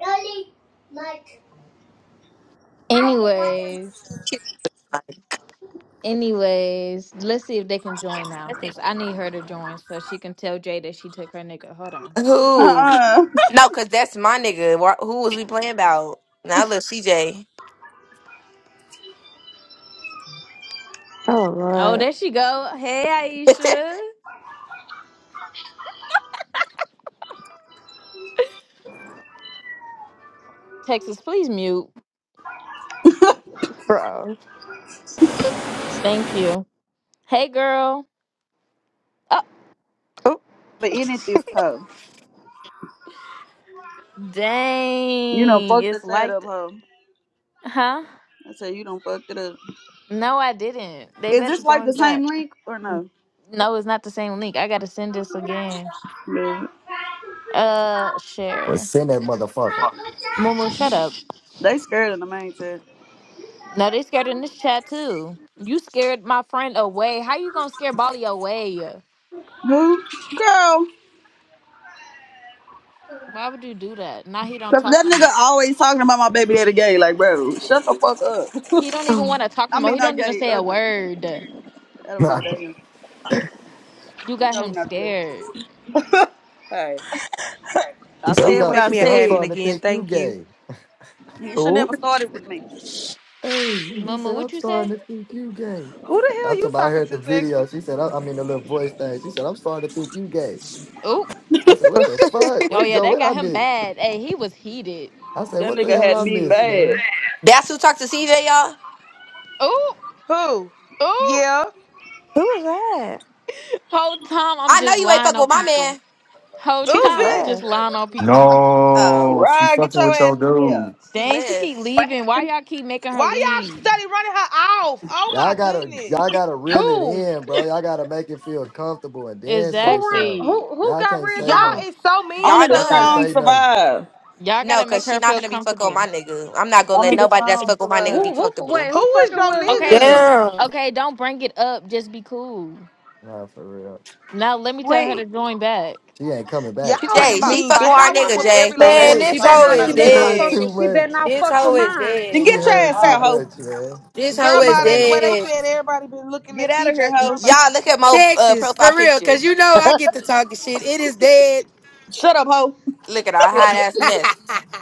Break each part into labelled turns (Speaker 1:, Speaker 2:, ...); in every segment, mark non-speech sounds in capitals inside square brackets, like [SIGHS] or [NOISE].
Speaker 1: really much. I can not
Speaker 2: Anyways, anyways, let's see if they can join now because I need her to join so she can tell Jay that she took her nigga. Hold on.
Speaker 3: Who?
Speaker 1: Uh-uh.
Speaker 3: No, cause that's my nigga. Wha- Who was we playing about? Now look, CJ.
Speaker 4: Oh
Speaker 2: Oh,
Speaker 4: Lord,
Speaker 2: there she go. Hey,
Speaker 3: [LAUGHS]
Speaker 2: Aisha. Texas, please mute.
Speaker 4: bro.
Speaker 2: Thank you. Hey, girl. Oh,
Speaker 4: Oh,
Speaker 1: But in it
Speaker 4: [LAUGHS]
Speaker 1: this hoe. You done
Speaker 2: dang.
Speaker 1: fucked the
Speaker 2: It's
Speaker 1: set
Speaker 2: like,
Speaker 1: up,
Speaker 2: th-
Speaker 1: hoe.
Speaker 2: huh?
Speaker 1: I said you done fucked it up.
Speaker 2: No, I didn't. They
Speaker 1: Is
Speaker 2: better
Speaker 1: this like the
Speaker 2: join back.
Speaker 1: same link or no?
Speaker 2: No, it's not the same link. I gotta send this again.
Speaker 1: Yeah.
Speaker 2: Uh,
Speaker 5: Well,
Speaker 2: share.
Speaker 5: send that motherfucker.
Speaker 2: Momo, shut up.
Speaker 1: They scared in the main chat.
Speaker 2: No, they scared in this chat too. You scared my friend away. How you gonna scare Bali away?
Speaker 1: Who? Girl.
Speaker 2: Why would you do that? Now he don't
Speaker 1: Cause
Speaker 2: talk
Speaker 1: that
Speaker 2: no
Speaker 1: nigga
Speaker 2: more.
Speaker 1: always talking about my baby daddy gay. Like, bro, shut the fuck up.
Speaker 2: He don't even
Speaker 4: Oh,
Speaker 2: want to talk
Speaker 1: [LAUGHS]
Speaker 2: no
Speaker 1: I
Speaker 2: more.
Speaker 1: mean,
Speaker 2: He
Speaker 1: not
Speaker 2: don't even
Speaker 1: gay,
Speaker 2: say a
Speaker 1: ugly.
Speaker 2: word.
Speaker 1: I
Speaker 5: [LAUGHS]
Speaker 1: don't give a damn.
Speaker 2: You
Speaker 1: He
Speaker 2: got
Speaker 1: know who
Speaker 2: him
Speaker 1: not to play.
Speaker 2: scared.
Speaker 1: Hey,
Speaker 5: she
Speaker 1: I
Speaker 5: said, I'm
Speaker 1: said
Speaker 6: Please
Speaker 1: what
Speaker 5: got
Speaker 6: make
Speaker 1: I
Speaker 5: she
Speaker 6: me an
Speaker 5: said, I'm
Speaker 1: said.
Speaker 6: admin
Speaker 5: starting to
Speaker 6: again.
Speaker 5: think you
Speaker 6: Thank you.
Speaker 5: gay.
Speaker 1: He should
Speaker 3: Who?
Speaker 1: never started with me.
Speaker 5: Hey, she
Speaker 2: Mama,
Speaker 5: said,
Speaker 2: what
Speaker 5: I'm
Speaker 2: you say?
Speaker 5: starting to think you gay.
Speaker 6: Who the
Speaker 5: I
Speaker 6: hell you
Speaker 5: told her I
Speaker 6: talking
Speaker 5: heard the
Speaker 6: to, Texas?
Speaker 5: video. She said, I, I mean the little voice thing. She said, I'm starting to think you gay.
Speaker 2: Oh,
Speaker 5: I said, What the fuck?
Speaker 2: oh
Speaker 5: What
Speaker 2: yeah,
Speaker 5: go
Speaker 2: that
Speaker 5: what I
Speaker 2: got him
Speaker 5: miss?
Speaker 2: mad. Hey, he was heated.
Speaker 5: I said,
Speaker 1: That
Speaker 5: What the
Speaker 1: nigga
Speaker 5: hell
Speaker 1: had
Speaker 5: I
Speaker 1: me
Speaker 5: miss,
Speaker 1: mad.
Speaker 5: man?
Speaker 3: That's who talked to CJ, y'all.
Speaker 2: Oh,
Speaker 6: Who?
Speaker 2: oh.
Speaker 6: Yeah.
Speaker 4: who was that?
Speaker 2: Whole time I'm
Speaker 3: I know
Speaker 2: just
Speaker 3: you ain't
Speaker 2: lying
Speaker 3: fuck
Speaker 2: on
Speaker 3: with my
Speaker 2: people.
Speaker 3: man.
Speaker 2: Whole
Speaker 4: She
Speaker 6: Ooh,
Speaker 4: just
Speaker 2: time I'm
Speaker 3: Oh,
Speaker 2: just
Speaker 6: bitch.
Speaker 4: left.
Speaker 2: lying on people.
Speaker 3: oh,
Speaker 7: No, she
Speaker 1: Right, get
Speaker 7: fucking
Speaker 1: your
Speaker 7: with your
Speaker 1: ass in here.
Speaker 7: dude.
Speaker 3: she
Speaker 2: Dang, she
Speaker 3: lived.
Speaker 2: keep
Speaker 8: What
Speaker 2: leaving. Why
Speaker 8: happened?
Speaker 2: y'all keep making her
Speaker 6: Why y'all
Speaker 2: leave?
Speaker 6: study running her off? Oh my
Speaker 5: Y'all gotta
Speaker 6: goodness.
Speaker 5: y'all gotta reel it
Speaker 8: Who?
Speaker 5: in, bro. Y'all gotta make it feel comfortable and then
Speaker 8: Who
Speaker 5: say
Speaker 3: Y'all
Speaker 8: run?
Speaker 5: something.
Speaker 2: Exactly.
Speaker 8: Who? Who
Speaker 5: Y'all
Speaker 8: got
Speaker 5: can't
Speaker 8: ran
Speaker 5: say
Speaker 6: Y'all
Speaker 5: nothing.
Speaker 8: off?
Speaker 6: is so mean
Speaker 1: Only
Speaker 6: to
Speaker 1: the
Speaker 5: Y'all can't
Speaker 3: knew.
Speaker 1: strong
Speaker 6: her.
Speaker 5: say nothing.
Speaker 1: survive.
Speaker 2: Y'all
Speaker 3: No,
Speaker 2: gotta make
Speaker 3: cause she
Speaker 2: her
Speaker 3: not
Speaker 2: feel
Speaker 3: gonna be fucking with
Speaker 2: comfortable.
Speaker 3: my nigga. I'm not gonna let
Speaker 1: Only the
Speaker 3: nobody that's
Speaker 1: strong
Speaker 3: fucking with my nigga
Speaker 1: survive.
Speaker 3: be
Speaker 8: Who? Who? Wait,
Speaker 3: comfortable.
Speaker 8: who
Speaker 6: Who is
Speaker 8: fucking
Speaker 6: your
Speaker 8: with who
Speaker 2: Okay,
Speaker 8: nigga?
Speaker 2: just
Speaker 6: nigga?
Speaker 9: Damn.
Speaker 2: okay. Don't bring it up. Just be cool.
Speaker 5: Nah, for real.
Speaker 2: Now let me tell her to
Speaker 4: Wait,
Speaker 2: join back.
Speaker 5: She ain't coming back.
Speaker 4: she
Speaker 6: Y'all
Speaker 4: talking
Speaker 6: is
Speaker 3: Jay,
Speaker 4: about
Speaker 3: she
Speaker 6: mean,
Speaker 3: fucking with
Speaker 6: bitch.
Speaker 3: our
Speaker 4: Spider
Speaker 6: I would have
Speaker 3: nigga,
Speaker 6: whooped
Speaker 4: Woman?
Speaker 3: Jay,
Speaker 6: every
Speaker 5: [LAUGHS]
Speaker 3: for
Speaker 6: last one
Speaker 9: Man,
Speaker 6: of
Speaker 5: hey,
Speaker 3: real.
Speaker 6: you
Speaker 8: She
Speaker 9: this
Speaker 8: better
Speaker 6: hoes.
Speaker 9: hoe
Speaker 6: I'm
Speaker 8: not.
Speaker 6: not
Speaker 8: She
Speaker 9: is
Speaker 10: Damn,
Speaker 6: even
Speaker 5: she
Speaker 8: better
Speaker 10: bro.
Speaker 6: gonna
Speaker 8: not
Speaker 6: lie
Speaker 5: heard
Speaker 6: to
Speaker 8: fuck
Speaker 9: dead.
Speaker 5: too
Speaker 8: with.
Speaker 6: you.
Speaker 8: She better
Speaker 5: much.
Speaker 8: not
Speaker 9: This
Speaker 8: fuck with
Speaker 9: hoe is
Speaker 8: mine.
Speaker 1: Then
Speaker 5: She
Speaker 9: dead.
Speaker 1: get your
Speaker 5: heard
Speaker 1: ass
Speaker 5: too
Speaker 1: out, ho.
Speaker 5: much, man.
Speaker 9: This hoe
Speaker 6: Girl
Speaker 5: She
Speaker 9: is
Speaker 6: by they, the
Speaker 5: heard
Speaker 6: way
Speaker 5: too.
Speaker 6: they
Speaker 9: dead.
Speaker 6: said everybody been looking
Speaker 1: Get
Speaker 6: at
Speaker 1: out of here,
Speaker 6: CJ,
Speaker 3: Y-
Speaker 6: girl
Speaker 1: ho.
Speaker 6: by.
Speaker 3: y'all look at my uh,
Speaker 9: Texas,
Speaker 3: profile
Speaker 9: for real. Cause
Speaker 3: picture.
Speaker 9: you know I get to talking shit. It is dead.
Speaker 1: Shut up, ho.
Speaker 3: Look at our
Speaker 9: Man,
Speaker 3: hot ass mess.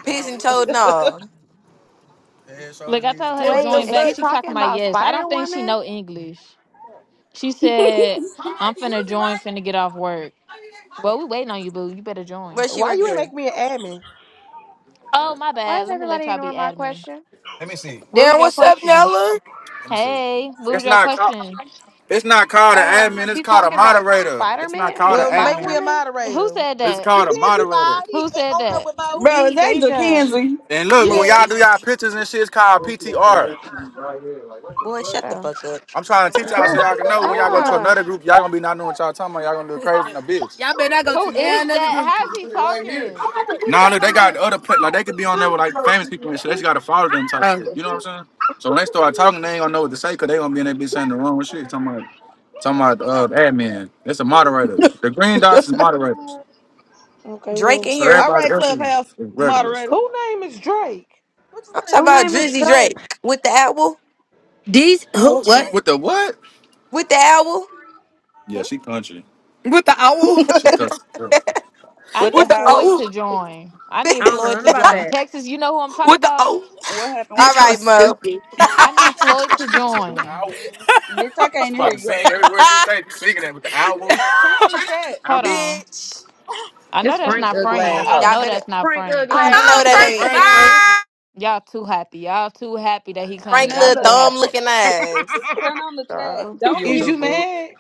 Speaker 3: Pigeon toed, no.
Speaker 2: Look, I told her to
Speaker 9: what the
Speaker 4: Wait,
Speaker 2: join
Speaker 4: is
Speaker 2: back.
Speaker 4: she
Speaker 9: fuck?
Speaker 2: She
Speaker 4: talking
Speaker 2: talking about
Speaker 4: about
Speaker 2: yes. I
Speaker 4: Spider
Speaker 2: don't think she
Speaker 4: Woman?
Speaker 2: know English. She said, "I'm finna join. Finna get off work." Well, we waiting on you, boo. You better join.
Speaker 3: Where's she
Speaker 6: Why you
Speaker 3: working?
Speaker 6: ain't
Speaker 3: at?
Speaker 6: make me an admin?
Speaker 2: Oh, my
Speaker 4: Why
Speaker 2: bad.
Speaker 4: is
Speaker 2: Let me let
Speaker 4: everybody
Speaker 2: y'all be
Speaker 4: ignoring my
Speaker 2: admin.
Speaker 4: question?
Speaker 2: What was
Speaker 9: Damn,
Speaker 2: your
Speaker 9: what's up,
Speaker 2: question?
Speaker 9: Nella?
Speaker 2: Hey, what was
Speaker 9: It's
Speaker 2: your
Speaker 9: not called.
Speaker 2: question?
Speaker 9: It's not called an
Speaker 4: Um,
Speaker 9: admin. It's
Speaker 4: she
Speaker 9: called a
Speaker 4: talking about
Speaker 9: moderator.
Speaker 4: Spider
Speaker 9: It's not
Speaker 4: Man? I
Speaker 9: called
Speaker 4: mean
Speaker 9: an
Speaker 6: Well,
Speaker 4: Spider
Speaker 6: make me
Speaker 9: admin.
Speaker 6: a
Speaker 4: Woman?
Speaker 2: Who
Speaker 6: moderator.
Speaker 2: said
Speaker 9: It's
Speaker 2: that?
Speaker 9: called a
Speaker 6: Jackenzie bye.
Speaker 9: moderator.
Speaker 6: He
Speaker 2: Who
Speaker 6: ain't
Speaker 2: said
Speaker 6: on there
Speaker 2: that?
Speaker 6: with Mo.
Speaker 1: Bro, is
Speaker 4: Me,
Speaker 1: that
Speaker 4: Deja.
Speaker 1: Jackenzie?
Speaker 9: And look, when
Speaker 3: Moose.
Speaker 6: Yeah.
Speaker 9: y'all do y'all pictures and shit, it's called
Speaker 5: She wants to
Speaker 9: PTR.
Speaker 5: hear Right here, like what the
Speaker 3: Boy,
Speaker 5: fuck?
Speaker 3: shut the
Speaker 4: Bro,
Speaker 3: fuck up.
Speaker 9: I'm trying
Speaker 5: Come
Speaker 9: to teach
Speaker 5: put
Speaker 9: y'all
Speaker 5: your
Speaker 9: so y'all
Speaker 5: shit
Speaker 9: can
Speaker 5: back
Speaker 9: know
Speaker 5: in
Speaker 9: when
Speaker 5: your
Speaker 9: y'all go to
Speaker 5: room.
Speaker 4: Bella.
Speaker 9: another group, y'all gonna be not knowing what y'all talking about. Y'all gonna do crazy in a bitch. [LAUGHS] Y'all better not go
Speaker 2: Who
Speaker 9: to now
Speaker 2: is
Speaker 9: another
Speaker 2: that?
Speaker 9: group.
Speaker 5: You
Speaker 2: How's
Speaker 5: can
Speaker 2: he
Speaker 5: Put it right here.
Speaker 2: talking?
Speaker 9: Nah, look, they got other pla like they could be on there with like famous people and shit. They just gotta follow them type Oh. shit. You know what I'm saying? So when they start talking, they ain't gonna know what to say because they gonna be in that bitch saying the wrong shit. Talking about talking about uh the admin. That's a moderator. The green dots is moderators.
Speaker 6: Okay,
Speaker 3: Drake
Speaker 6: well.
Speaker 3: in
Speaker 9: So
Speaker 3: here.
Speaker 1: All
Speaker 9: everybody
Speaker 1: right,
Speaker 9: else is,
Speaker 1: clubhouse
Speaker 9: is regulars.
Speaker 1: moderator.
Speaker 6: Who name is Drake?
Speaker 1: What you
Speaker 3: I'm
Speaker 1: want
Speaker 3: talking
Speaker 1: at
Speaker 8: Who
Speaker 1: that?
Speaker 3: about
Speaker 8: name is
Speaker 1: bottom?
Speaker 3: Drizzy
Speaker 8: Drake?
Speaker 3: Drake with the owl.
Speaker 9: These
Speaker 6: Oh,
Speaker 9: who
Speaker 6: okay.
Speaker 9: what? With the what?
Speaker 3: With the owl.
Speaker 9: Yeah,
Speaker 4: Hmm?
Speaker 9: she country. With the owl? She country girl.
Speaker 2: I
Speaker 1: What the
Speaker 9: With
Speaker 2: need
Speaker 9: the
Speaker 2: Floyd
Speaker 1: hell?
Speaker 2: to
Speaker 9: owl?
Speaker 2: join.
Speaker 3: [LAUGHS]
Speaker 2: I
Speaker 8: I
Speaker 2: need
Speaker 3: Bitch.
Speaker 8: don't know
Speaker 2: Floyd
Speaker 8: nothing
Speaker 2: to
Speaker 8: about
Speaker 2: join.
Speaker 8: that.
Speaker 2: Texas, you know who I'm talking
Speaker 9: What the
Speaker 2: about?
Speaker 9: oh?
Speaker 1: What
Speaker 9: [LAUGHS]
Speaker 1: happened? What
Speaker 9: This
Speaker 3: All
Speaker 1: you say?
Speaker 9: so
Speaker 3: right, Mo.
Speaker 9: stupid. [LAUGHS]
Speaker 2: I need Floyd to
Speaker 9: What's up with the
Speaker 2: join.
Speaker 9: owl? She's
Speaker 1: Bitch, I can't hear
Speaker 9: about to
Speaker 1: you,
Speaker 9: sing
Speaker 1: ho.
Speaker 9: every word she say. She's singing it with the owl.
Speaker 1: Turn on the chat.
Speaker 3: [LAUGHS]
Speaker 9: Owl.
Speaker 2: Hold on.
Speaker 3: Bitch.
Speaker 2: I know
Speaker 8: It's
Speaker 2: that's
Speaker 1: Turn.
Speaker 8: Frank
Speaker 2: not
Speaker 9: Who all in
Speaker 2: Frank.
Speaker 9: there? [LAUGHS]
Speaker 8: Uglass.
Speaker 2: I
Speaker 9: Though?
Speaker 3: Y'all
Speaker 2: know
Speaker 3: better.
Speaker 2: that's not
Speaker 8: Frank
Speaker 2: Frank.
Speaker 3: I
Speaker 8: Uglass,
Speaker 3: know
Speaker 9: oh,
Speaker 3: that
Speaker 9: Frank.
Speaker 8: dust
Speaker 3: ain't
Speaker 9: Frank, Frank.
Speaker 8: ass.
Speaker 9: Bye.
Speaker 2: Y'all too happy. Y'all too happy that he
Speaker 3: Frank
Speaker 2: coming. Y'all
Speaker 3: little
Speaker 2: too
Speaker 1: Nella.
Speaker 3: thumb
Speaker 2: happy.
Speaker 3: looking eyes.
Speaker 1: Turn on the
Speaker 4: [LAUGHS]
Speaker 1: chat.
Speaker 4: Bro.
Speaker 8: Don't
Speaker 9: Your
Speaker 6: Is
Speaker 9: new
Speaker 8: mute
Speaker 6: you
Speaker 8: me,
Speaker 9: boo.
Speaker 6: mad?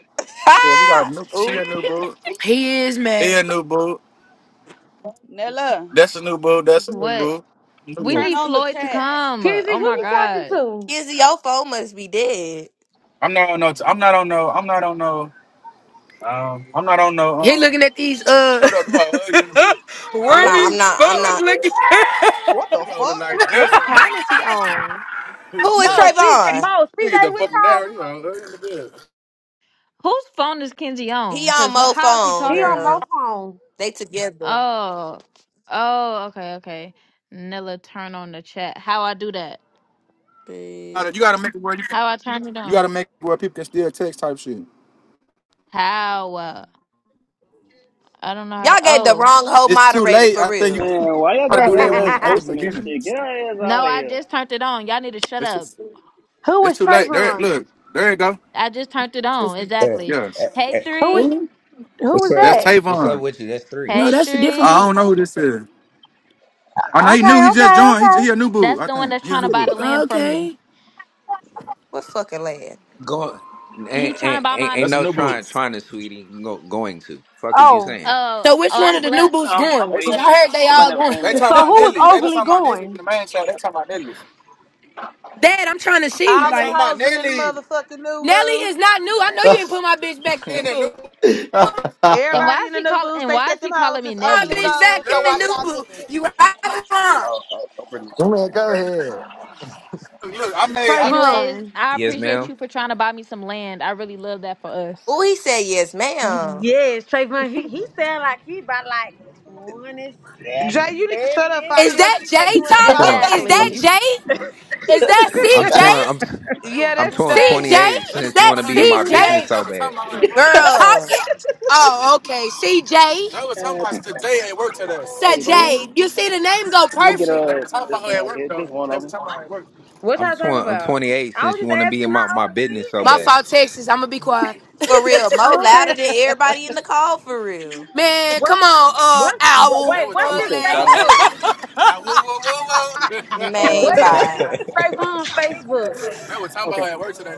Speaker 9: So we got
Speaker 3: Ha!
Speaker 9: new.
Speaker 3: [LAUGHS]
Speaker 9: She
Speaker 3: Ooh.
Speaker 9: a new boo. He is mad. He a new boo.
Speaker 1: Nella,
Speaker 9: That's a new boo. That's a new
Speaker 2: What?
Speaker 9: boo. New
Speaker 2: We
Speaker 9: boo.
Speaker 1: turn
Speaker 2: need
Speaker 1: on the
Speaker 2: Floyd to
Speaker 1: chat.
Speaker 2: come.
Speaker 8: Kizzy.
Speaker 2: Oh
Speaker 8: Who
Speaker 2: my
Speaker 8: you talking
Speaker 2: God.
Speaker 8: to?
Speaker 3: Kizzy Ofo must be dead.
Speaker 9: I'm not on no. T- I'm not on no. I'm not on no. Um. I'm not on no. Um, He Um. looking at these uh [LAUGHS]
Speaker 3: I'm not.
Speaker 9: wormy
Speaker 3: I'm not. I'm
Speaker 9: bugs
Speaker 3: not.
Speaker 9: looking. [LAUGHS]
Speaker 1: What the
Speaker 9: Come on, look
Speaker 1: fuck?
Speaker 9: like
Speaker 4: What
Speaker 9: this.
Speaker 4: account is he on?
Speaker 3: Who is
Speaker 8: Mo. C-
Speaker 3: Trayvon?
Speaker 8: Mo.
Speaker 9: Figure the
Speaker 8: CJ with
Speaker 9: fucking
Speaker 8: y'all.
Speaker 9: down, you know. uh, in the bed.
Speaker 2: Whose phone is Kenzie
Speaker 3: He
Speaker 2: on?
Speaker 3: on
Speaker 2: Cause wh-
Speaker 3: Mo
Speaker 2: how is he
Speaker 3: phone,
Speaker 8: He on
Speaker 2: talking?
Speaker 8: Mo's
Speaker 3: girl.
Speaker 8: phone.
Speaker 3: They together.
Speaker 2: Oh. Oh, okay, okay. Nella turn on the chat. How I do that?
Speaker 9: Gotta- You gotta make it where you can,
Speaker 2: How I turn it
Speaker 9: you gotta
Speaker 2: on?
Speaker 9: make it where people can still text type shit.
Speaker 2: How? Uh, I don't know how to.
Speaker 3: Y'all gave the
Speaker 2: Oh.
Speaker 3: wrong whole
Speaker 9: It's too
Speaker 3: moderator
Speaker 9: late.
Speaker 3: for
Speaker 9: I think you
Speaker 3: real.
Speaker 10: Man, why y'all
Speaker 9: gotta
Speaker 10: got
Speaker 9: do that
Speaker 10: her ass
Speaker 9: one at the
Speaker 8: [LAUGHS]
Speaker 10: hosting and
Speaker 9: beginning.
Speaker 10: shit?
Speaker 9: It's
Speaker 10: Get her ass
Speaker 2: No,
Speaker 10: out of
Speaker 2: I
Speaker 10: here.
Speaker 2: just turned it on. Y'all need to shut up.
Speaker 9: too,
Speaker 8: who
Speaker 9: it's
Speaker 8: was
Speaker 9: too late. There,
Speaker 8: Trayvon?
Speaker 9: look, there you go.
Speaker 2: I just turned it on.
Speaker 11: Eh,
Speaker 2: Exactly.
Speaker 11: eh,
Speaker 9: Yes,
Speaker 2: Hey
Speaker 11: eh.
Speaker 8: Who was?
Speaker 2: three.
Speaker 9: Who?
Speaker 8: Who
Speaker 11: What's
Speaker 8: was
Speaker 11: up?
Speaker 9: that's
Speaker 8: that?
Speaker 11: What's up
Speaker 9: Tavon.
Speaker 11: with you? That's three.
Speaker 9: no,
Speaker 2: Hey
Speaker 9: that's a different I
Speaker 2: three.
Speaker 9: don't know who this is. I know he new.
Speaker 8: Okay.
Speaker 9: He just
Speaker 8: Okay.
Speaker 9: joined. He,
Speaker 8: Okay.
Speaker 9: he a new boo.
Speaker 2: That's
Speaker 9: I
Speaker 2: the one
Speaker 9: think
Speaker 2: that's
Speaker 9: he a
Speaker 2: trying to
Speaker 9: new
Speaker 2: buy
Speaker 9: boo.
Speaker 2: the
Speaker 9: one.
Speaker 2: land from me.
Speaker 9: Okay.
Speaker 3: What fucking lad?
Speaker 11: Going
Speaker 2: He
Speaker 11: ain't
Speaker 2: trying to
Speaker 11: ain't,
Speaker 2: buy
Speaker 11: ain't,
Speaker 2: my
Speaker 11: ain't
Speaker 9: That's a
Speaker 11: no
Speaker 9: new boo.
Speaker 11: trying trying to sweetie go, going to. Fuck is you
Speaker 8: Oh.
Speaker 11: saying?
Speaker 2: uh oh
Speaker 9: So which one
Speaker 2: I'm
Speaker 9: of the new
Speaker 2: glad
Speaker 9: boots
Speaker 10: I'm,
Speaker 9: going?
Speaker 10: I'm
Speaker 9: Because I
Speaker 10: waiting.
Speaker 9: heard they
Speaker 10: Somebody
Speaker 9: all
Speaker 10: never
Speaker 9: going.
Speaker 10: came
Speaker 9: they
Speaker 10: yet.
Speaker 8: So
Speaker 9: talking
Speaker 8: who
Speaker 9: about
Speaker 8: was
Speaker 9: Nelly. They [LAUGHS] be
Speaker 8: overly
Speaker 9: talking about Nelly in
Speaker 8: going?
Speaker 9: the main show. They talking about Nelly. Dad, I'm trying to see. They talking
Speaker 6: All them
Speaker 9: Like, about
Speaker 6: hoes in the
Speaker 9: Nelly
Speaker 6: motherfucking new
Speaker 9: Nelly is
Speaker 6: boots.
Speaker 9: not new. I know you
Speaker 7: [LAUGHS]
Speaker 9: ain't put my bitch back
Speaker 11: [LAUGHS]
Speaker 9: in
Speaker 11: oh,
Speaker 9: in the the new. new
Speaker 2: and why
Speaker 6: Everybody
Speaker 2: is
Speaker 6: in the
Speaker 2: he
Speaker 6: new
Speaker 2: calling
Speaker 6: boots,
Speaker 2: and
Speaker 6: they
Speaker 2: why is
Speaker 6: said
Speaker 2: he
Speaker 6: them
Speaker 2: calling
Speaker 6: hoes
Speaker 2: me
Speaker 6: is
Speaker 9: My
Speaker 6: overly
Speaker 9: bitch
Speaker 2: Nelly?
Speaker 9: back
Speaker 6: going,
Speaker 9: in
Speaker 6: so
Speaker 9: the
Speaker 6: watch
Speaker 9: new. Look,
Speaker 6: y'all
Speaker 9: boot.
Speaker 6: niggas.
Speaker 9: You right or
Speaker 11: oh,
Speaker 9: wrong?
Speaker 11: I'm really
Speaker 5: Oh
Speaker 11: going.
Speaker 5: man,
Speaker 11: It's
Speaker 5: go
Speaker 11: crazy.
Speaker 5: ahead.
Speaker 9: look. I made. I, so,
Speaker 2: Anyways,
Speaker 8: Trayvon.
Speaker 2: I
Speaker 11: Yes,
Speaker 2: appreciate
Speaker 11: ma'am.
Speaker 2: you for trying to buy me some land. I really love that for us.
Speaker 3: Ooh, he said yes, ma'am.
Speaker 8: Yes, Trayvon. He he sound like he about like twenty seven,
Speaker 6: Jay, you need to shut up if
Speaker 8: thirty.
Speaker 6: I
Speaker 9: Is
Speaker 6: tell CJ
Speaker 9: that
Speaker 6: you
Speaker 9: Jay
Speaker 6: in here
Speaker 11: I'm
Speaker 6: talking to
Speaker 11: torn.
Speaker 9: talking? Is
Speaker 6: niggas.
Speaker 11: I'm
Speaker 9: that
Speaker 2: Exactly.
Speaker 11: t-
Speaker 9: Jay? Is that
Speaker 11: I'm
Speaker 8: ish.
Speaker 11: torn.
Speaker 9: CJ?
Speaker 11: I'm t-
Speaker 9: they was,
Speaker 6: Yeah,
Speaker 11: I'm
Speaker 9: ooh,
Speaker 6: that's
Speaker 11: torn.
Speaker 6: Jay.
Speaker 11: 28
Speaker 9: CJ? they Is was talking
Speaker 11: since you want
Speaker 9: that
Speaker 11: to
Speaker 8: [LAUGHS]
Speaker 11: be
Speaker 9: about
Speaker 11: in
Speaker 9: her at work. that
Speaker 8: you
Speaker 9: They
Speaker 11: my business
Speaker 8: 28.
Speaker 11: so
Speaker 9: CJ was
Speaker 11: bad.
Speaker 9: talking about her at work today. C
Speaker 3: Girl.
Speaker 9: J talking? Oh, okay. CJ. They was talking about
Speaker 10: Cat,
Speaker 9: today at work today.
Speaker 10: how
Speaker 9: Said
Speaker 10: you doing?
Speaker 9: Jay.
Speaker 3: Ooh.
Speaker 9: You see the name go
Speaker 10: Look at
Speaker 9: perfect. They were
Speaker 10: uh
Speaker 9: talking
Speaker 10: this
Speaker 9: about her
Speaker 10: one
Speaker 9: at
Speaker 10: right
Speaker 9: work
Speaker 10: here.
Speaker 9: though.
Speaker 10: Just one
Speaker 9: They
Speaker 10: of
Speaker 9: were
Speaker 10: them.
Speaker 9: talking about her at work.
Speaker 8: What
Speaker 11: I'm
Speaker 8: y'all talking
Speaker 11: torn. I'm
Speaker 8: about?
Speaker 11: 28
Speaker 8: I was
Speaker 11: since you
Speaker 8: just
Speaker 11: want to be in
Speaker 8: asking
Speaker 11: my,
Speaker 8: how
Speaker 11: my
Speaker 8: old
Speaker 11: business
Speaker 8: the
Speaker 11: so
Speaker 9: My
Speaker 8: man is.
Speaker 11: bad. [LAUGHS]
Speaker 9: fault, Texas. I'm gonna be quiet.
Speaker 3: For real. Mo
Speaker 8: Oh, okay.
Speaker 3: louder than everybody in the call for real.
Speaker 9: Man,
Speaker 8: What
Speaker 9: come on, uh,
Speaker 8: what wha-
Speaker 9: owl. They
Speaker 8: wait,
Speaker 9: were
Speaker 8: what's
Speaker 10: I'm
Speaker 9: talking
Speaker 8: his
Speaker 10: still
Speaker 9: about
Speaker 10: shopping.
Speaker 8: Facebook?
Speaker 9: owl. [LAUGHS] Ah, whoa, whoa, whoa, whoa. [LAUGHS]
Speaker 10: Uh,
Speaker 8: What
Speaker 3: Main
Speaker 8: is
Speaker 10: so.
Speaker 3: bye.
Speaker 8: Trayvon Facebook?
Speaker 9: they were talking
Speaker 10: Okay.
Speaker 9: about her at work today.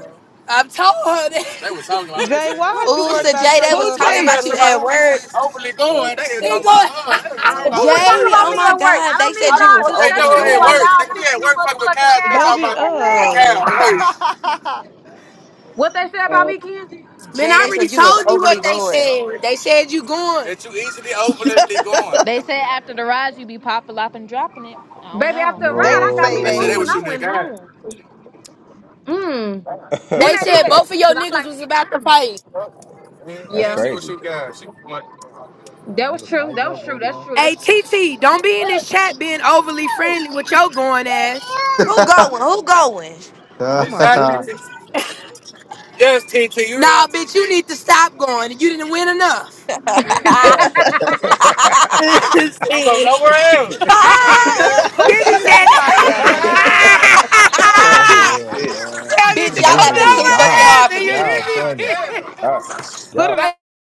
Speaker 9: I told her that. They were talking about her. They
Speaker 6: Jay,
Speaker 9: said,
Speaker 6: why is you
Speaker 3: Ooh,
Speaker 6: worried
Speaker 3: so
Speaker 6: about
Speaker 3: Jay, they was
Speaker 6: Trayvon
Speaker 3: talking
Speaker 1: Poochie.
Speaker 3: about you
Speaker 6: Facebook?
Speaker 3: at work.
Speaker 9: hopefully
Speaker 10: Uh,
Speaker 9: going. They didn't
Speaker 10: uh,
Speaker 9: talk about her. They were
Speaker 10: uh,
Speaker 9: talking
Speaker 8: Who
Speaker 9: about her
Speaker 8: was
Speaker 9: at
Speaker 8: talking
Speaker 9: work.
Speaker 3: Jay,
Speaker 8: about
Speaker 3: oh
Speaker 10: uh,
Speaker 8: me
Speaker 3: my
Speaker 8: at work?
Speaker 3: God.
Speaker 8: I
Speaker 3: They
Speaker 8: don't need
Speaker 3: said you was
Speaker 8: y'all
Speaker 9: They know
Speaker 3: overly
Speaker 8: discussing me
Speaker 9: her at
Speaker 10: uh,
Speaker 8: while
Speaker 3: going.
Speaker 9: work. They
Speaker 8: y'all
Speaker 9: be at
Speaker 8: fixing them
Speaker 9: work fucking with
Speaker 8: motherfucking
Speaker 9: cows and they
Speaker 8: cows.
Speaker 9: talking
Speaker 6: Baby,
Speaker 9: about a
Speaker 6: uh,
Speaker 9: cow
Speaker 5: [LAUGHS]
Speaker 9: at work.
Speaker 5: oh,
Speaker 8: What they said about
Speaker 10: uh.
Speaker 8: me, Kenzie?
Speaker 9: Man,
Speaker 3: Jay,
Speaker 9: I
Speaker 3: they
Speaker 9: already
Speaker 3: said you was
Speaker 9: told you what
Speaker 3: overly
Speaker 9: they
Speaker 3: going.
Speaker 9: said. They said you going. That you easily, openly going.
Speaker 2: They say after the rise you be popping up and dropping it. I don't
Speaker 8: Baby, after
Speaker 2: know.
Speaker 8: a
Speaker 6: they
Speaker 8: ride, I
Speaker 6: didn't
Speaker 8: got
Speaker 6: say
Speaker 8: me
Speaker 9: They said
Speaker 6: that.
Speaker 9: they
Speaker 8: food
Speaker 9: were
Speaker 8: and
Speaker 7: no.
Speaker 8: I
Speaker 9: shooting at
Speaker 8: went
Speaker 9: guys.
Speaker 8: home. Mm.
Speaker 9: They
Speaker 8: Wouldn't I do
Speaker 9: said
Speaker 8: that?
Speaker 9: both of your
Speaker 8: Cause I'm
Speaker 9: niggas
Speaker 8: like,
Speaker 9: was about to fight. And,
Speaker 11: That's
Speaker 9: and
Speaker 8: yeah,
Speaker 9: see what she
Speaker 11: crazy.
Speaker 9: got. She want
Speaker 8: that was
Speaker 5: niggas
Speaker 8: true.
Speaker 5: fighting
Speaker 8: That was
Speaker 5: over
Speaker 8: true.
Speaker 5: him
Speaker 8: That's
Speaker 5: now.
Speaker 8: true. That's
Speaker 9: Hey
Speaker 8: true.
Speaker 9: TT, don't be in this chat being overly friendly with your going ass.
Speaker 7: [LAUGHS] they
Speaker 3: Who going? Who going?
Speaker 6: Oh my
Speaker 9: exactly. T
Speaker 6: goodness.
Speaker 9: T. Yes, TT, you Nah, right. bitch, you need to stop going. You didn't win enough.
Speaker 8: [LAUGHS]
Speaker 3: [LAUGHS]
Speaker 11: [LAUGHS]
Speaker 9: [LAUGHS] I'm from Shit. nowhere else. [LAUGHS] God damn.
Speaker 6: Who
Speaker 9: This
Speaker 6: teeth
Speaker 9: is
Speaker 6: they was talking about, Nella?
Speaker 9: it. [LAUGHS]
Speaker 5: Go
Speaker 9: Ah!
Speaker 5: ahead,
Speaker 11: Shit.
Speaker 5: man.
Speaker 9: Y'all need
Speaker 3: Bitch,
Speaker 9: to go
Speaker 3: y'all
Speaker 9: God
Speaker 7: gonna
Speaker 3: laughing
Speaker 7: do a
Speaker 3: too
Speaker 9: nowhere
Speaker 3: fucking
Speaker 7: dime.
Speaker 9: else.
Speaker 3: hard
Speaker 9: damn.
Speaker 3: for
Speaker 9: Do you
Speaker 3: me.
Speaker 5: Y'all
Speaker 9: God
Speaker 5: funny.
Speaker 9: hear me? [LAUGHS]
Speaker 11: Uh, y'all
Speaker 6: Put on.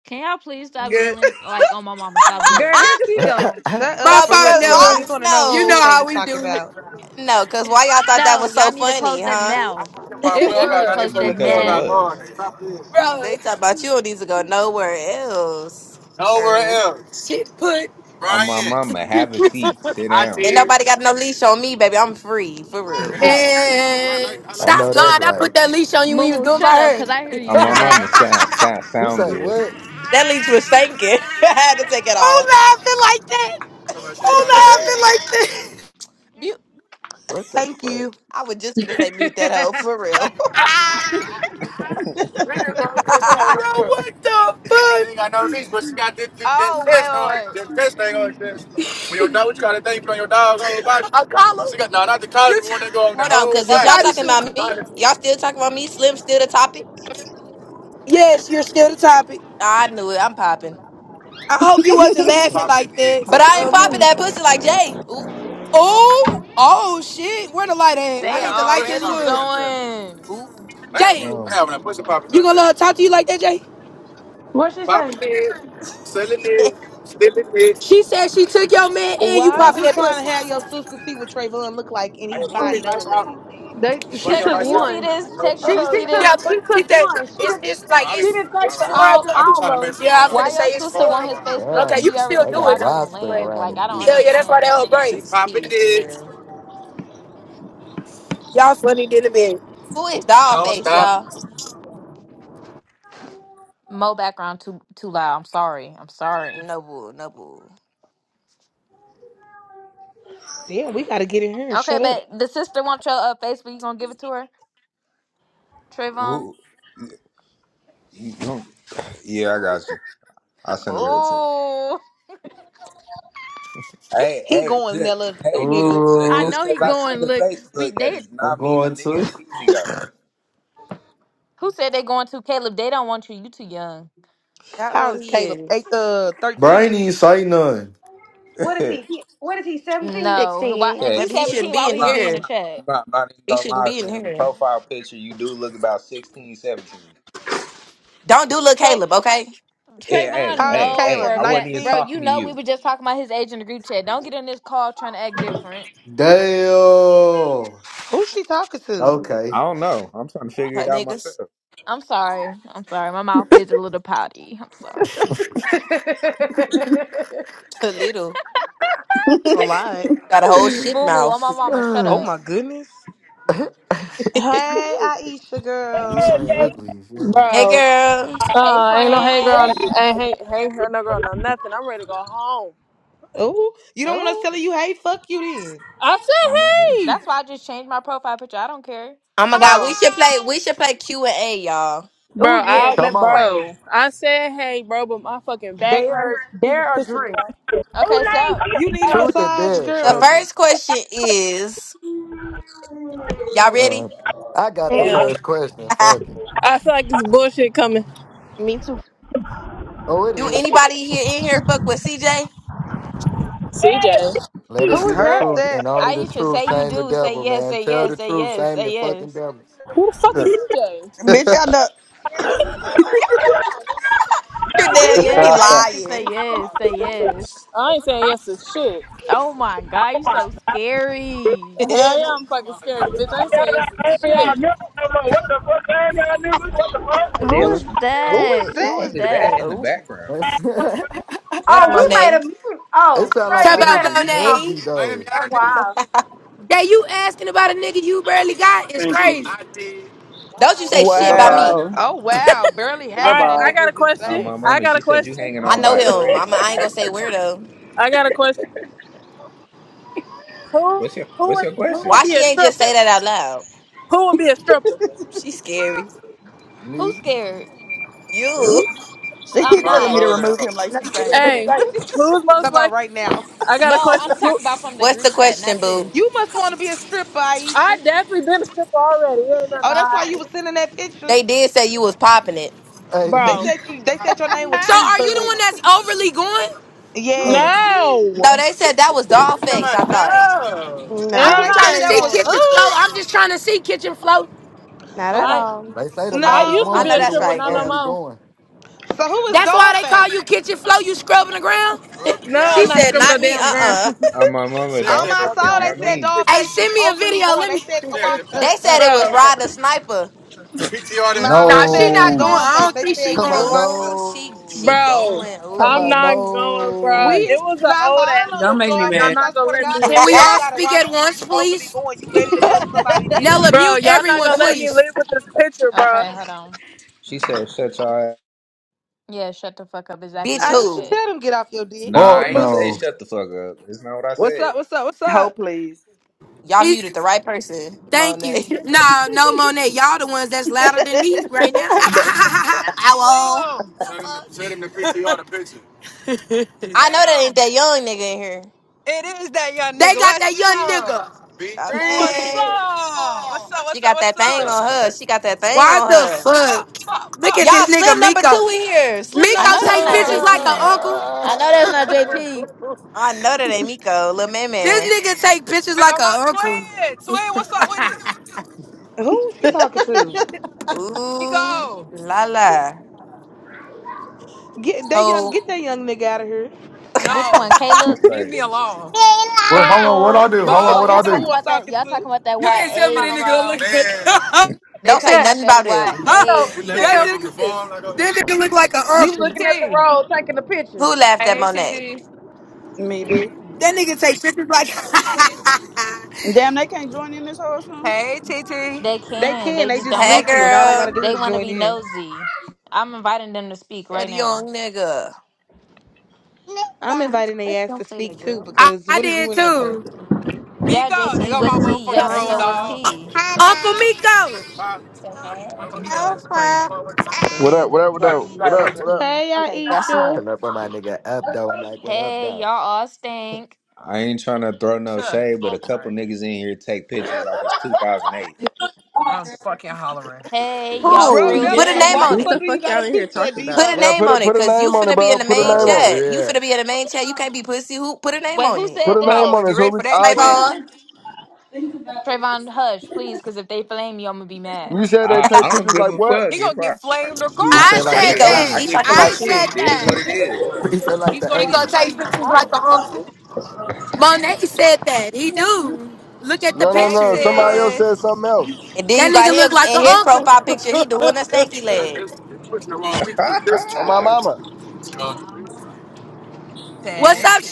Speaker 2: Can y'all please stop
Speaker 1: Good.
Speaker 2: yelling? Like, oh my mama, stop
Speaker 8: Girl,
Speaker 2: yelling.
Speaker 8: here
Speaker 3: Ah,
Speaker 5: [LAUGHS]
Speaker 8: she go.
Speaker 5: I
Speaker 6: Shut
Speaker 9: damn. My
Speaker 6: up,
Speaker 3: No,
Speaker 6: for real,
Speaker 9: fault,
Speaker 6: for
Speaker 3: because
Speaker 6: real. I
Speaker 3: why?
Speaker 9: Nella.
Speaker 6: just want to know who
Speaker 9: You
Speaker 6: teeth
Speaker 9: know
Speaker 3: No,
Speaker 6: they
Speaker 9: how
Speaker 6: was
Speaker 9: we
Speaker 6: talking
Speaker 9: do.
Speaker 6: about.
Speaker 3: no, because why y'all thought that
Speaker 2: No,
Speaker 3: was
Speaker 2: y'all
Speaker 3: so
Speaker 2: need to close
Speaker 3: funny,
Speaker 2: that
Speaker 3: huh?
Speaker 2: mouth.
Speaker 9: Come on,
Speaker 8: It
Speaker 2: Y'all
Speaker 9: club
Speaker 2: need
Speaker 9: out.
Speaker 2: to
Speaker 9: Now they
Speaker 8: was.
Speaker 2: close
Speaker 9: fuck
Speaker 2: that
Speaker 9: with
Speaker 11: because
Speaker 9: club
Speaker 11: it
Speaker 2: nav.
Speaker 9: out
Speaker 11: was.
Speaker 9: bro.
Speaker 3: They talk about you don't need to go nowhere else.
Speaker 9: Nowhere
Speaker 3: Heard.
Speaker 9: else. She put.
Speaker 11: I'm my mama.
Speaker 9: Brian.
Speaker 11: Have a
Speaker 9: [LAUGHS]
Speaker 11: seat. Sit down.
Speaker 3: Ain't nobody got no leash on me, baby. I'm free, for real.
Speaker 9: And I
Speaker 11: Bo-
Speaker 9: like I like stop
Speaker 5: know
Speaker 9: lying.
Speaker 5: that's
Speaker 9: I put
Speaker 5: right.
Speaker 9: that leash on you when you was
Speaker 2: Mumu,
Speaker 9: doing my
Speaker 2: shut up,
Speaker 9: hair.
Speaker 2: cause I
Speaker 9: Who
Speaker 2: hear
Speaker 11: I'm
Speaker 2: you in
Speaker 11: my
Speaker 2: the
Speaker 11: mama.
Speaker 2: back.
Speaker 3: [LAUGHS]
Speaker 11: Sound sound
Speaker 5: You
Speaker 11: sound
Speaker 5: say
Speaker 11: good.
Speaker 5: what?
Speaker 3: That leash was sinking. [LAUGHS] I had to take it off.
Speaker 9: laughing like that? So no laughing
Speaker 3: [LAUGHS] mute.
Speaker 5: What the
Speaker 6: Thank
Speaker 5: fuck?
Speaker 6: you.
Speaker 3: I was just gonna say mute that hoe,
Speaker 8: [LAUGHS]
Speaker 3: for real.
Speaker 11: [LAUGHS]
Speaker 3: [LAUGHS]
Speaker 9: [LAUGHS] Bro, what the She fuck? ain't got no leash, but she got that that, that
Speaker 2: Oh, wait,
Speaker 9: fist on
Speaker 2: wait, wait.
Speaker 9: that fist thing on her chest. When your dog, what you got that thing you put on your dog's whole [LAUGHS] body? A collar? She got no, not the collar, You want to go on the
Speaker 3: Hold on,
Speaker 9: whole
Speaker 3: because is y'all
Speaker 9: body.
Speaker 3: talking
Speaker 9: the body.
Speaker 3: about
Speaker 9: bodysuit.
Speaker 3: me? Y'all still talking about me? Slim still the topic?
Speaker 9: Yes, you're still the topic.
Speaker 3: I knew it. I'm popping.
Speaker 9: I hope you wasn't laughing
Speaker 5: [LAUGHS]
Speaker 9: like that.
Speaker 3: But I ain't popping
Speaker 9: Oh,
Speaker 3: that pussy like Jay. Oop,
Speaker 9: Oh, oh shit. Where the light at? I need
Speaker 3: oop,
Speaker 2: They
Speaker 9: having to light this
Speaker 2: already
Speaker 9: poppy wood.
Speaker 2: going.
Speaker 3: oop.
Speaker 9: Jay, they
Speaker 5: Um,
Speaker 9: having a pussy poppy you gonna let her talk to you like that, Jay?
Speaker 8: what she
Speaker 9: Popping
Speaker 8: say?
Speaker 9: it, selling it, slipping it. She said she took your man and you
Speaker 6: Why is
Speaker 9: popping
Speaker 6: you
Speaker 9: that
Speaker 6: trying
Speaker 9: pussy.
Speaker 6: to have your sister see what Trayvon look like and
Speaker 9: I
Speaker 6: he's
Speaker 9: had one of
Speaker 6: buying
Speaker 9: these
Speaker 6: Nella
Speaker 9: lights out.
Speaker 6: land?
Speaker 8: They
Speaker 9: One
Speaker 8: she
Speaker 9: of your
Speaker 8: took
Speaker 2: Texas,
Speaker 9: lights
Speaker 2: you
Speaker 9: out.
Speaker 2: see
Speaker 8: one.
Speaker 2: this? Texas,
Speaker 8: She
Speaker 2: you see
Speaker 8: she
Speaker 2: this?
Speaker 8: took
Speaker 9: Yeah,
Speaker 8: she
Speaker 9: but see
Speaker 8: took
Speaker 9: that
Speaker 8: one. She
Speaker 9: it's
Speaker 8: didn't
Speaker 9: it's like
Speaker 8: she
Speaker 9: it's
Speaker 8: didn't take the
Speaker 9: it's right. four of
Speaker 8: all
Speaker 9: them. i have been
Speaker 8: all
Speaker 9: trying to
Speaker 8: of.
Speaker 9: make
Speaker 8: 'em.
Speaker 9: sure Yeah, I'm gonna
Speaker 2: Why
Speaker 9: say
Speaker 2: your
Speaker 9: it's
Speaker 2: sister
Speaker 9: four
Speaker 2: want
Speaker 9: of
Speaker 2: his
Speaker 9: them.
Speaker 2: Facebook
Speaker 9: Okay,
Speaker 2: and
Speaker 5: bro,
Speaker 9: you
Speaker 2: he
Speaker 9: can
Speaker 2: already
Speaker 9: still
Speaker 5: I
Speaker 2: finna
Speaker 9: do
Speaker 5: got
Speaker 2: buy
Speaker 9: it
Speaker 2: me
Speaker 9: though.
Speaker 2: some
Speaker 5: rostered
Speaker 2: land?
Speaker 5: around
Speaker 2: Like, I
Speaker 9: But
Speaker 2: don't
Speaker 3: [LAUGHS]
Speaker 5: this
Speaker 9: hell yeah, that's why that
Speaker 2: understand.
Speaker 9: whole break. She's
Speaker 3: Let's
Speaker 9: popping
Speaker 3: see for
Speaker 9: it.
Speaker 3: real.
Speaker 9: Y'all funny than a bitch.
Speaker 3: Who is
Speaker 9: Don't
Speaker 3: Dollface,
Speaker 9: stop.
Speaker 3: y'all?
Speaker 2: Mo background too too loud. I'm sorry. I'm sorry.
Speaker 3: Noble, Noble.
Speaker 6: Damn, we gotta get in here and
Speaker 2: Okay,
Speaker 6: shut up.
Speaker 2: but the sister want your uh, Facebook. You gonna give it to her, Trayvon?
Speaker 11: Ooh. you don't- Yeah, I got you. I'll send a real
Speaker 3: Ooh,
Speaker 11: to you.
Speaker 2: Ooh.
Speaker 11: Hey,
Speaker 6: He
Speaker 11: hey,
Speaker 6: going
Speaker 11: just,
Speaker 6: Nella, new
Speaker 11: hey,
Speaker 6: nigga.
Speaker 11: just, just,
Speaker 2: I
Speaker 7: Ooh,
Speaker 11: just
Speaker 2: know he
Speaker 11: cause I
Speaker 2: going.
Speaker 11: send to
Speaker 2: Look, we
Speaker 11: Facebook, that
Speaker 2: they
Speaker 11: does
Speaker 7: I'm
Speaker 11: not mean the
Speaker 7: going
Speaker 11: nigga
Speaker 7: to.
Speaker 11: is easy though.
Speaker 2: Who said they going to Caleb? They don't want you. You too young.
Speaker 3: How
Speaker 6: How old
Speaker 3: old
Speaker 6: is
Speaker 3: he
Speaker 6: Caleb?
Speaker 3: is?
Speaker 6: Eight, uh,
Speaker 7: Bro, I ain't
Speaker 6: thirteen.
Speaker 7: even say nothing.
Speaker 11: [LAUGHS]
Speaker 8: What is
Speaker 11: okay,
Speaker 8: he? he what is he?
Speaker 4: [LAUGHS]
Speaker 8: Seventeen.
Speaker 2: No. Why
Speaker 4: Sixteen.
Speaker 2: if
Speaker 4: [LAUGHS]
Speaker 11: Caleb,
Speaker 2: he's
Speaker 3: Maybe he shouldn't
Speaker 2: 17, why
Speaker 3: be
Speaker 11: I'm
Speaker 2: would
Speaker 3: in
Speaker 2: he
Speaker 11: not,
Speaker 2: be in
Speaker 11: I'm
Speaker 2: a
Speaker 3: here.
Speaker 11: not,
Speaker 2: chat?
Speaker 11: I'm not, I'm not even
Speaker 3: He
Speaker 11: gonna
Speaker 3: shouldn't
Speaker 11: lie,
Speaker 3: be in
Speaker 11: fam. The
Speaker 3: here.
Speaker 11: profile picture, you do look about sixteen, seventeen.
Speaker 3: Don't do little
Speaker 2: Trey
Speaker 3: Caleb, okay?
Speaker 11: 17. Hey, hey,
Speaker 2: Trayvon
Speaker 6: How old is
Speaker 11: hey,
Speaker 2: no,
Speaker 11: hey,
Speaker 2: for
Speaker 6: Caleb?
Speaker 2: a
Speaker 11: I wasn't
Speaker 2: fact
Speaker 11: even
Speaker 2: bro,
Speaker 6: Nineteen.
Speaker 2: you
Speaker 11: talking to
Speaker 2: know we
Speaker 11: you.
Speaker 2: were just talking about his age in the group chat. Don't get in this call trying to act different.
Speaker 7: Damn.
Speaker 6: Who's she talking to?
Speaker 11: I
Speaker 7: Okay.
Speaker 11: don't know. I'm trying to figure
Speaker 3: Huh,
Speaker 11: it out myself.
Speaker 3: niggas,
Speaker 2: I'm sorry. I'm sorry. My mouth is a little potty. I'm sorry.
Speaker 8: [LAUGHS]
Speaker 3: [LAUGHS] a little
Speaker 6: A lot.
Speaker 3: got a whole shit
Speaker 2: Moo moo, oh my
Speaker 3: mouth.
Speaker 2: mama, shut
Speaker 6: Oh
Speaker 5: bitch.
Speaker 2: up.
Speaker 6: my goodness.
Speaker 5: [LAUGHS]
Speaker 6: Hey, Aisha
Speaker 7: At least
Speaker 6: girl.
Speaker 7: I ain't ugly. you feel me?
Speaker 3: Hey
Speaker 12: Bro,
Speaker 3: girl.
Speaker 2: Hey
Speaker 12: uh, ain't no hey girl,
Speaker 2: friend.
Speaker 12: ain't hey, hey girl, no girl, no nothing. I'm ready to go home.
Speaker 6: Oh, you don't want us
Speaker 2: Ooh.
Speaker 6: telling you, hey, fuck you then.
Speaker 12: I said
Speaker 11: I'm like, "Hmm,
Speaker 12: hey,
Speaker 2: That's why I just changed my profile picture. I don't care.
Speaker 3: Oh my god, we
Speaker 12: bro,
Speaker 3: should play we should play Q and A, y'all.
Speaker 12: bro,
Speaker 8: oh yes,
Speaker 12: I,
Speaker 5: Come
Speaker 8: let's
Speaker 5: on,
Speaker 8: play.
Speaker 12: bro, I said hey, bro, but my fucking back
Speaker 8: Dare
Speaker 12: hurts. People
Speaker 8: dare a
Speaker 12: pissing me
Speaker 8: drink.
Speaker 12: off.
Speaker 2: Okay, so
Speaker 6: You need a
Speaker 5: truth or
Speaker 6: massage,
Speaker 5: dare,
Speaker 3: The
Speaker 5: fuck
Speaker 6: girl.
Speaker 3: first question is y'all
Speaker 1: [LAUGHS]
Speaker 3: ready?
Speaker 5: Man, I got the
Speaker 4: Mhm.
Speaker 12: Yeah,
Speaker 5: first question. Fuck
Speaker 3: [LAUGHS]
Speaker 5: it.
Speaker 12: I feel like this bullshit coming.
Speaker 4: Me too.
Speaker 5: Oh, it
Speaker 3: do
Speaker 5: is.
Speaker 3: anybody here in here fuck with CJ?
Speaker 12: CJ,
Speaker 5: Let it
Speaker 8: Who
Speaker 5: be
Speaker 8: is
Speaker 5: the
Speaker 6: Heard
Speaker 8: that?
Speaker 5: truth
Speaker 6: that.
Speaker 5: and only the
Speaker 2: Aisha, say
Speaker 5: truth.
Speaker 2: you
Speaker 5: Shame the
Speaker 2: do. Say
Speaker 5: devil,
Speaker 2: yes,
Speaker 5: man.
Speaker 2: say
Speaker 5: Tell
Speaker 2: yes,
Speaker 5: the
Speaker 2: say
Speaker 5: truth.
Speaker 2: yes,
Speaker 5: Shame
Speaker 2: say
Speaker 5: the fucking
Speaker 2: yes.
Speaker 5: devil.
Speaker 12: who the
Speaker 7: [LAUGHS]
Speaker 12: fuck is CJ?
Speaker 1: Bitch, I done.
Speaker 2: Say
Speaker 3: Dale, [LAUGHS] you be
Speaker 2: yes, Aisha, say
Speaker 3: lying.
Speaker 2: yes, say yes.
Speaker 12: I ain't saying yes to shit.
Speaker 2: Oh my god, you so scary.
Speaker 12: Hell
Speaker 3: [LAUGHS]
Speaker 12: yeah, I'm fucking scared, bitch. I ain't saying yes to shit.
Speaker 2: Who is
Speaker 10: Dylan.
Speaker 6: Who
Speaker 11: who,
Speaker 6: is
Speaker 11: who
Speaker 2: that?
Speaker 11: the
Speaker 2: Who
Speaker 11: fuck
Speaker 2: is
Speaker 6: that?
Speaker 11: is that
Speaker 2: that?
Speaker 11: in the
Speaker 3: Oh,
Speaker 11: background?
Speaker 5: That's [LAUGHS] it.
Speaker 3: that's
Speaker 8: Oh, we made
Speaker 3: Monet.
Speaker 8: a meme. Oh,
Speaker 5: Sound like
Speaker 8: Trey,
Speaker 9: Talk
Speaker 5: I
Speaker 8: we
Speaker 9: about
Speaker 5: heard
Speaker 8: made a
Speaker 5: you,
Speaker 8: meme
Speaker 9: money.
Speaker 8: off
Speaker 9: Blame
Speaker 5: Kenzie though.
Speaker 9: y'all niggas.
Speaker 8: of
Speaker 9: That you asking about a nigga you barely got is
Speaker 10: Thank you.
Speaker 9: crazy. I did.
Speaker 3: Don't you say
Speaker 10: Say
Speaker 3: shit
Speaker 10: bye
Speaker 3: about
Speaker 10: bye.
Speaker 3: me.
Speaker 1: Wow.
Speaker 6: Oh wow, barely
Speaker 10: Say
Speaker 12: All
Speaker 10: bye
Speaker 6: having
Speaker 12: right,
Speaker 6: that
Speaker 12: I
Speaker 10: bye.
Speaker 6: nigga
Speaker 12: got a
Speaker 6: is
Speaker 11: Uh,
Speaker 12: question.
Speaker 11: my
Speaker 6: insane.
Speaker 12: I
Speaker 11: mama,
Speaker 12: got
Speaker 11: she
Speaker 12: a
Speaker 11: said you
Speaker 12: question.
Speaker 11: hanging
Speaker 3: I
Speaker 11: on
Speaker 3: know
Speaker 11: by a
Speaker 10: [LAUGHS]
Speaker 3: him.
Speaker 11: thread.
Speaker 3: I'm, I ain't gonna say where though.
Speaker 12: I got a question. Who,
Speaker 11: What's your
Speaker 12: who,
Speaker 11: What's
Speaker 12: would-
Speaker 11: your
Speaker 12: who
Speaker 11: question?
Speaker 12: would
Speaker 3: Why
Speaker 12: be
Speaker 3: she
Speaker 12: a
Speaker 3: ain't just say
Speaker 12: stripper?
Speaker 3: that out loud?
Speaker 12: Who would be a stripper?
Speaker 3: She's scary.
Speaker 2: Who's
Speaker 5: Me,
Speaker 2: scared?
Speaker 11: Huh?
Speaker 3: You.
Speaker 1: She
Speaker 9: I
Speaker 2: I'm
Speaker 1: [LAUGHS]
Speaker 9: tried to
Speaker 1: telling
Speaker 2: not.
Speaker 1: me to
Speaker 9: roll that
Speaker 1: remove him
Speaker 9: hoe.
Speaker 1: like she can't.
Speaker 12: Hey, who's
Speaker 6: Talk
Speaker 12: most
Speaker 6: about
Speaker 12: like?
Speaker 6: right now.
Speaker 12: I got a
Speaker 2: No, I'm
Speaker 12: question. Who?
Speaker 2: talking about from the
Speaker 3: What's the
Speaker 2: group chat,
Speaker 3: question,
Speaker 2: not
Speaker 3: boo?
Speaker 2: this.
Speaker 6: You must want to be a stripper,
Speaker 12: I
Speaker 6: Aisha.
Speaker 12: definitely been a stripper already. It ain't nothing
Speaker 6: Oh,
Speaker 12: to
Speaker 6: that's why
Speaker 12: hide,
Speaker 6: you was sending that picture.
Speaker 3: They did say you was popping it.
Speaker 5: hey, [LAUGHS]
Speaker 6: They
Speaker 12: bro.
Speaker 5: Lee.
Speaker 6: said you. They said your name was
Speaker 9: So are
Speaker 4: [LAUGHS]
Speaker 9: you the
Speaker 6: Stinkbug.
Speaker 9: one that's overly going?
Speaker 3: No,
Speaker 4: oh
Speaker 6: Yes,
Speaker 12: No,
Speaker 3: they said that was doll
Speaker 9: You
Speaker 3: face. I
Speaker 9: talking about
Speaker 3: thought.
Speaker 9: no?
Speaker 12: hell no,
Speaker 9: I'm
Speaker 6: girl.
Speaker 9: just
Speaker 6: They
Speaker 4: no,
Speaker 9: trying
Speaker 6: said
Speaker 12: I
Speaker 9: to
Speaker 12: ain't
Speaker 6: that
Speaker 9: see
Speaker 6: was
Speaker 12: going.
Speaker 9: kitchen flow.
Speaker 6: who?
Speaker 9: I'm just trying to see kitchen flow.
Speaker 4: not at
Speaker 2: Oh,
Speaker 12: I
Speaker 4: all.
Speaker 5: They say the
Speaker 12: I
Speaker 5: loudest
Speaker 12: used to
Speaker 3: I
Speaker 5: ones
Speaker 12: be
Speaker 6: No.
Speaker 3: know
Speaker 12: a
Speaker 5: be the
Speaker 3: that's
Speaker 12: stripper,
Speaker 5: ones
Speaker 3: right,
Speaker 12: not no
Speaker 3: girl.
Speaker 5: overly
Speaker 12: more.
Speaker 5: going.
Speaker 6: So who is
Speaker 9: That's why they call
Speaker 6: Dollface?
Speaker 9: you kitchen flow. You scrubbing the ground. Rub the
Speaker 12: No,
Speaker 3: She
Speaker 12: I'm
Speaker 9: ground.
Speaker 12: not
Speaker 3: said
Speaker 12: stripping no
Speaker 3: not me.
Speaker 12: damn
Speaker 3: Uh
Speaker 12: ground,
Speaker 3: uh
Speaker 12: [LAUGHS]
Speaker 11: Uh, my mama,
Speaker 9: Said
Speaker 6: On
Speaker 11: dog,
Speaker 9: that
Speaker 6: my
Speaker 11: they
Speaker 9: puppy
Speaker 11: said,
Speaker 6: soul,
Speaker 9: on the
Speaker 6: they
Speaker 11: not
Speaker 6: said
Speaker 11: me.
Speaker 9: kitchen. Hey,
Speaker 6: Dollface was
Speaker 9: send me a
Speaker 6: overly
Speaker 9: video.
Speaker 6: going.
Speaker 9: Let me.
Speaker 6: They said to watch
Speaker 9: said that
Speaker 3: They
Speaker 6: her.
Speaker 3: said it was
Speaker 12: bro.
Speaker 3: Rod the sniper.
Speaker 9: PTR that
Speaker 6: Nah, they
Speaker 9: nah, she
Speaker 6: said it was
Speaker 9: not going.
Speaker 7: no.
Speaker 9: I
Speaker 6: Dollface.
Speaker 9: don't
Speaker 6: They
Speaker 9: think
Speaker 6: said
Speaker 9: she
Speaker 5: Talking
Speaker 6: we need to
Speaker 5: about
Speaker 9: going.
Speaker 6: watch her.
Speaker 3: Ooh, she she
Speaker 5: no. [LAUGHS]
Speaker 12: Bro,
Speaker 3: going.
Speaker 5: Talking
Speaker 12: I'm
Speaker 5: about
Speaker 3: Ooh,
Speaker 12: not going,
Speaker 6: We
Speaker 12: bro.
Speaker 5: no. [LAUGHS]
Speaker 12: It
Speaker 6: is
Speaker 12: was an
Speaker 6: not
Speaker 12: old
Speaker 6: lying
Speaker 12: ass
Speaker 6: on
Speaker 13: Don't
Speaker 6: you,
Speaker 12: picture,
Speaker 13: make
Speaker 12: bro.
Speaker 13: me mad.
Speaker 12: Y'all
Speaker 6: Dollface. I
Speaker 12: not gonna
Speaker 6: swear to
Speaker 12: let
Speaker 6: God,
Speaker 3: [LAUGHS]
Speaker 12: me
Speaker 6: they
Speaker 9: Can we
Speaker 6: said we
Speaker 12: live,
Speaker 9: all
Speaker 6: gotta
Speaker 9: speak
Speaker 6: watch
Speaker 9: at
Speaker 6: you because
Speaker 9: once,
Speaker 6: you overly
Speaker 9: please?
Speaker 6: going. You ready to fuck somebody, nigga?
Speaker 9: Nella,
Speaker 12: bro.
Speaker 9: mute
Speaker 12: Y'all not
Speaker 9: everyone,
Speaker 12: gonna let me
Speaker 9: please.
Speaker 12: live with this picture, bro.
Speaker 2: okay, hold on.
Speaker 11: She said, shut y'all. ass."
Speaker 2: Yeah, shut the fuck up. Exactly
Speaker 3: bitch,
Speaker 2: what I
Speaker 6: Aisha,
Speaker 3: who?
Speaker 2: said.
Speaker 6: tell them get off your dick.
Speaker 11: Nah, I
Speaker 7: Fuck
Speaker 11: ain't say
Speaker 14: What's
Speaker 7: no.
Speaker 11: shut the fuck up. That's not what I
Speaker 14: what's
Speaker 11: said.
Speaker 14: up? What's up? What's
Speaker 1: Ho,
Speaker 14: up?
Speaker 1: please.
Speaker 9: [LAUGHS]
Speaker 3: Y'all
Speaker 9: We
Speaker 3: muted the right person,
Speaker 9: thank you.
Speaker 3: Monet. [LAUGHS]
Speaker 9: No, no, Monet. Y'all the ones that's
Speaker 1: [LAUGHS]
Speaker 9: louder than me right now. [LAUGHS] Owl.
Speaker 14: Slim,
Speaker 9: The Send him the- fuck? send him the PTR the picture. [LAUGHS]
Speaker 3: I know that ain't
Speaker 14: Slim,
Speaker 3: that young nigga in here.
Speaker 14: it is that young
Speaker 9: They
Speaker 14: nigga.
Speaker 9: got that
Speaker 14: What's
Speaker 9: young
Speaker 14: up?
Speaker 9: nigga.
Speaker 14: What's
Speaker 4: [LAUGHS]
Speaker 9: B3.
Speaker 3: Okay.
Speaker 14: up? What's up?
Speaker 3: She
Speaker 14: What's up?
Speaker 3: got
Speaker 14: What's
Speaker 3: that thing
Speaker 14: up?
Speaker 3: on her. She got that thing
Speaker 9: Why
Speaker 3: on
Speaker 9: the
Speaker 3: her.
Speaker 14: Fuck, fuck,
Speaker 9: fuck? Look
Speaker 14: fuck.
Speaker 9: at
Speaker 3: Y'all,
Speaker 9: this nigga
Speaker 3: Slim number
Speaker 9: Miko.
Speaker 3: two in here. Slim
Speaker 2: I
Speaker 3: number
Speaker 9: Miko
Speaker 2: know
Speaker 3: two
Speaker 2: that's
Speaker 9: take
Speaker 3: in
Speaker 2: not
Speaker 9: pictures
Speaker 3: here.
Speaker 9: like a
Speaker 2: JT.
Speaker 9: uncle.
Speaker 2: I know that's not
Speaker 5: Ah!
Speaker 2: JT.
Speaker 3: I know that ain't Miko. Lil man
Speaker 9: This
Speaker 3: man.
Speaker 9: nigga take pictures
Speaker 14: I
Speaker 9: like
Speaker 14: got
Speaker 9: a
Speaker 14: my
Speaker 9: uncle.
Speaker 14: twin. Twin, what's up with it?
Speaker 6: Who is she talking to?
Speaker 14: He
Speaker 3: Ooh,
Speaker 14: go.
Speaker 3: la la.
Speaker 6: Get that young,
Speaker 3: So
Speaker 6: get that young nigga out of here.
Speaker 2: Which
Speaker 14: No,
Speaker 2: one, Caleb?
Speaker 11: That's
Speaker 14: leave me
Speaker 11: crazy.
Speaker 14: alone.
Speaker 7: Well,
Speaker 6: Uh
Speaker 7: hold on. What
Speaker 6: uh
Speaker 7: I do?
Speaker 6: [LAUGHS]
Speaker 7: Hold on.
Speaker 2: Oh,
Speaker 7: What
Speaker 6: she
Speaker 7: I
Speaker 2: y'all
Speaker 14: Bo.
Speaker 6: know
Speaker 7: do?
Speaker 2: talking
Speaker 6: who I'm
Speaker 2: about that?
Speaker 6: talking
Speaker 2: Y'all
Speaker 6: to.
Speaker 2: talking about that
Speaker 9: You can't
Speaker 14: Hey,
Speaker 9: tell me that
Speaker 2: YH?
Speaker 9: nigga don't look
Speaker 14: mama.
Speaker 9: good. [LAUGHS]
Speaker 2: They
Speaker 3: don't
Speaker 8: you.
Speaker 3: say
Speaker 2: talking
Speaker 8: FYI.
Speaker 2: about
Speaker 3: nothing
Speaker 2: that
Speaker 3: about him.
Speaker 8: [LAUGHS] so
Speaker 9: He
Speaker 8: it's
Speaker 9: let
Speaker 8: make
Speaker 9: that,
Speaker 2: YH?
Speaker 8: up
Speaker 9: you play from nigga, from the
Speaker 8: picture. [LAUGHS]
Speaker 9: farm like a- that nigga look like an
Speaker 8: You
Speaker 9: uncle.
Speaker 8: looking at the
Speaker 14: T.
Speaker 8: road, taking a picture.
Speaker 3: Who laughed at
Speaker 14: Hey, T
Speaker 3: Monet?
Speaker 14: T.
Speaker 1: me, bitch.
Speaker 9: That nigga take pictures like. [LAUGHS]
Speaker 1: Damn, they can't join in this whole soon.
Speaker 14: Hey, T T.
Speaker 2: They
Speaker 6: They
Speaker 2: can.
Speaker 6: can.
Speaker 2: They
Speaker 6: They
Speaker 2: just
Speaker 6: just
Speaker 2: don't
Speaker 3: Hey
Speaker 2: want
Speaker 6: listening.
Speaker 2: to.
Speaker 6: All they gotta
Speaker 3: girl.
Speaker 6: do
Speaker 2: They
Speaker 6: is
Speaker 2: want to
Speaker 6: join
Speaker 2: be
Speaker 6: in.
Speaker 2: nosy. I'm inviting them to speak
Speaker 3: That
Speaker 2: right
Speaker 3: young
Speaker 2: now.
Speaker 3: nigga.
Speaker 6: I'm
Speaker 3: Hi.
Speaker 6: inviting they ass to speak too
Speaker 9: I,
Speaker 6: because
Speaker 9: I
Speaker 6: what is you
Speaker 9: did
Speaker 6: in here for?
Speaker 9: too.
Speaker 2: Yeah,
Speaker 14: Miko. They
Speaker 2: JT,
Speaker 14: got
Speaker 2: what's
Speaker 14: my
Speaker 2: tea?
Speaker 14: motherfucking
Speaker 2: Yeah,
Speaker 14: roll,
Speaker 2: Miko, what's
Speaker 14: dog.
Speaker 2: tea?
Speaker 9: Uncle Miko. Huh?
Speaker 3: Say hey.
Speaker 14: Uncle Miko is crazy.
Speaker 15: What up? What
Speaker 5: Turn
Speaker 15: up? What up? What up? What up?
Speaker 6: Hey,
Speaker 3: Okay, that's
Speaker 6: Aisha.
Speaker 3: enough.
Speaker 5: up on my nigga up though. I'm like, what up
Speaker 2: Hey, y'all
Speaker 5: though?
Speaker 2: all stink.
Speaker 11: I ain't trying to throw no
Speaker 14: Sure.
Speaker 11: shade, but a
Speaker 14: All
Speaker 11: couple
Speaker 14: right.
Speaker 11: niggas in here take pictures like it's 2008.
Speaker 14: I'm fucking hollering.
Speaker 2: Hey, y'all
Speaker 6: Bro,
Speaker 3: Who
Speaker 2: grill
Speaker 3: put
Speaker 6: Nella,
Speaker 3: a
Speaker 6: uh,
Speaker 3: name
Speaker 6: why
Speaker 2: stink.
Speaker 6: the
Speaker 3: on it.
Speaker 6: fuck do you got a picture of
Speaker 3: Put a
Speaker 6: Devo?
Speaker 15: Yeah,
Speaker 3: name
Speaker 15: put
Speaker 3: on
Speaker 15: it.
Speaker 3: it,
Speaker 15: Put a
Speaker 3: cause you
Speaker 15: name on it,
Speaker 3: finna be
Speaker 15: bro.
Speaker 3: in the
Speaker 15: Put a name
Speaker 3: main
Speaker 15: on it.
Speaker 5: No,
Speaker 3: chat. You
Speaker 5: yeah.
Speaker 3: finna be in the main chat. You can't be pussy. Who put a name
Speaker 2: Wait,
Speaker 3: on
Speaker 2: who
Speaker 3: it?
Speaker 2: said
Speaker 15: Put a
Speaker 14: No,
Speaker 15: name
Speaker 2: that?
Speaker 14: well,
Speaker 15: on it.
Speaker 14: you
Speaker 15: So
Speaker 14: ready
Speaker 15: we.
Speaker 14: for that,
Speaker 15: I.
Speaker 14: twin?
Speaker 3: Trayvon,
Speaker 2: Trayvon, hush, please, because if they flame you, I'm going to be mad.
Speaker 15: You said they
Speaker 11: I,
Speaker 15: take
Speaker 11: I don't
Speaker 15: pictures.
Speaker 11: give
Speaker 15: Like
Speaker 11: a
Speaker 15: what?
Speaker 11: fuck
Speaker 14: He
Speaker 11: if
Speaker 14: gonna get
Speaker 11: I
Speaker 14: flamed
Speaker 5: He
Speaker 9: I
Speaker 5: said
Speaker 11: I
Speaker 5: like
Speaker 14: regardless.
Speaker 5: the
Speaker 9: said
Speaker 11: get
Speaker 3: Miko, he
Speaker 11: I, I
Speaker 3: he
Speaker 5: eighties.
Speaker 9: that.
Speaker 11: get
Speaker 3: talking
Speaker 11: cooked.
Speaker 9: I
Speaker 3: about
Speaker 11: It,
Speaker 9: said
Speaker 3: you.
Speaker 11: it is what it
Speaker 9: that.
Speaker 11: is.
Speaker 5: [LAUGHS] He said like
Speaker 14: He's
Speaker 5: the
Speaker 14: gonna
Speaker 9: Miko
Speaker 14: get
Speaker 5: eighties.
Speaker 9: takes
Speaker 14: flamed
Speaker 9: pictures like an
Speaker 14: regardless.
Speaker 9: uncle. Monet said that. He do. Look at the
Speaker 15: No, no, no.
Speaker 9: picture.
Speaker 15: Somebody else said
Speaker 14: Texas,
Speaker 15: something else.
Speaker 3: And then
Speaker 9: That
Speaker 3: you got
Speaker 9: nigga look
Speaker 3: him
Speaker 9: like
Speaker 3: in
Speaker 9: an
Speaker 3: his
Speaker 9: uncle. That-
Speaker 3: profile picture. He doing a stanky leg.
Speaker 9: That's wrong. We put this.
Speaker 15: On my
Speaker 11: [LAUGHS]
Speaker 15: mama.
Speaker 9: Uh, What's up,
Speaker 14: Texas,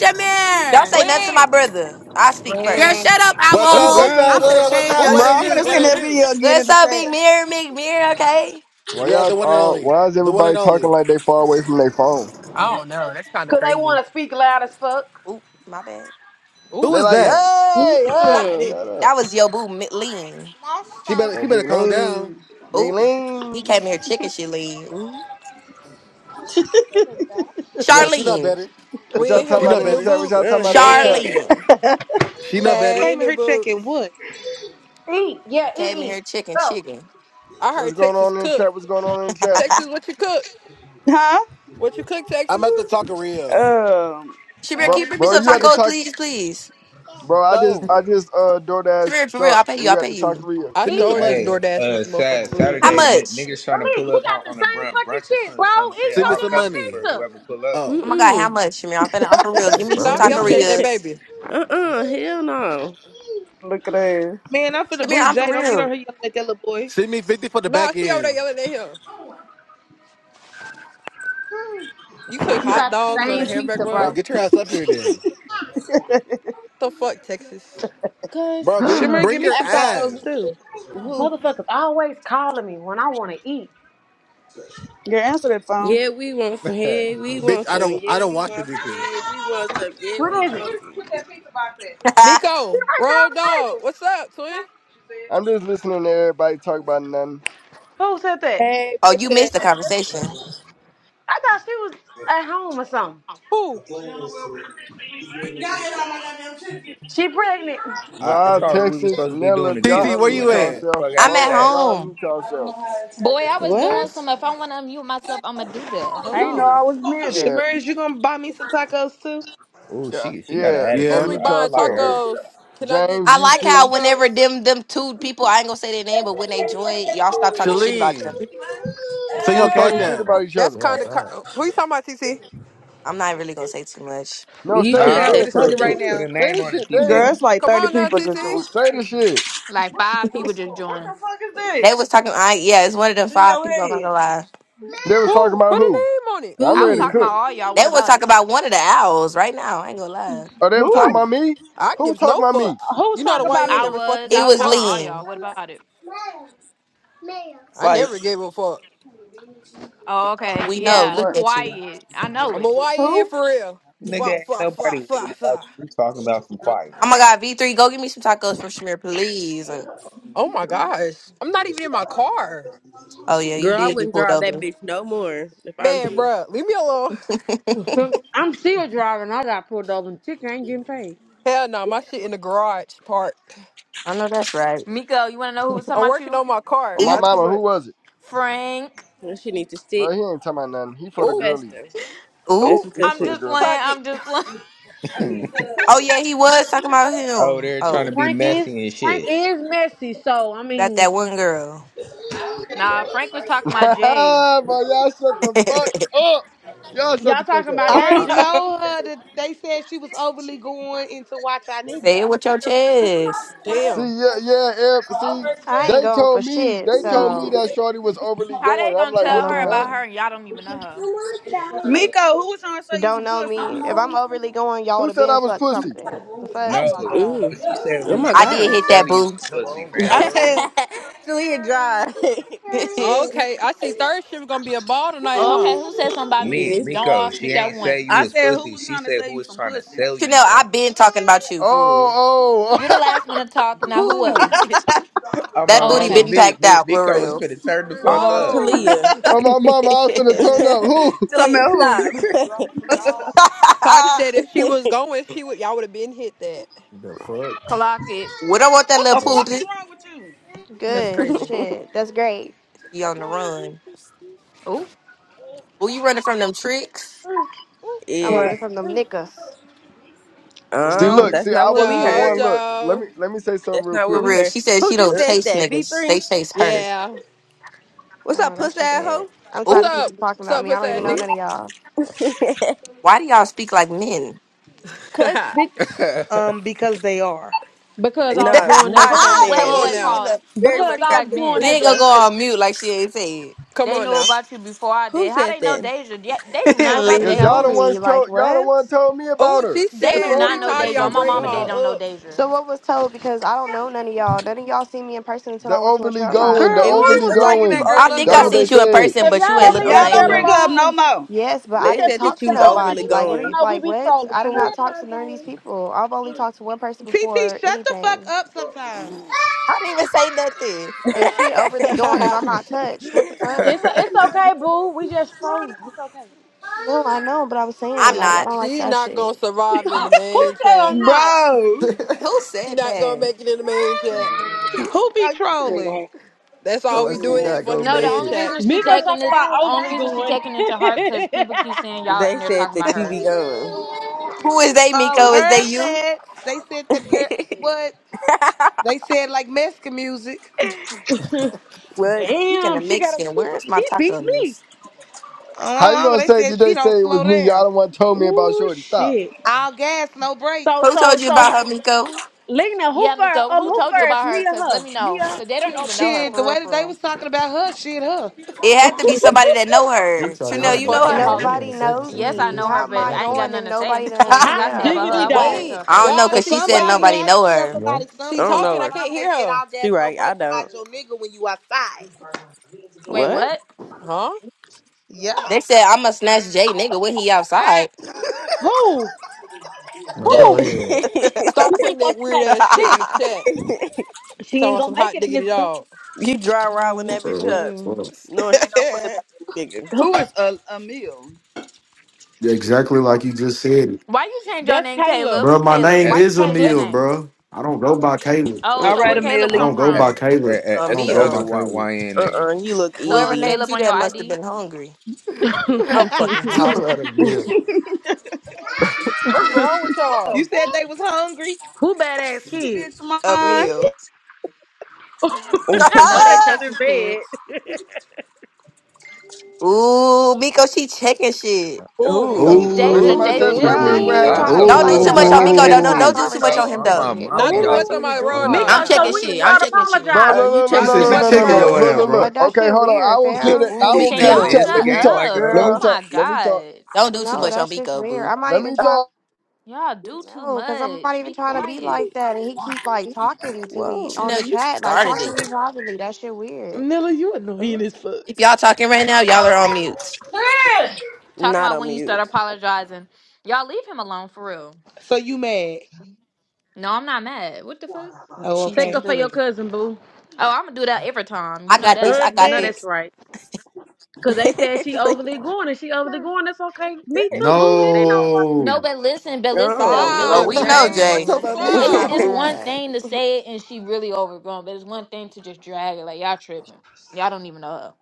Speaker 3: Don't say nothing to
Speaker 14: Lynn,
Speaker 3: my brother. I speak
Speaker 9: Girl,
Speaker 14: Lynn.
Speaker 3: first.
Speaker 9: shut up, I
Speaker 16: What's
Speaker 17: Oh,
Speaker 16: up? What's
Speaker 9: will.
Speaker 16: up?
Speaker 9: I'm
Speaker 17: girl.
Speaker 16: What
Speaker 9: finna
Speaker 16: up? What's
Speaker 9: change
Speaker 16: up?
Speaker 9: your
Speaker 16: What
Speaker 1: Bro,
Speaker 14: Ooh,
Speaker 16: it
Speaker 1: I'm
Speaker 9: shit.
Speaker 16: do?
Speaker 1: finna
Speaker 16: What
Speaker 1: send
Speaker 16: it
Speaker 1: that
Speaker 16: do?
Speaker 1: video again in
Speaker 3: What's
Speaker 1: the
Speaker 3: up,
Speaker 1: chat.
Speaker 3: big mirror, big mirror? Okay.
Speaker 15: Why
Speaker 16: Yeah, the
Speaker 15: y'all?
Speaker 16: one and
Speaker 15: Uh,
Speaker 16: only,
Speaker 15: why is
Speaker 16: the one and
Speaker 15: everybody talking
Speaker 16: only.
Speaker 15: like they far away from their phone?
Speaker 14: I don't know. That's kind of
Speaker 8: Cause they
Speaker 14: crazy.
Speaker 8: wanna speak loud as fuck.
Speaker 3: Oop, my bad.
Speaker 14: Ooh,
Speaker 16: Who
Speaker 15: They
Speaker 16: is
Speaker 15: like,
Speaker 16: that?
Speaker 15: hey,
Speaker 14: she
Speaker 15: hey.
Speaker 14: plotted. it.
Speaker 17: Mm-mm.
Speaker 15: Shut up.
Speaker 3: That was your boo, Mi- Lean.
Speaker 16: She better.
Speaker 15: Hey,
Speaker 16: She better
Speaker 15: big
Speaker 16: calm down.
Speaker 15: lean. Big
Speaker 3: Oop, he
Speaker 15: lean.
Speaker 3: came here chicken shit, Lean. Oop.
Speaker 16: Yeah, she not
Speaker 3: Charlene,
Speaker 16: better.
Speaker 15: What
Speaker 14: We
Speaker 15: y'all
Speaker 14: in here
Speaker 15: talking
Speaker 16: She
Speaker 14: with
Speaker 15: about
Speaker 16: not
Speaker 14: the
Speaker 15: in the
Speaker 14: new
Speaker 16: better.
Speaker 15: chat? What y'all
Speaker 14: boots.
Speaker 15: talking
Speaker 17: Girl,
Speaker 15: about in
Speaker 17: hell
Speaker 15: the chat?
Speaker 3: Charlene
Speaker 16: She not better.
Speaker 14: Hey,
Speaker 6: Came in
Speaker 14: new
Speaker 6: here checking
Speaker 14: boots.
Speaker 6: what?
Speaker 8: Eat, yeah, eat,
Speaker 3: came in
Speaker 8: eat.
Speaker 3: here chicken,
Speaker 8: Go.
Speaker 3: chicken.
Speaker 14: I
Speaker 15: What's
Speaker 14: heard
Speaker 15: going
Speaker 14: Texas
Speaker 15: on in the
Speaker 14: cook.
Speaker 15: chat? What's going on in the chat?
Speaker 14: Texas, what you cook?
Speaker 1: Huh?
Speaker 14: What you cook,
Speaker 16: I'm
Speaker 14: Texas?
Speaker 16: at the Taqueria.
Speaker 1: Um,
Speaker 3: Shabir,
Speaker 15: Bro,
Speaker 1: Sam,
Speaker 3: can you
Speaker 1: what
Speaker 3: bring me
Speaker 1: you a
Speaker 15: bro,
Speaker 3: some
Speaker 15: you had
Speaker 1: kid?
Speaker 15: to
Speaker 3: tacos,
Speaker 15: talk.
Speaker 3: please, please?
Speaker 15: Bro, I just, I
Speaker 16: No,
Speaker 15: just, uh, DoorDash
Speaker 3: Shabir, for real, I'll
Speaker 15: sharks,
Speaker 3: pay you.
Speaker 15: and
Speaker 3: I'll
Speaker 15: you had
Speaker 3: pay
Speaker 15: to talk to
Speaker 3: you.
Speaker 15: me.
Speaker 14: I
Speaker 16: send me some
Speaker 14: sure
Speaker 8: Eat.
Speaker 14: just
Speaker 16: money.
Speaker 11: Hey,
Speaker 14: DoorDash me
Speaker 11: uh,
Speaker 14: some
Speaker 11: sad
Speaker 14: motherfucking food.
Speaker 3: How
Speaker 11: Saturday n-
Speaker 3: much?
Speaker 11: niggas trying to pull
Speaker 8: Malik, we
Speaker 11: up on,
Speaker 8: got the
Speaker 11: on a
Speaker 8: same
Speaker 11: brunch,
Speaker 8: fucking
Speaker 11: brunch or
Speaker 8: shit,
Speaker 11: some,
Speaker 8: bro.
Speaker 11: some shit.
Speaker 16: Send me
Speaker 11: I'll
Speaker 16: some
Speaker 11: cover
Speaker 16: money.
Speaker 11: for whoever pull up.
Speaker 16: Oh,
Speaker 3: Oh my god,
Speaker 17: no.
Speaker 3: how much, Shabir? I'm finna, I'm for
Speaker 5: He
Speaker 3: real. Give
Speaker 5: The
Speaker 3: me some
Speaker 14: Stop
Speaker 5: fuck?
Speaker 17: Mm-mm.
Speaker 14: yelling at that
Speaker 17: [LAUGHS]
Speaker 3: taquerias.
Speaker 14: baby.
Speaker 8: Eat
Speaker 17: uh-uh, hell
Speaker 8: your damn
Speaker 17: no.
Speaker 8: pizza.
Speaker 1: Look at that.
Speaker 6: Man, I'm finna
Speaker 3: Shabir,
Speaker 6: boot
Speaker 3: I'm for
Speaker 6: Jay. Don't get on
Speaker 3: real.
Speaker 6: her yelling at that little boy.
Speaker 16: send me fifty for the
Speaker 14: Nah,
Speaker 16: back
Speaker 14: she over there
Speaker 16: end,
Speaker 14: yelling at him. You cook
Speaker 8: You
Speaker 14: hot
Speaker 8: got the
Speaker 14: dogs on a
Speaker 8: same pizza,
Speaker 14: hamburger bun?
Speaker 16: bro.
Speaker 8: bro.
Speaker 16: Get your ass up here, then,
Speaker 14: the fuck, Texas?
Speaker 17: Cause
Speaker 16: bro. Bring
Speaker 8: [SIGHS]
Speaker 6: Shamir,
Speaker 16: bring
Speaker 6: give me
Speaker 16: your
Speaker 6: some
Speaker 17: Apple out.
Speaker 6: tacos
Speaker 16: ass,
Speaker 6: too.
Speaker 17: Who?
Speaker 8: Motherfuckers always calling me when I wanna eat.
Speaker 1: Yeah, answer that phone.
Speaker 17: Yeah, we want some
Speaker 11: [LAUGHS]
Speaker 17: head. We
Speaker 16: bitch.
Speaker 17: want
Speaker 16: I
Speaker 17: some.
Speaker 16: don't. I
Speaker 17: Yeah,
Speaker 16: don't
Speaker 17: we
Speaker 16: wash your
Speaker 17: want some head.
Speaker 16: dishes.
Speaker 17: We want some. Yeah, we
Speaker 8: What is it? She
Speaker 17: want some.
Speaker 3: [LAUGHS]
Speaker 14: Miko,
Speaker 8: right there on
Speaker 14: Road
Speaker 8: the
Speaker 14: Dog,
Speaker 8: table.
Speaker 14: what's up, twin?
Speaker 15: I'm just listening to everybody talk about nothing.
Speaker 8: Who said that?
Speaker 17: Hey,
Speaker 3: oh, you missed the
Speaker 17: princess.
Speaker 3: conversation.
Speaker 8: I thought she was at home or something.
Speaker 14: Who?
Speaker 8: She pregnant.
Speaker 11: I, I
Speaker 15: Ron,
Speaker 11: thought we were
Speaker 15: Texas,
Speaker 11: supposed to be doing
Speaker 15: Nella,
Speaker 11: a Q
Speaker 16: TT,
Speaker 15: y'all
Speaker 16: where
Speaker 11: Q and
Speaker 15: unmute
Speaker 16: you
Speaker 11: A. What
Speaker 16: at?
Speaker 11: the
Speaker 15: yourself.
Speaker 11: fuck
Speaker 3: I'm
Speaker 11: happened to
Speaker 3: at
Speaker 15: Mo,
Speaker 11: that?
Speaker 15: y'all
Speaker 3: home.
Speaker 15: unmute yourself.
Speaker 2: Boy, I was doing
Speaker 17: What?
Speaker 2: something. If I want to unmute myself, I'm going to do that. Hold
Speaker 1: I ain't know I
Speaker 2: on.
Speaker 1: was muted.
Speaker 15: Yeah,
Speaker 6: Shamir, is you gonna buy me some tacos too?
Speaker 11: Oh,
Speaker 15: yeah,
Speaker 11: she she got an
Speaker 15: yeah,
Speaker 14: Since
Speaker 16: Yeah,
Speaker 11: attitude.
Speaker 14: we
Speaker 15: unmute
Speaker 11: I, I
Speaker 14: buying
Speaker 11: like
Speaker 15: yourself.
Speaker 11: her.
Speaker 14: tacos, can I get
Speaker 15: James,
Speaker 3: I
Speaker 14: two
Speaker 15: you
Speaker 3: like
Speaker 14: shrimp
Speaker 3: how
Speaker 15: too.
Speaker 3: whenever
Speaker 14: tacos?
Speaker 3: them them two people, I ain't gonna say their name, but when they join, y'all stop talking shit about them.
Speaker 16: Shalene, send
Speaker 15: Who
Speaker 16: your
Speaker 15: was
Speaker 16: cash
Speaker 15: talking
Speaker 5: No.
Speaker 15: shit
Speaker 16: app.
Speaker 5: uh,
Speaker 15: about each
Speaker 14: That's
Speaker 15: other?
Speaker 5: Yeah,
Speaker 14: kind of car-
Speaker 5: outside.
Speaker 14: uh, who you talking about, TT?
Speaker 3: I'm not really gonna say too much.
Speaker 15: No,
Speaker 17: You
Speaker 15: say
Speaker 6: Okay,
Speaker 15: it,
Speaker 17: should
Speaker 15: say
Speaker 6: I'm
Speaker 11: Nah,
Speaker 17: say
Speaker 15: it,
Speaker 6: finna send it
Speaker 11: put
Speaker 15: fucking say
Speaker 6: right
Speaker 17: something.
Speaker 11: put put
Speaker 15: it.
Speaker 11: a
Speaker 6: now.
Speaker 15: Say
Speaker 11: name
Speaker 15: the
Speaker 11: on it,
Speaker 15: shit,
Speaker 11: TT.
Speaker 1: Girl,
Speaker 15: down.
Speaker 1: it's like
Speaker 14: Come
Speaker 1: 30
Speaker 14: on now,
Speaker 1: people
Speaker 14: TT.
Speaker 1: just joined.
Speaker 15: Say the shit.
Speaker 2: Like five people just
Speaker 1: What
Speaker 2: joined.
Speaker 1: the fuck is that?
Speaker 3: They was talking. I yeah, it's one of them
Speaker 1: In
Speaker 3: five
Speaker 1: your
Speaker 3: people. I'm not gonna
Speaker 1: head.
Speaker 3: lie.
Speaker 15: They was talking
Speaker 14: Who?
Speaker 15: about
Speaker 14: Put a
Speaker 15: who?
Speaker 14: name on it.
Speaker 15: I'm
Speaker 2: I was
Speaker 15: ready to
Speaker 17: Who?
Speaker 2: talking about
Speaker 15: cook.
Speaker 2: all y'all.
Speaker 3: They
Speaker 2: What
Speaker 3: was
Speaker 2: about
Speaker 3: talking
Speaker 2: it?
Speaker 3: about one of the owls right now. I ain't gonna lie.
Speaker 15: Oh, they was
Speaker 14: I
Speaker 15: talking
Speaker 1: Who?
Speaker 15: about me?
Speaker 14: I
Speaker 15: Who was
Speaker 14: gives
Speaker 15: talking
Speaker 14: no
Speaker 15: about me?
Speaker 14: fucks.
Speaker 8: Who's
Speaker 14: You know the
Speaker 8: talking about
Speaker 14: YN
Speaker 2: I
Speaker 8: me?
Speaker 14: never fucking
Speaker 2: was.
Speaker 14: gave
Speaker 3: It
Speaker 2: I
Speaker 14: a
Speaker 2: was
Speaker 3: was
Speaker 2: talking
Speaker 14: fuck.
Speaker 2: about all y'all.
Speaker 3: Liam.
Speaker 2: What about it?
Speaker 14: I
Speaker 1: Fight.
Speaker 14: never gave a fuck.
Speaker 2: Oh, okay.
Speaker 3: We know.
Speaker 2: Yeah,
Speaker 3: Look
Speaker 1: What?
Speaker 3: at you.
Speaker 2: quiet. I know
Speaker 14: I'm a
Speaker 2: it.
Speaker 14: YN
Speaker 1: Who?
Speaker 14: for real.
Speaker 11: Nigga,
Speaker 14: Fuck,
Speaker 11: ain't
Speaker 14: fuck, fuck,
Speaker 11: nobody
Speaker 14: fuck,
Speaker 11: worried about
Speaker 14: fuck.
Speaker 11: you. You talking about some quiet.
Speaker 3: Oh my God, V3, go get me some tacos from Shamir, please. Uh,
Speaker 14: Oh my gosh, I'm not even in my car,
Speaker 3: Oh yeah, you
Speaker 17: Girl, I
Speaker 3: did get
Speaker 17: wouldn't
Speaker 3: pulled
Speaker 17: draw that
Speaker 3: over.
Speaker 17: bitch no more if I was
Speaker 14: man,
Speaker 17: you.
Speaker 14: bruh, Leave me alone.
Speaker 8: So I'm still driving. I got pulled over and ticket ain't getting paid.
Speaker 14: Hell no, my shit in the garage parked.
Speaker 3: I know that's right.
Speaker 2: Miko, you want to know who was talking
Speaker 14: I'm
Speaker 2: about
Speaker 14: working
Speaker 2: you?
Speaker 14: on my
Speaker 15: Or
Speaker 14: car.
Speaker 15: my
Speaker 14: Not
Speaker 3: Oop,
Speaker 14: too
Speaker 15: mama,
Speaker 14: much.
Speaker 15: who was it?
Speaker 2: Frank.
Speaker 17: She needs to sit
Speaker 15: Bro, he ain't talking about nothing. He for
Speaker 17: and
Speaker 15: the
Speaker 16: Oh.
Speaker 15: girlies.
Speaker 17: fester. That's
Speaker 3: oop.
Speaker 14: Ooh,
Speaker 17: what that
Speaker 2: I'm
Speaker 15: For the
Speaker 17: shit.
Speaker 2: just
Speaker 15: girlies.
Speaker 2: playing.
Speaker 14: pocket.
Speaker 2: I'm just playing. [LAUGHS]
Speaker 11: [LAUGHS]
Speaker 3: Oh yeah, he was talking about
Speaker 11: oh,
Speaker 3: him.
Speaker 11: they're trying to
Speaker 3: Oh,
Speaker 11: be
Speaker 8: Frank is
Speaker 11: messy and
Speaker 8: Frank
Speaker 11: shit.
Speaker 8: is messy. So I
Speaker 3: about
Speaker 8: mean,
Speaker 3: that one girl.
Speaker 2: Nah, Frank was talking
Speaker 15: [LAUGHS] Bro,
Speaker 2: about Jay.
Speaker 15: y'all shut
Speaker 3: [LAUGHS]
Speaker 15: the fuck up. Y'all shut
Speaker 8: y'all
Speaker 15: the fuck
Speaker 8: talking
Speaker 15: up.
Speaker 8: about
Speaker 6: I
Speaker 11: Wait, I,
Speaker 6: already
Speaker 8: Deja?
Speaker 1: [LAUGHS]
Speaker 6: told her that they said she was overly going into watch our
Speaker 3: Say
Speaker 6: niggas.
Speaker 3: it with your chest.
Speaker 15: See,
Speaker 14: Damn.
Speaker 15: yeah, yeah, Eric, see,
Speaker 4: I ain't
Speaker 15: they
Speaker 4: going for
Speaker 15: told me,
Speaker 4: shit,
Speaker 15: they told me
Speaker 4: so
Speaker 15: that Shorty was overly
Speaker 2: How
Speaker 15: going.
Speaker 2: they
Speaker 15: I'm
Speaker 2: gonna
Speaker 15: like, what
Speaker 2: tell
Speaker 15: the
Speaker 2: her about
Speaker 15: fuck?
Speaker 4: LOL.
Speaker 2: her and y'all don't even know her?
Speaker 1: Miko, who was trying to show
Speaker 4: You
Speaker 1: you
Speaker 4: don't
Speaker 1: some
Speaker 4: know
Speaker 1: pussy?
Speaker 4: me. If I'm overly going, y'all would
Speaker 15: Who
Speaker 4: have
Speaker 15: said
Speaker 4: been
Speaker 15: I was
Speaker 4: fucked
Speaker 15: pussy?
Speaker 4: something. The fuck?
Speaker 1: Oh my
Speaker 11: no,
Speaker 1: god.
Speaker 11: no.
Speaker 17: Mm.
Speaker 11: She said
Speaker 17: Oh
Speaker 11: who
Speaker 17: my
Speaker 3: I
Speaker 11: was trying
Speaker 3: did
Speaker 17: god.
Speaker 11: to
Speaker 3: hit
Speaker 11: sell
Speaker 3: that
Speaker 11: you
Speaker 3: boo.
Speaker 11: some
Speaker 16: Come
Speaker 11: pussy,
Speaker 16: on,
Speaker 11: fam.
Speaker 1: I
Speaker 16: Kyrie.
Speaker 1: said
Speaker 17: [LAUGHS] Talia dry. [LAUGHS]
Speaker 3: [LAUGHS]
Speaker 14: Okay, I see third shift gonna be a ball tonight,
Speaker 2: Oh,
Speaker 14: huh?
Speaker 2: okay. Who said something about
Speaker 11: Me,
Speaker 2: me?
Speaker 17: It's
Speaker 2: Don't all
Speaker 11: Miko, she
Speaker 2: speak at
Speaker 11: ain't say you
Speaker 2: once.
Speaker 1: I
Speaker 11: was
Speaker 1: said who
Speaker 11: pussy.
Speaker 1: was
Speaker 11: She
Speaker 1: trying to
Speaker 11: said
Speaker 1: show
Speaker 11: who
Speaker 1: you
Speaker 11: was
Speaker 1: some
Speaker 11: trying to
Speaker 1: pussy?
Speaker 11: sell you
Speaker 3: Chanel, I've
Speaker 11: something.
Speaker 3: been talking about you for real.
Speaker 15: Oh,
Speaker 2: You're the
Speaker 15: oh,
Speaker 2: last one to talk. Now who
Speaker 17: who?
Speaker 3: [LAUGHS]
Speaker 2: else?
Speaker 11: Oh my
Speaker 3: That
Speaker 2: Oh,
Speaker 3: booty
Speaker 11: mama,
Speaker 2: okay.
Speaker 3: been
Speaker 11: me,
Speaker 3: packed
Speaker 11: me,
Speaker 3: out for
Speaker 11: Miko was
Speaker 3: real.
Speaker 11: finna turn the fuck
Speaker 17: Oh,
Speaker 11: up.
Speaker 14: Whoa.
Speaker 17: Talia.
Speaker 15: [LAUGHS] oh my
Speaker 3: [LAUGHS] [LAUGHS] we
Speaker 15: mama, I was finna turn
Speaker 3: don't
Speaker 15: up.
Speaker 17: [LAUGHS]
Speaker 15: Who?
Speaker 1: Come here
Speaker 17: Talia,
Speaker 1: who?
Speaker 17: stop.
Speaker 14: Shawty said if she was going, she would y'all would have been hit that.
Speaker 5: The fuck?
Speaker 2: Clock it.
Speaker 3: want that
Speaker 1: What
Speaker 3: little
Speaker 1: the
Speaker 5: Yeah.
Speaker 1: fuck is
Speaker 3: pooty.
Speaker 1: wrong with you?
Speaker 14: That's
Speaker 4: Good.
Speaker 14: crazy.
Speaker 4: Shit. That's great.
Speaker 3: She on the run.
Speaker 2: Ooh.
Speaker 3: Well, you running from them tricks?
Speaker 14: Ooh.
Speaker 17: [LAUGHS]
Speaker 4: I'm
Speaker 8: What?
Speaker 17: Is
Speaker 4: running from them niggas.
Speaker 15: See,
Speaker 17: Um,
Speaker 15: look,
Speaker 3: Ooh.
Speaker 17: that's
Speaker 15: see,
Speaker 17: not
Speaker 15: I
Speaker 17: what we
Speaker 15: wasn't the one.
Speaker 17: heard.
Speaker 15: Look, let me
Speaker 14: Jojo.
Speaker 15: let me say something
Speaker 17: That's
Speaker 15: real
Speaker 17: not what
Speaker 3: For
Speaker 15: quick.
Speaker 17: we
Speaker 3: real.
Speaker 17: heard.
Speaker 3: She said
Speaker 17: Who
Speaker 3: she
Speaker 17: just
Speaker 3: don't
Speaker 15: Eric,
Speaker 17: said
Speaker 3: chase
Speaker 17: that?
Speaker 3: niggas. They
Speaker 17: B3?
Speaker 3: chase her.
Speaker 14: Yeah.
Speaker 17: What's up,
Speaker 4: No, that
Speaker 17: pussy
Speaker 4: shit bad.
Speaker 17: asshole?
Speaker 4: I'm
Speaker 14: What's
Speaker 4: tired
Speaker 3: Ooh.
Speaker 4: of
Speaker 14: up?
Speaker 4: people talking
Speaker 14: What's
Speaker 4: about
Speaker 14: up,
Speaker 4: me. I
Speaker 14: pussy
Speaker 4: don't even
Speaker 14: ass
Speaker 4: know none of y'all.
Speaker 17: [LAUGHS]
Speaker 3: Why do y'all speak like men?
Speaker 17: Cause
Speaker 14: nigga?
Speaker 17: bitch,
Speaker 6: Um, because they are.
Speaker 14: [LAUGHS]
Speaker 8: Because I was
Speaker 17: no,
Speaker 8: born as
Speaker 17: not
Speaker 8: a
Speaker 17: no
Speaker 2: Who?
Speaker 3: [LAUGHS]
Speaker 2: Wait,
Speaker 14: Come
Speaker 2: wait,
Speaker 17: man.
Speaker 14: on
Speaker 17: Bitch.
Speaker 2: wait.
Speaker 3: Lean.
Speaker 14: now.
Speaker 2: Pause.
Speaker 3: You
Speaker 17: Very
Speaker 2: Who
Speaker 8: because
Speaker 17: much
Speaker 2: speak
Speaker 8: I
Speaker 17: got
Speaker 8: was
Speaker 2: like
Speaker 17: thick
Speaker 8: born
Speaker 17: pussy
Speaker 8: as
Speaker 2: men?
Speaker 8: a
Speaker 3: ain't gonna
Speaker 17: around
Speaker 8: man.
Speaker 3: go
Speaker 17: here.
Speaker 3: on mute like she ain't said.
Speaker 14: Come
Speaker 2: They
Speaker 14: on
Speaker 2: knew
Speaker 14: now.
Speaker 2: about you before I
Speaker 17: Who
Speaker 2: did. How
Speaker 17: said
Speaker 2: they know
Speaker 17: that?
Speaker 2: Deja? Yeah, they
Speaker 3: [LAUGHS]
Speaker 2: do not know
Speaker 4: Nobody
Speaker 15: Cause
Speaker 3: Lean.
Speaker 4: know
Speaker 15: y'all the
Speaker 2: Deja.
Speaker 4: me.
Speaker 15: ones
Speaker 4: Like
Speaker 15: told y'all the
Speaker 4: what?
Speaker 15: one told me about
Speaker 14: Oh,
Speaker 15: her.
Speaker 14: she
Speaker 15: What
Speaker 2: They
Speaker 15: the
Speaker 2: do
Speaker 14: said
Speaker 15: fuck?
Speaker 2: not
Speaker 14: she
Speaker 2: know
Speaker 5: yeah
Speaker 14: tired of
Speaker 2: Deja.
Speaker 14: y'all
Speaker 5: she
Speaker 2: My
Speaker 14: bringing
Speaker 5: she
Speaker 14: her
Speaker 2: mama they
Speaker 5: hot.
Speaker 2: don't know
Speaker 14: up.
Speaker 2: Deja.
Speaker 4: So what was told because I don't know none of y'all. None of y'all seen me in person until I
Speaker 15: The
Speaker 4: went to a
Speaker 15: overly
Speaker 4: truck
Speaker 15: going,
Speaker 4: ride.
Speaker 15: the
Speaker 6: Girl,
Speaker 17: It was
Speaker 6: who
Speaker 17: just
Speaker 15: overly
Speaker 6: was
Speaker 17: like
Speaker 6: bringing
Speaker 17: you
Speaker 6: that
Speaker 15: going.
Speaker 3: I
Speaker 6: girl
Speaker 17: overly
Speaker 6: up?
Speaker 3: think
Speaker 15: That's
Speaker 3: I
Speaker 6: Y'all
Speaker 15: what
Speaker 17: going.
Speaker 15: they
Speaker 6: really
Speaker 3: seen you
Speaker 6: need to
Speaker 3: in
Speaker 15: said.
Speaker 6: quit
Speaker 3: person,
Speaker 8: If
Speaker 3: but
Speaker 6: playing.
Speaker 3: you
Speaker 8: y'all
Speaker 3: ain't
Speaker 17: That's
Speaker 8: don't
Speaker 3: look
Speaker 17: the
Speaker 8: leave
Speaker 3: the
Speaker 17: only
Speaker 1: Y'all
Speaker 8: that
Speaker 3: same
Speaker 1: don't
Speaker 8: girl
Speaker 1: bring
Speaker 17: thing.
Speaker 3: though.
Speaker 1: her up no
Speaker 8: alone,
Speaker 1: more.
Speaker 4: Yes, but I
Speaker 8: we
Speaker 17: They
Speaker 4: didn't
Speaker 8: just
Speaker 17: said
Speaker 8: be
Speaker 4: talk
Speaker 17: that
Speaker 4: to
Speaker 17: you was
Speaker 8: trolling and
Speaker 17: overly
Speaker 8: she
Speaker 4: nobody. Like
Speaker 8: don't
Speaker 4: what
Speaker 8: even
Speaker 4: are you
Speaker 17: going.
Speaker 8: know we
Speaker 4: like
Speaker 8: be
Speaker 4: what?
Speaker 8: trolling
Speaker 4: I
Speaker 8: for
Speaker 4: did
Speaker 8: real.
Speaker 4: not talk to none of these people. I've only talked to one person
Speaker 6: PT,
Speaker 4: before
Speaker 6: shut the fuck
Speaker 4: anything.
Speaker 6: up sometimes.
Speaker 3: I didn't even say nothing.
Speaker 4: Ain't shit overly going if I'm
Speaker 14: [LAUGHS]
Speaker 4: not touched. What the fuck?
Speaker 8: It's a, it's
Speaker 11: [LAUGHS]
Speaker 8: okay, boo. We just trolling. It's okay.
Speaker 4: No, I know, but I'm saying
Speaker 3: I'm
Speaker 4: like I
Speaker 3: not.
Speaker 4: don't like
Speaker 14: she
Speaker 4: that
Speaker 14: not
Speaker 4: shit.
Speaker 14: gonna survive in the
Speaker 8: Who
Speaker 14: main
Speaker 8: say I'm
Speaker 14: chat.
Speaker 8: not?
Speaker 1: Bro.
Speaker 5: [LAUGHS]
Speaker 3: Who
Speaker 14: She
Speaker 3: said
Speaker 14: not gonna
Speaker 3: that?
Speaker 14: make it in the main chat.
Speaker 6: Who be
Speaker 1: Bro,
Speaker 6: trolling?
Speaker 14: That's
Speaker 5: so
Speaker 14: all we
Speaker 5: when
Speaker 14: do
Speaker 5: she
Speaker 14: in that
Speaker 5: not gonna
Speaker 14: fucking
Speaker 2: No, the
Speaker 5: make
Speaker 14: man
Speaker 2: only
Speaker 5: it.
Speaker 14: chat.
Speaker 2: reason she
Speaker 8: Migos
Speaker 2: taking
Speaker 8: talking
Speaker 2: it,
Speaker 8: about
Speaker 2: the only
Speaker 8: overly
Speaker 2: reason she
Speaker 8: going.
Speaker 2: taking it to heart, cause people keep saying y'all
Speaker 17: They
Speaker 2: in there
Speaker 17: said
Speaker 2: talking about
Speaker 17: that you be
Speaker 2: her.
Speaker 17: going.
Speaker 3: Who is they,
Speaker 6: Um,
Speaker 3: Miko? Is they
Speaker 6: heard
Speaker 3: you?
Speaker 6: that they said that girl.
Speaker 17: [LAUGHS]
Speaker 6: What they said like Mexican music.
Speaker 8: [LAUGHS]
Speaker 17: what?
Speaker 3: Speaking
Speaker 8: Damn,
Speaker 3: of
Speaker 8: she got a
Speaker 3: Mexican, where
Speaker 8: she,
Speaker 3: is my
Speaker 8: she beat me.
Speaker 3: tacos?
Speaker 6: Oh, my
Speaker 15: How you
Speaker 6: mama,
Speaker 15: gonna
Speaker 6: they
Speaker 15: say
Speaker 6: said
Speaker 15: did
Speaker 6: she
Speaker 15: they
Speaker 6: don't
Speaker 15: say it was
Speaker 6: slow
Speaker 15: me? Y'all
Speaker 6: down.
Speaker 15: don't want told me about
Speaker 8: Ooh
Speaker 15: Shorty. Stop.
Speaker 8: shit.
Speaker 6: All gas, no brakes.
Speaker 8: So
Speaker 3: Who told
Speaker 8: so
Speaker 3: you about
Speaker 8: so
Speaker 3: her, Miko?
Speaker 8: Lena, who
Speaker 2: Yeah,
Speaker 8: first
Speaker 2: Miko,
Speaker 8: um
Speaker 2: who
Speaker 8: who
Speaker 2: told you
Speaker 8: first?
Speaker 2: about her?
Speaker 8: Me or
Speaker 2: Cause let
Speaker 8: her?
Speaker 2: me
Speaker 8: Me or
Speaker 2: know,
Speaker 8: her?
Speaker 2: cause they
Speaker 8: She
Speaker 2: don't even know her
Speaker 8: overly
Speaker 6: Shit,
Speaker 2: for
Speaker 6: the
Speaker 2: real,
Speaker 6: way that
Speaker 2: for
Speaker 6: they
Speaker 2: real.
Speaker 6: was talking about her, shit, her.
Speaker 3: It had
Speaker 8: going.
Speaker 3: to be
Speaker 8: [LAUGHS]
Speaker 3: somebody that know
Speaker 5: You
Speaker 3: her.
Speaker 5: tried in
Speaker 14: I'm
Speaker 3: Chanel,
Speaker 5: there,
Speaker 3: you
Speaker 5: brother.
Speaker 3: know
Speaker 5: I'm
Speaker 14: fucking
Speaker 5: gonna
Speaker 3: her.
Speaker 5: leave in
Speaker 14: hollering.
Speaker 5: a
Speaker 4: Nobody
Speaker 5: second
Speaker 4: knows
Speaker 5: so you can
Speaker 2: Yes,
Speaker 5: get
Speaker 2: I
Speaker 4: me.
Speaker 5: this
Speaker 2: know
Speaker 5: and
Speaker 4: How
Speaker 2: her,
Speaker 4: am
Speaker 5: all
Speaker 4: I
Speaker 2: but
Speaker 5: right,
Speaker 2: I ain't
Speaker 5: brother.
Speaker 2: got
Speaker 5: up.
Speaker 4: going if
Speaker 2: nothing to say.
Speaker 4: nobody
Speaker 3: [LAUGHS]
Speaker 4: done?
Speaker 2: Anything
Speaker 8: Hot
Speaker 2: I say
Speaker 4: Yeah,
Speaker 2: about her,
Speaker 8: diggity
Speaker 2: I
Speaker 4: like
Speaker 2: would have
Speaker 8: dog.
Speaker 2: said to
Speaker 4: what?
Speaker 2: her
Speaker 14: Wait,
Speaker 3: I don't
Speaker 2: face.
Speaker 3: know,
Speaker 14: y'all,
Speaker 6: Well,
Speaker 3: cause she
Speaker 14: she
Speaker 3: said
Speaker 6: somebody
Speaker 14: wait.
Speaker 3: nobody
Speaker 6: had
Speaker 3: know
Speaker 6: to tell
Speaker 3: her.
Speaker 5: Yeah.
Speaker 6: somebody something
Speaker 17: I
Speaker 14: She
Speaker 17: don't
Speaker 6: because on
Speaker 17: know
Speaker 14: talking,
Speaker 6: my
Speaker 14: I
Speaker 17: her.
Speaker 14: can't
Speaker 6: mama they
Speaker 14: hear
Speaker 6: said
Speaker 14: her.
Speaker 6: all
Speaker 17: She
Speaker 6: gas no
Speaker 17: right. I
Speaker 6: brakes hide
Speaker 17: don't.
Speaker 6: your nigga when you outside.
Speaker 2: Wait,
Speaker 17: What?
Speaker 2: what?
Speaker 14: Huh?
Speaker 6: Yeah.
Speaker 3: They said I'ma snatch Jay nigga when he outside.
Speaker 8: Who?
Speaker 5: Man, go
Speaker 17: [LAUGHS]
Speaker 8: Who?
Speaker 14: Jay,
Speaker 5: ahead.
Speaker 8: She
Speaker 14: stop
Speaker 17: you
Speaker 14: putting
Speaker 8: ain't
Speaker 14: that
Speaker 8: gonna
Speaker 14: weird
Speaker 8: smack
Speaker 14: ass shit in
Speaker 8: shit.
Speaker 14: the chat.
Speaker 8: She
Speaker 14: Talking
Speaker 8: ain't
Speaker 14: about
Speaker 8: gonna
Speaker 14: some
Speaker 8: make
Speaker 14: hot
Speaker 8: it in
Speaker 14: diggity
Speaker 8: this group.
Speaker 14: dog.
Speaker 17: dry rolling
Speaker 6: Mm, yes,
Speaker 17: that
Speaker 6: the
Speaker 7: Bro,
Speaker 17: bitch
Speaker 6: fuck I
Speaker 7: what-
Speaker 17: up.
Speaker 6: do.
Speaker 7: hold
Speaker 17: No, she don't put it back in the nigga.
Speaker 1: Who is a Emil?
Speaker 7: Exactly like you
Speaker 3: [LAUGHS]
Speaker 7: just said it.
Speaker 2: Why you change your
Speaker 8: That's
Speaker 2: name,
Speaker 8: Caleb.
Speaker 2: Caleb?
Speaker 7: Bro, my
Speaker 2: Caleb,
Speaker 7: name
Speaker 2: why
Speaker 11: that's
Speaker 2: you
Speaker 7: is
Speaker 2: change
Speaker 8: Caleb.
Speaker 2: that
Speaker 7: Emil,
Speaker 2: name?
Speaker 7: bro. I don't go by Caleb.
Speaker 2: Oh,
Speaker 1: All
Speaker 2: so
Speaker 1: right,
Speaker 2: where
Speaker 17: Mm-mm.
Speaker 2: Caleb
Speaker 7: I
Speaker 1: Amelie.
Speaker 2: come
Speaker 7: don't go
Speaker 11: uh, uh,
Speaker 7: by
Speaker 2: from?
Speaker 7: Caleb.
Speaker 11: uh,
Speaker 3: A
Speaker 7: I
Speaker 11: that's
Speaker 7: don't
Speaker 11: the
Speaker 7: go
Speaker 11: other
Speaker 7: by
Speaker 3: meal.
Speaker 11: Y-
Speaker 7: Caleb.
Speaker 11: YN nigga.
Speaker 17: Uh-uh. You look
Speaker 2: So
Speaker 3: Whoever
Speaker 2: is
Speaker 17: easy.
Speaker 3: named
Speaker 2: Caleb
Speaker 3: you
Speaker 2: on your
Speaker 3: that must have
Speaker 2: ID?
Speaker 3: been hungry.
Speaker 6: [LAUGHS]
Speaker 5: [LAUGHS]
Speaker 14: I'm fucking
Speaker 5: Talk about
Speaker 14: hollering.
Speaker 5: a
Speaker 1: [LAUGHS]
Speaker 5: bill.
Speaker 14: What's wrong with
Speaker 1: What
Speaker 6: you
Speaker 14: y'all?
Speaker 6: said they was hungry.
Speaker 8: Who badass
Speaker 1: the
Speaker 8: kids?
Speaker 1: fuck,
Speaker 3: A
Speaker 1: bitch? Mine,
Speaker 3: meal.
Speaker 8: [LAUGHS] Why
Speaker 17: [LAUGHS]
Speaker 3: [LAUGHS]
Speaker 2: No, they
Speaker 8: they not in
Speaker 2: Texas
Speaker 8: bed?
Speaker 2: kids.
Speaker 3: Ooh, Miko, she checking shit.
Speaker 17: ooh,
Speaker 14: Ooh,
Speaker 5: Uh,
Speaker 14: Miko.
Speaker 15: Wait,
Speaker 2: Deja,
Speaker 15: somebody
Speaker 17: ooh.
Speaker 2: Deja,
Speaker 15: says
Speaker 4: Bro,
Speaker 2: just
Speaker 15: wait,
Speaker 4: I
Speaker 15: wait,
Speaker 4: ain't
Speaker 7: Ooh.
Speaker 15: what
Speaker 5: I'm
Speaker 2: leave,
Speaker 4: even
Speaker 6: Ooh,
Speaker 11: Y'all
Speaker 15: happened?
Speaker 4: trying
Speaker 5: mad
Speaker 2: bro.
Speaker 4: to
Speaker 11: so
Speaker 4: be
Speaker 3: Don't do
Speaker 4: like
Speaker 3: too
Speaker 4: that,
Speaker 3: much
Speaker 4: but
Speaker 3: on
Speaker 4: bro,
Speaker 5: confused.
Speaker 11: motherfucking
Speaker 3: Miko.
Speaker 4: you
Speaker 3: Don't,
Speaker 4: just
Speaker 3: don't
Speaker 11: messy
Speaker 4: had
Speaker 11: in
Speaker 4: a
Speaker 3: don't
Speaker 7: Ooh.
Speaker 3: do
Speaker 11: this
Speaker 3: too much on
Speaker 4: conversation
Speaker 11: hoe.
Speaker 3: him
Speaker 11: Oh
Speaker 4: with
Speaker 11: my
Speaker 3: though.
Speaker 4: me,
Speaker 11: mama,
Speaker 14: Not
Speaker 4: and
Speaker 14: too
Speaker 11: y'all
Speaker 5: Oh
Speaker 4: like
Speaker 14: much
Speaker 4: you
Speaker 14: on
Speaker 11: so
Speaker 8: Oh,
Speaker 4: just
Speaker 14: my
Speaker 4: doing
Speaker 11: fucking
Speaker 14: road
Speaker 4: all
Speaker 5: shit.
Speaker 14: dog
Speaker 3: I'm
Speaker 4: this,
Speaker 8: Mika.
Speaker 14: now.
Speaker 8: So
Speaker 11: messy.
Speaker 3: checking
Speaker 14: Not
Speaker 8: when
Speaker 4: bro.
Speaker 8: you
Speaker 14: too
Speaker 3: shit. I'm
Speaker 14: much.
Speaker 8: start
Speaker 3: checking shit.
Speaker 15: Bro,
Speaker 17: Uh,
Speaker 8: apologizing,
Speaker 17: you
Speaker 15: look, look, look,
Speaker 7: She
Speaker 17: checking
Speaker 14: Not
Speaker 7: said
Speaker 17: shit
Speaker 14: too
Speaker 15: no,
Speaker 7: she
Speaker 17: about
Speaker 14: much
Speaker 15: no, no,
Speaker 14: on
Speaker 15: no,
Speaker 14: my
Speaker 7: checking
Speaker 15: no.
Speaker 17: Miko?
Speaker 7: your
Speaker 14: road
Speaker 15: Look,
Speaker 7: ass,
Speaker 15: look,
Speaker 14: dog.
Speaker 7: bro.
Speaker 15: look.
Speaker 4: Like that
Speaker 15: Okay,
Speaker 4: shit
Speaker 15: hold on. I
Speaker 4: weird,
Speaker 15: will clear
Speaker 4: fam.
Speaker 15: the
Speaker 11: [LAUGHS]
Speaker 3: Ooh,
Speaker 15: I
Speaker 11: These
Speaker 15: will
Speaker 2: Can
Speaker 15: clear
Speaker 2: y'all
Speaker 11: niggas
Speaker 15: the chat.
Speaker 3: Miko,
Speaker 15: Let
Speaker 2: shut
Speaker 15: me
Speaker 11: instigating
Speaker 15: talk.
Speaker 11: like a
Speaker 2: up?
Speaker 15: Let
Speaker 2: Oh
Speaker 15: me
Speaker 11: hoe.
Speaker 17: Girl.
Speaker 2: my
Speaker 15: talk. Let me talk.
Speaker 2: god.
Speaker 3: don't do too
Speaker 15: Let,
Speaker 4: No,
Speaker 3: much
Speaker 4: that
Speaker 3: on
Speaker 4: shit's
Speaker 3: Miko,
Speaker 4: weird.
Speaker 3: boo.
Speaker 4: I'm not
Speaker 15: let
Speaker 4: even
Speaker 15: me
Speaker 4: trying.
Speaker 15: talk.
Speaker 2: Y'all do too
Speaker 4: No, cause I'm not
Speaker 2: much.
Speaker 4: even
Speaker 2: Be
Speaker 4: trying to be like
Speaker 2: quiet.
Speaker 4: that, and he keep like talking to me
Speaker 17: Whoa.
Speaker 4: on
Speaker 3: Chanel,
Speaker 4: the
Speaker 3: you
Speaker 4: chat, like
Speaker 3: started
Speaker 4: talking to
Speaker 3: it.
Speaker 4: me privately. That shit weird.
Speaker 6: Nilla, you
Speaker 17: Ooh.
Speaker 6: annoying as fuck.
Speaker 3: If y'all talking right now, y'all are on mute.
Speaker 2: Talking
Speaker 17: Not
Speaker 2: about
Speaker 17: on
Speaker 2: when you start
Speaker 17: mute.
Speaker 2: apologizing. Y'all leave him alone for real.
Speaker 6: so you mad?
Speaker 2: No, I'm not mad. What the fuck?
Speaker 6: Oh,
Speaker 3: She
Speaker 8: take
Speaker 6: okay.
Speaker 8: her
Speaker 3: checking.
Speaker 8: for your cousin, boo.
Speaker 2: Oh, I'm gonna do that every time. You
Speaker 3: I
Speaker 2: know
Speaker 3: got this.
Speaker 2: that.
Speaker 3: I
Speaker 6: Heard
Speaker 3: got
Speaker 8: No,
Speaker 6: that.
Speaker 3: this.
Speaker 8: that's right.
Speaker 17: [LAUGHS]
Speaker 8: Cause they said she
Speaker 17: Please.
Speaker 8: overly going and she overly going. That's okay. Me too, boo. It ain't no hard.
Speaker 2: No,
Speaker 7: No.
Speaker 2: but listen, but listen though, but
Speaker 3: Oh,
Speaker 14: Stop,
Speaker 17: No,
Speaker 3: we
Speaker 2: listen.
Speaker 3: know,
Speaker 5: [LAUGHS]
Speaker 14: Jay. What
Speaker 3: Jay.
Speaker 5: Talk
Speaker 14: the
Speaker 4: Um,
Speaker 5: about
Speaker 4: this
Speaker 5: me
Speaker 17: no.
Speaker 4: is
Speaker 2: It's
Speaker 5: too,
Speaker 4: not
Speaker 14: fuck?
Speaker 2: it's
Speaker 17: [LAUGHS]
Speaker 5: boo.
Speaker 2: one
Speaker 4: that.
Speaker 2: thing to
Speaker 4: [LAUGHS]
Speaker 2: say it and she really overgrown, but it's one thing to just drag it. Like y'all tripping. Y'all don't even know her.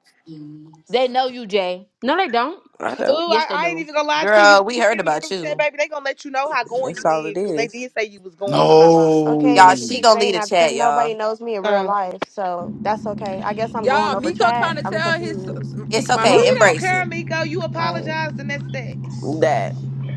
Speaker 2: They know you, Jay.
Speaker 8: No, they don't.
Speaker 17: I don't.
Speaker 6: Ooh,
Speaker 2: Yes,
Speaker 6: I,
Speaker 2: they
Speaker 6: I ain't
Speaker 2: do.
Speaker 6: even gonna lie to you. When
Speaker 3: Girl, we
Speaker 6: you get
Speaker 3: heard
Speaker 6: in the
Speaker 3: about
Speaker 6: group chat,
Speaker 3: you.
Speaker 6: baby, they gonna let you know how going
Speaker 17: That's
Speaker 6: you
Speaker 17: all
Speaker 6: is
Speaker 17: it
Speaker 6: because they
Speaker 17: is.
Speaker 6: did say you was going. I'm not lying.
Speaker 4: Okay, and
Speaker 3: Y'all,
Speaker 4: they can
Speaker 3: she
Speaker 4: keep
Speaker 7: No.
Speaker 3: gonna
Speaker 4: saying
Speaker 3: lead a
Speaker 4: that because
Speaker 3: chat,
Speaker 4: nobody
Speaker 3: y'all.
Speaker 4: knows me in real
Speaker 6: Um,
Speaker 4: life, so that's okay. I guess I'm going
Speaker 14: Y'all,
Speaker 4: over
Speaker 14: Miko
Speaker 4: chat.
Speaker 14: trying to
Speaker 4: I'm
Speaker 14: tell his
Speaker 4: confused.
Speaker 14: me
Speaker 3: It's
Speaker 14: my her
Speaker 3: okay.
Speaker 6: we don't
Speaker 3: Embrace
Speaker 6: care,
Speaker 3: it.
Speaker 6: Miko. You
Speaker 4: Like,
Speaker 6: apologized and that's that.
Speaker 17: That.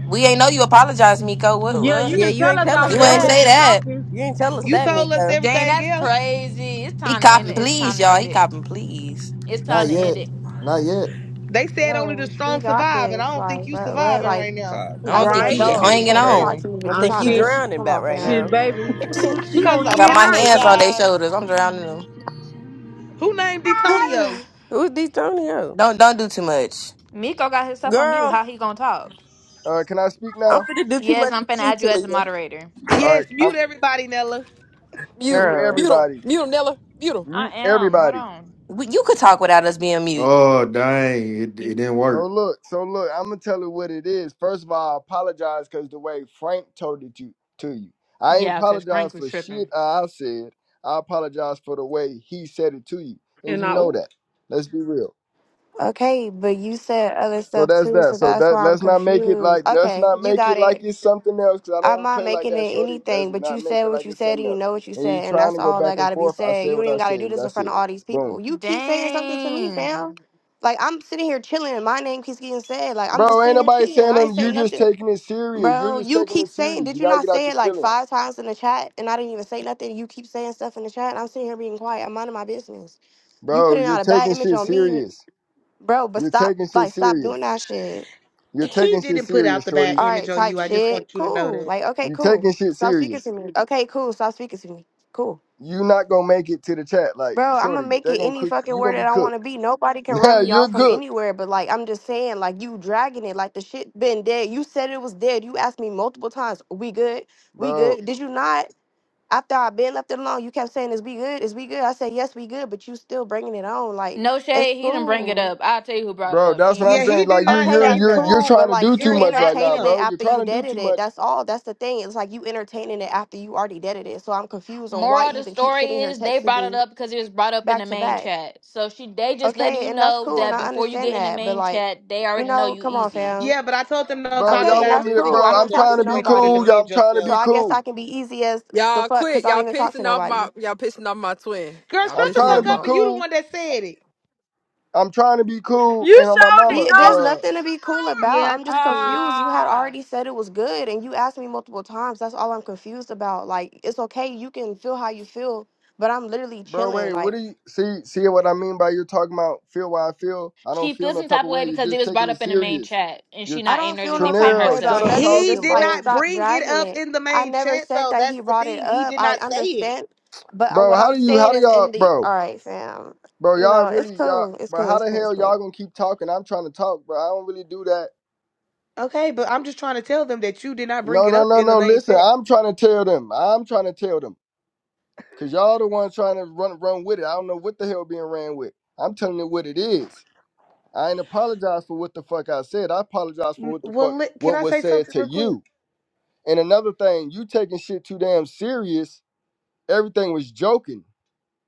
Speaker 3: We ain't know you apologize, Miko. What,
Speaker 8: Yeah, you
Speaker 3: what?
Speaker 17: Yeah,
Speaker 8: didn't
Speaker 17: you
Speaker 8: tell
Speaker 17: ain't
Speaker 8: us
Speaker 17: tell
Speaker 8: all
Speaker 17: us
Speaker 8: of
Speaker 3: You
Speaker 8: that
Speaker 3: ain't
Speaker 8: when
Speaker 17: that.
Speaker 8: you
Speaker 3: say
Speaker 8: was
Speaker 3: that.
Speaker 8: talking.
Speaker 17: You ain't tell us
Speaker 6: You
Speaker 17: that,
Speaker 6: told us
Speaker 17: Mika.
Speaker 2: Dang,
Speaker 6: everything
Speaker 2: that's
Speaker 6: else.
Speaker 2: crazy. It's
Speaker 3: He
Speaker 2: time to end
Speaker 3: copping,
Speaker 2: it. It's
Speaker 3: please,
Speaker 2: time to
Speaker 3: y'all.
Speaker 2: end
Speaker 3: He
Speaker 2: it.
Speaker 3: copping, please.
Speaker 2: It's
Speaker 5: [LAUGHS]
Speaker 2: time
Speaker 5: Not
Speaker 2: to end
Speaker 5: yet.
Speaker 2: it.
Speaker 5: Not yet.
Speaker 6: They said only the
Speaker 4: bro, he
Speaker 6: strong
Speaker 4: got
Speaker 6: survive, and I
Speaker 4: this.
Speaker 6: don't think
Speaker 4: Like,
Speaker 6: you
Speaker 4: bro, what?
Speaker 6: surviving
Speaker 4: Like,
Speaker 6: right now.
Speaker 11: Co-
Speaker 3: I
Speaker 4: as
Speaker 3: don't
Speaker 4: an
Speaker 11: Copping a
Speaker 3: think
Speaker 8: Right.
Speaker 3: he
Speaker 11: plea
Speaker 4: adult, you
Speaker 11: deal is
Speaker 3: hanging
Speaker 4: can't even talk
Speaker 11: crazy.
Speaker 3: on.
Speaker 4: to me,
Speaker 17: I
Speaker 4: but you
Speaker 8: Oh
Speaker 17: think
Speaker 4: trying
Speaker 17: you
Speaker 8: shit,
Speaker 4: to
Speaker 8: she,
Speaker 17: drowning
Speaker 4: come
Speaker 17: back
Speaker 4: on,
Speaker 17: right
Speaker 8: she
Speaker 4: fam.
Speaker 17: now.
Speaker 8: baby.
Speaker 3: [LAUGHS]
Speaker 8: She
Speaker 6: Cause
Speaker 8: on
Speaker 3: I got
Speaker 8: thin
Speaker 3: my
Speaker 8: ice.
Speaker 3: hands on their
Speaker 6: apologize.
Speaker 3: shoulders. I'm drowning them.
Speaker 6: Who named Detonio?
Speaker 4: [SIGHS]
Speaker 17: Who's D'Antonio?
Speaker 3: Don't don't do too much,
Speaker 2: Miko got himself on mute.
Speaker 17: Girl,
Speaker 2: How he gonna talk?
Speaker 15: Uh, can I speak
Speaker 17: I'm
Speaker 15: now?
Speaker 17: finna do too
Speaker 2: Yes,
Speaker 17: much
Speaker 2: I'm
Speaker 17: with
Speaker 2: finna
Speaker 17: you,
Speaker 2: add you as a
Speaker 17: Talia.
Speaker 2: moderator.
Speaker 15: All
Speaker 6: Yes,
Speaker 15: right,
Speaker 6: mute
Speaker 15: I'm
Speaker 6: everybody, Nella.
Speaker 14: mute
Speaker 15: mute
Speaker 3: girl.
Speaker 14: mute him
Speaker 15: everybody.
Speaker 14: mute him Nella mute him.
Speaker 2: I
Speaker 15: Mute
Speaker 2: am. Hold
Speaker 15: everybody.
Speaker 2: on.
Speaker 3: We, you could talk without us being mute.
Speaker 7: Oh, dang. It, it
Speaker 2: You
Speaker 7: didn't
Speaker 15: So
Speaker 7: work.
Speaker 15: look, so look, I'm gonna tell you what it is. First of all, I apologize because the way Frank told it to, to you. I ain't
Speaker 2: yeah, cause
Speaker 15: apologize
Speaker 2: Frank was
Speaker 15: for shit
Speaker 2: tripping.
Speaker 15: I said. I apologize for the way he said it to you. And
Speaker 8: And
Speaker 15: you
Speaker 8: I
Speaker 15: know that. Let's be real.
Speaker 4: okay, but you said other
Speaker 15: So
Speaker 4: stuff
Speaker 15: that's
Speaker 4: too,
Speaker 15: that.
Speaker 4: so
Speaker 15: So
Speaker 4: that's
Speaker 15: that
Speaker 4: why I'm
Speaker 15: let's not make it
Speaker 4: confused.
Speaker 15: like let's
Speaker 4: Okay,
Speaker 15: not
Speaker 4: you
Speaker 15: make
Speaker 4: got
Speaker 15: it like
Speaker 4: it.
Speaker 15: it's something else because I don't
Speaker 4: I'm
Speaker 15: wanna
Speaker 4: not
Speaker 15: play like
Speaker 4: making it
Speaker 15: that, Shorty. Let's
Speaker 4: anything, but
Speaker 15: not
Speaker 4: you
Speaker 15: make
Speaker 4: said
Speaker 15: it
Speaker 4: what
Speaker 15: like
Speaker 4: you
Speaker 15: it's
Speaker 4: said and
Speaker 15: something
Speaker 4: you
Speaker 15: else.
Speaker 4: know what you
Speaker 15: And you
Speaker 4: said, and
Speaker 15: trying
Speaker 4: that's
Speaker 15: to go
Speaker 4: all that
Speaker 15: back and
Speaker 4: gotta be
Speaker 15: forth. I
Speaker 4: said.
Speaker 15: said
Speaker 4: You don't
Speaker 15: what
Speaker 4: even
Speaker 15: I
Speaker 4: gotta
Speaker 15: said,
Speaker 4: do
Speaker 15: and
Speaker 4: this in
Speaker 15: that's
Speaker 4: front of
Speaker 15: it.
Speaker 4: all these people.
Speaker 15: Boom.
Speaker 4: You keep saying something to me,
Speaker 2: Dang.
Speaker 4: fam. Like I'm sitting here chilling and my name keeps getting said. Like I'm just
Speaker 15: Bro, ain't
Speaker 4: sitting here
Speaker 15: nobody
Speaker 4: chilling.
Speaker 15: saying
Speaker 4: I ain't
Speaker 15: nothing.
Speaker 4: say
Speaker 15: You just
Speaker 4: nothing.
Speaker 15: taking it serious. You're
Speaker 4: Bro,
Speaker 15: just
Speaker 4: you
Speaker 15: taking
Speaker 4: keep
Speaker 15: it
Speaker 4: saying,
Speaker 15: serious.
Speaker 4: did
Speaker 15: You
Speaker 4: you
Speaker 15: gotta
Speaker 4: not
Speaker 15: get out
Speaker 4: say
Speaker 15: your
Speaker 4: it like
Speaker 15: feelings.
Speaker 4: five times in the chat and I didn't even say nothing? You keep saying stuff in the chat. and I'm sitting here being quiet. I'm minding my business. You
Speaker 15: Bro,
Speaker 4: putting
Speaker 15: you're
Speaker 4: out a bad
Speaker 15: taking
Speaker 4: image
Speaker 15: shit
Speaker 4: on me,
Speaker 15: serious.
Speaker 4: bro, but
Speaker 15: You're
Speaker 4: stop
Speaker 15: taking shit
Speaker 4: like stop
Speaker 15: serious.
Speaker 4: doing that shit.
Speaker 15: You're
Speaker 6: He
Speaker 15: taking shit
Speaker 6: didn't put out
Speaker 15: serious,
Speaker 6: the bad
Speaker 15: Shorty.
Speaker 4: All
Speaker 6: image
Speaker 4: right,
Speaker 6: on
Speaker 4: type
Speaker 6: you. I just
Speaker 4: shit.
Speaker 6: want you to know
Speaker 4: Cool.
Speaker 6: that.
Speaker 4: Like, okay,
Speaker 15: You're
Speaker 4: cool.
Speaker 15: taking shit
Speaker 4: Stop speaking
Speaker 15: serious.
Speaker 4: to me. Okay, cool. Stop speaking to me. Cool.
Speaker 15: you not gonna make it to the chat. Like,
Speaker 4: Bro, I'm gonna
Speaker 15: Shorty,
Speaker 4: make
Speaker 15: they're
Speaker 4: it
Speaker 15: gonna
Speaker 4: any
Speaker 15: cook
Speaker 4: fucking
Speaker 15: you
Speaker 4: word
Speaker 15: gonna
Speaker 4: that
Speaker 15: be
Speaker 4: I wanna
Speaker 15: cooked.
Speaker 4: be. Nobody can
Speaker 15: [LAUGHS] Yeah,
Speaker 4: run me
Speaker 15: you're
Speaker 4: off from
Speaker 15: cooked.
Speaker 4: anywhere, but like, I'm just saying, like, you dragging it. Like, the shit been dead. You said it was dead. You asked me multiple times, we good? We
Speaker 15: Bro,
Speaker 4: good? Did you not? After I been left it alone, you kept saying, is we good? Is we good? I said, yes, we good, but you still bringing it on. Like,
Speaker 2: No
Speaker 4: it's
Speaker 2: shade. He didn't bring it
Speaker 4: cool.
Speaker 2: up. I'll tell you who brought it
Speaker 15: bro,
Speaker 2: up. She
Speaker 15: that's what
Speaker 2: didn't
Speaker 15: I'm
Speaker 6: Yeah,
Speaker 2: bring it
Speaker 6: he
Speaker 2: up.
Speaker 15: saying.
Speaker 6: did
Speaker 15: Like you're
Speaker 6: not
Speaker 4: Okay,
Speaker 15: you're
Speaker 6: say
Speaker 4: that's
Speaker 15: you're
Speaker 6: that.
Speaker 15: you're
Speaker 4: cool, but
Speaker 15: trying to do
Speaker 4: like
Speaker 6: It
Speaker 4: you're
Speaker 15: too
Speaker 6: was
Speaker 15: much right
Speaker 6: not
Speaker 15: now,
Speaker 4: entertaining
Speaker 6: him.
Speaker 4: it
Speaker 15: bro. You're
Speaker 4: after you
Speaker 15: trying to do
Speaker 4: deaded
Speaker 15: too
Speaker 4: it.
Speaker 15: much.
Speaker 4: That's all. That's the thing. It's like you entertaining it after you already deaded it. So I'm confused on why
Speaker 2: Moral of
Speaker 4: you
Speaker 2: the
Speaker 4: even keep
Speaker 2: story
Speaker 4: sitting here
Speaker 2: is they
Speaker 4: texting
Speaker 2: brought it
Speaker 4: me
Speaker 2: up because it was brought up in the
Speaker 4: back to
Speaker 2: main
Speaker 4: back.
Speaker 2: chat. So she they just letting
Speaker 4: Okay,
Speaker 2: you
Speaker 4: and that's
Speaker 2: know
Speaker 4: cool, and
Speaker 2: that
Speaker 4: I
Speaker 2: before you
Speaker 4: understand
Speaker 2: get in the
Speaker 4: that. But
Speaker 2: main
Speaker 4: like,
Speaker 2: chat, they
Speaker 4: you
Speaker 2: already know
Speaker 4: know,
Speaker 2: you
Speaker 4: come on,
Speaker 2: easy.
Speaker 4: fam.
Speaker 6: Yeah, but I told them don't
Speaker 15: Bro,
Speaker 6: talk
Speaker 4: Okay,
Speaker 15: y'all
Speaker 4: and
Speaker 6: about it
Speaker 15: want
Speaker 4: that's
Speaker 15: me to
Speaker 6: until you
Speaker 4: cool. I
Speaker 15: bro,
Speaker 6: get
Speaker 4: don't
Speaker 15: I'm
Speaker 6: there
Speaker 4: talk
Speaker 15: trying
Speaker 4: to
Speaker 6: because
Speaker 15: to
Speaker 6: you
Speaker 15: be
Speaker 6: ain't there to
Speaker 4: nobody,
Speaker 15: cool, y'all
Speaker 6: defend
Speaker 15: I'm trying to
Speaker 4: so
Speaker 6: yourself.
Speaker 15: be
Speaker 4: I guess I
Speaker 15: cool.
Speaker 4: can be easy as the
Speaker 14: Y'all
Speaker 4: fuck
Speaker 14: quit.
Speaker 4: because I don't
Speaker 14: Y'all
Speaker 4: even talk to
Speaker 14: pissing off
Speaker 4: nobody.
Speaker 14: my y'all pissing off my twin.
Speaker 6: Girl,
Speaker 14: Y'all
Speaker 15: I'm
Speaker 6: shut the
Speaker 14: pissing
Speaker 15: trying to
Speaker 6: fuck
Speaker 14: him
Speaker 15: be
Speaker 6: up and
Speaker 14: off.
Speaker 6: you the
Speaker 15: cool.
Speaker 6: one that said it.
Speaker 15: I'm trying to be cool
Speaker 8: You
Speaker 15: and on my
Speaker 8: showed it,
Speaker 15: mama.
Speaker 4: Be there's
Speaker 8: no.
Speaker 15: uh.
Speaker 4: nothing to be cool about.
Speaker 8: Yeah,
Speaker 4: I'm just
Speaker 8: she did.
Speaker 4: confused. You had
Speaker 14: Ah
Speaker 4: already said it was good and you asked me multiple times. That's all I'm confused about. Like it's okay, you can feel how you feel, but I'm literally
Speaker 15: Bro,
Speaker 4: chilling.
Speaker 15: wait, what
Speaker 4: Like
Speaker 15: do you see? See what I mean by you talking about feel why I feel? I don't
Speaker 2: She
Speaker 15: feel
Speaker 2: feels
Speaker 15: no
Speaker 2: some
Speaker 15: type
Speaker 2: type
Speaker 15: of
Speaker 2: of
Speaker 15: way.
Speaker 2: way
Speaker 15: You're
Speaker 2: because it
Speaker 15: just
Speaker 2: was
Speaker 15: taking
Speaker 2: brought
Speaker 15: it
Speaker 2: up in the main
Speaker 15: serious.
Speaker 2: chat and she
Speaker 15: You're
Speaker 4: I
Speaker 2: not in
Speaker 4: don't
Speaker 2: there
Speaker 4: feel
Speaker 2: to
Speaker 4: no type
Speaker 2: defend
Speaker 4: of way
Speaker 15: Trinell, shut
Speaker 4: about
Speaker 2: herself.
Speaker 15: up
Speaker 4: nothing.
Speaker 6: He
Speaker 15: talking,
Speaker 4: Just
Speaker 6: did
Speaker 4: like
Speaker 15: bro.
Speaker 6: not
Speaker 4: stop
Speaker 6: bring it
Speaker 4: dragging
Speaker 6: up
Speaker 4: it.
Speaker 6: in the
Speaker 4: I
Speaker 6: main
Speaker 4: never
Speaker 6: chat,
Speaker 4: said
Speaker 6: though.
Speaker 4: that he
Speaker 6: That's the
Speaker 4: brought it
Speaker 6: thing. He
Speaker 4: up.
Speaker 6: did
Speaker 4: I
Speaker 6: not say it.
Speaker 4: understand, but uh,
Speaker 15: Bro,
Speaker 4: what
Speaker 15: how
Speaker 4: I'm
Speaker 15: do you how
Speaker 4: saying
Speaker 15: do
Speaker 4: is
Speaker 15: y'all
Speaker 4: in the all
Speaker 15: bro?
Speaker 4: right, fam.
Speaker 15: Bro,
Speaker 4: You
Speaker 15: y'all
Speaker 4: know, it's
Speaker 15: really y'all
Speaker 4: cool. It's
Speaker 15: Bro,
Speaker 4: cool.
Speaker 15: how
Speaker 4: It's
Speaker 15: the
Speaker 4: cool. It's
Speaker 15: hell
Speaker 4: cool.
Speaker 15: y'all gonna keep talking? I'm trying to talk, bro. I don't really do that.
Speaker 6: Okay, but I'm just trying to tell them that you did not bring
Speaker 15: No,
Speaker 6: it
Speaker 15: no,
Speaker 6: up
Speaker 15: no,
Speaker 6: in the
Speaker 15: no.
Speaker 6: main
Speaker 15: Listen,
Speaker 6: chat.
Speaker 15: I'm trying to tell them. I'm trying to tell them. Cause y'all the ones trying to run run with it. I don't know what the hell being ran with. I'm telling you what it is. I ain't apologize for what the fuck I said. I apologize for
Speaker 6: N-
Speaker 15: what the fuck
Speaker 6: Well, li- can
Speaker 15: what
Speaker 6: I
Speaker 15: was
Speaker 6: say
Speaker 15: said
Speaker 6: something
Speaker 15: to
Speaker 6: real quick?
Speaker 15: you. And another thing, you taking shit too damn serious. Everything was joking.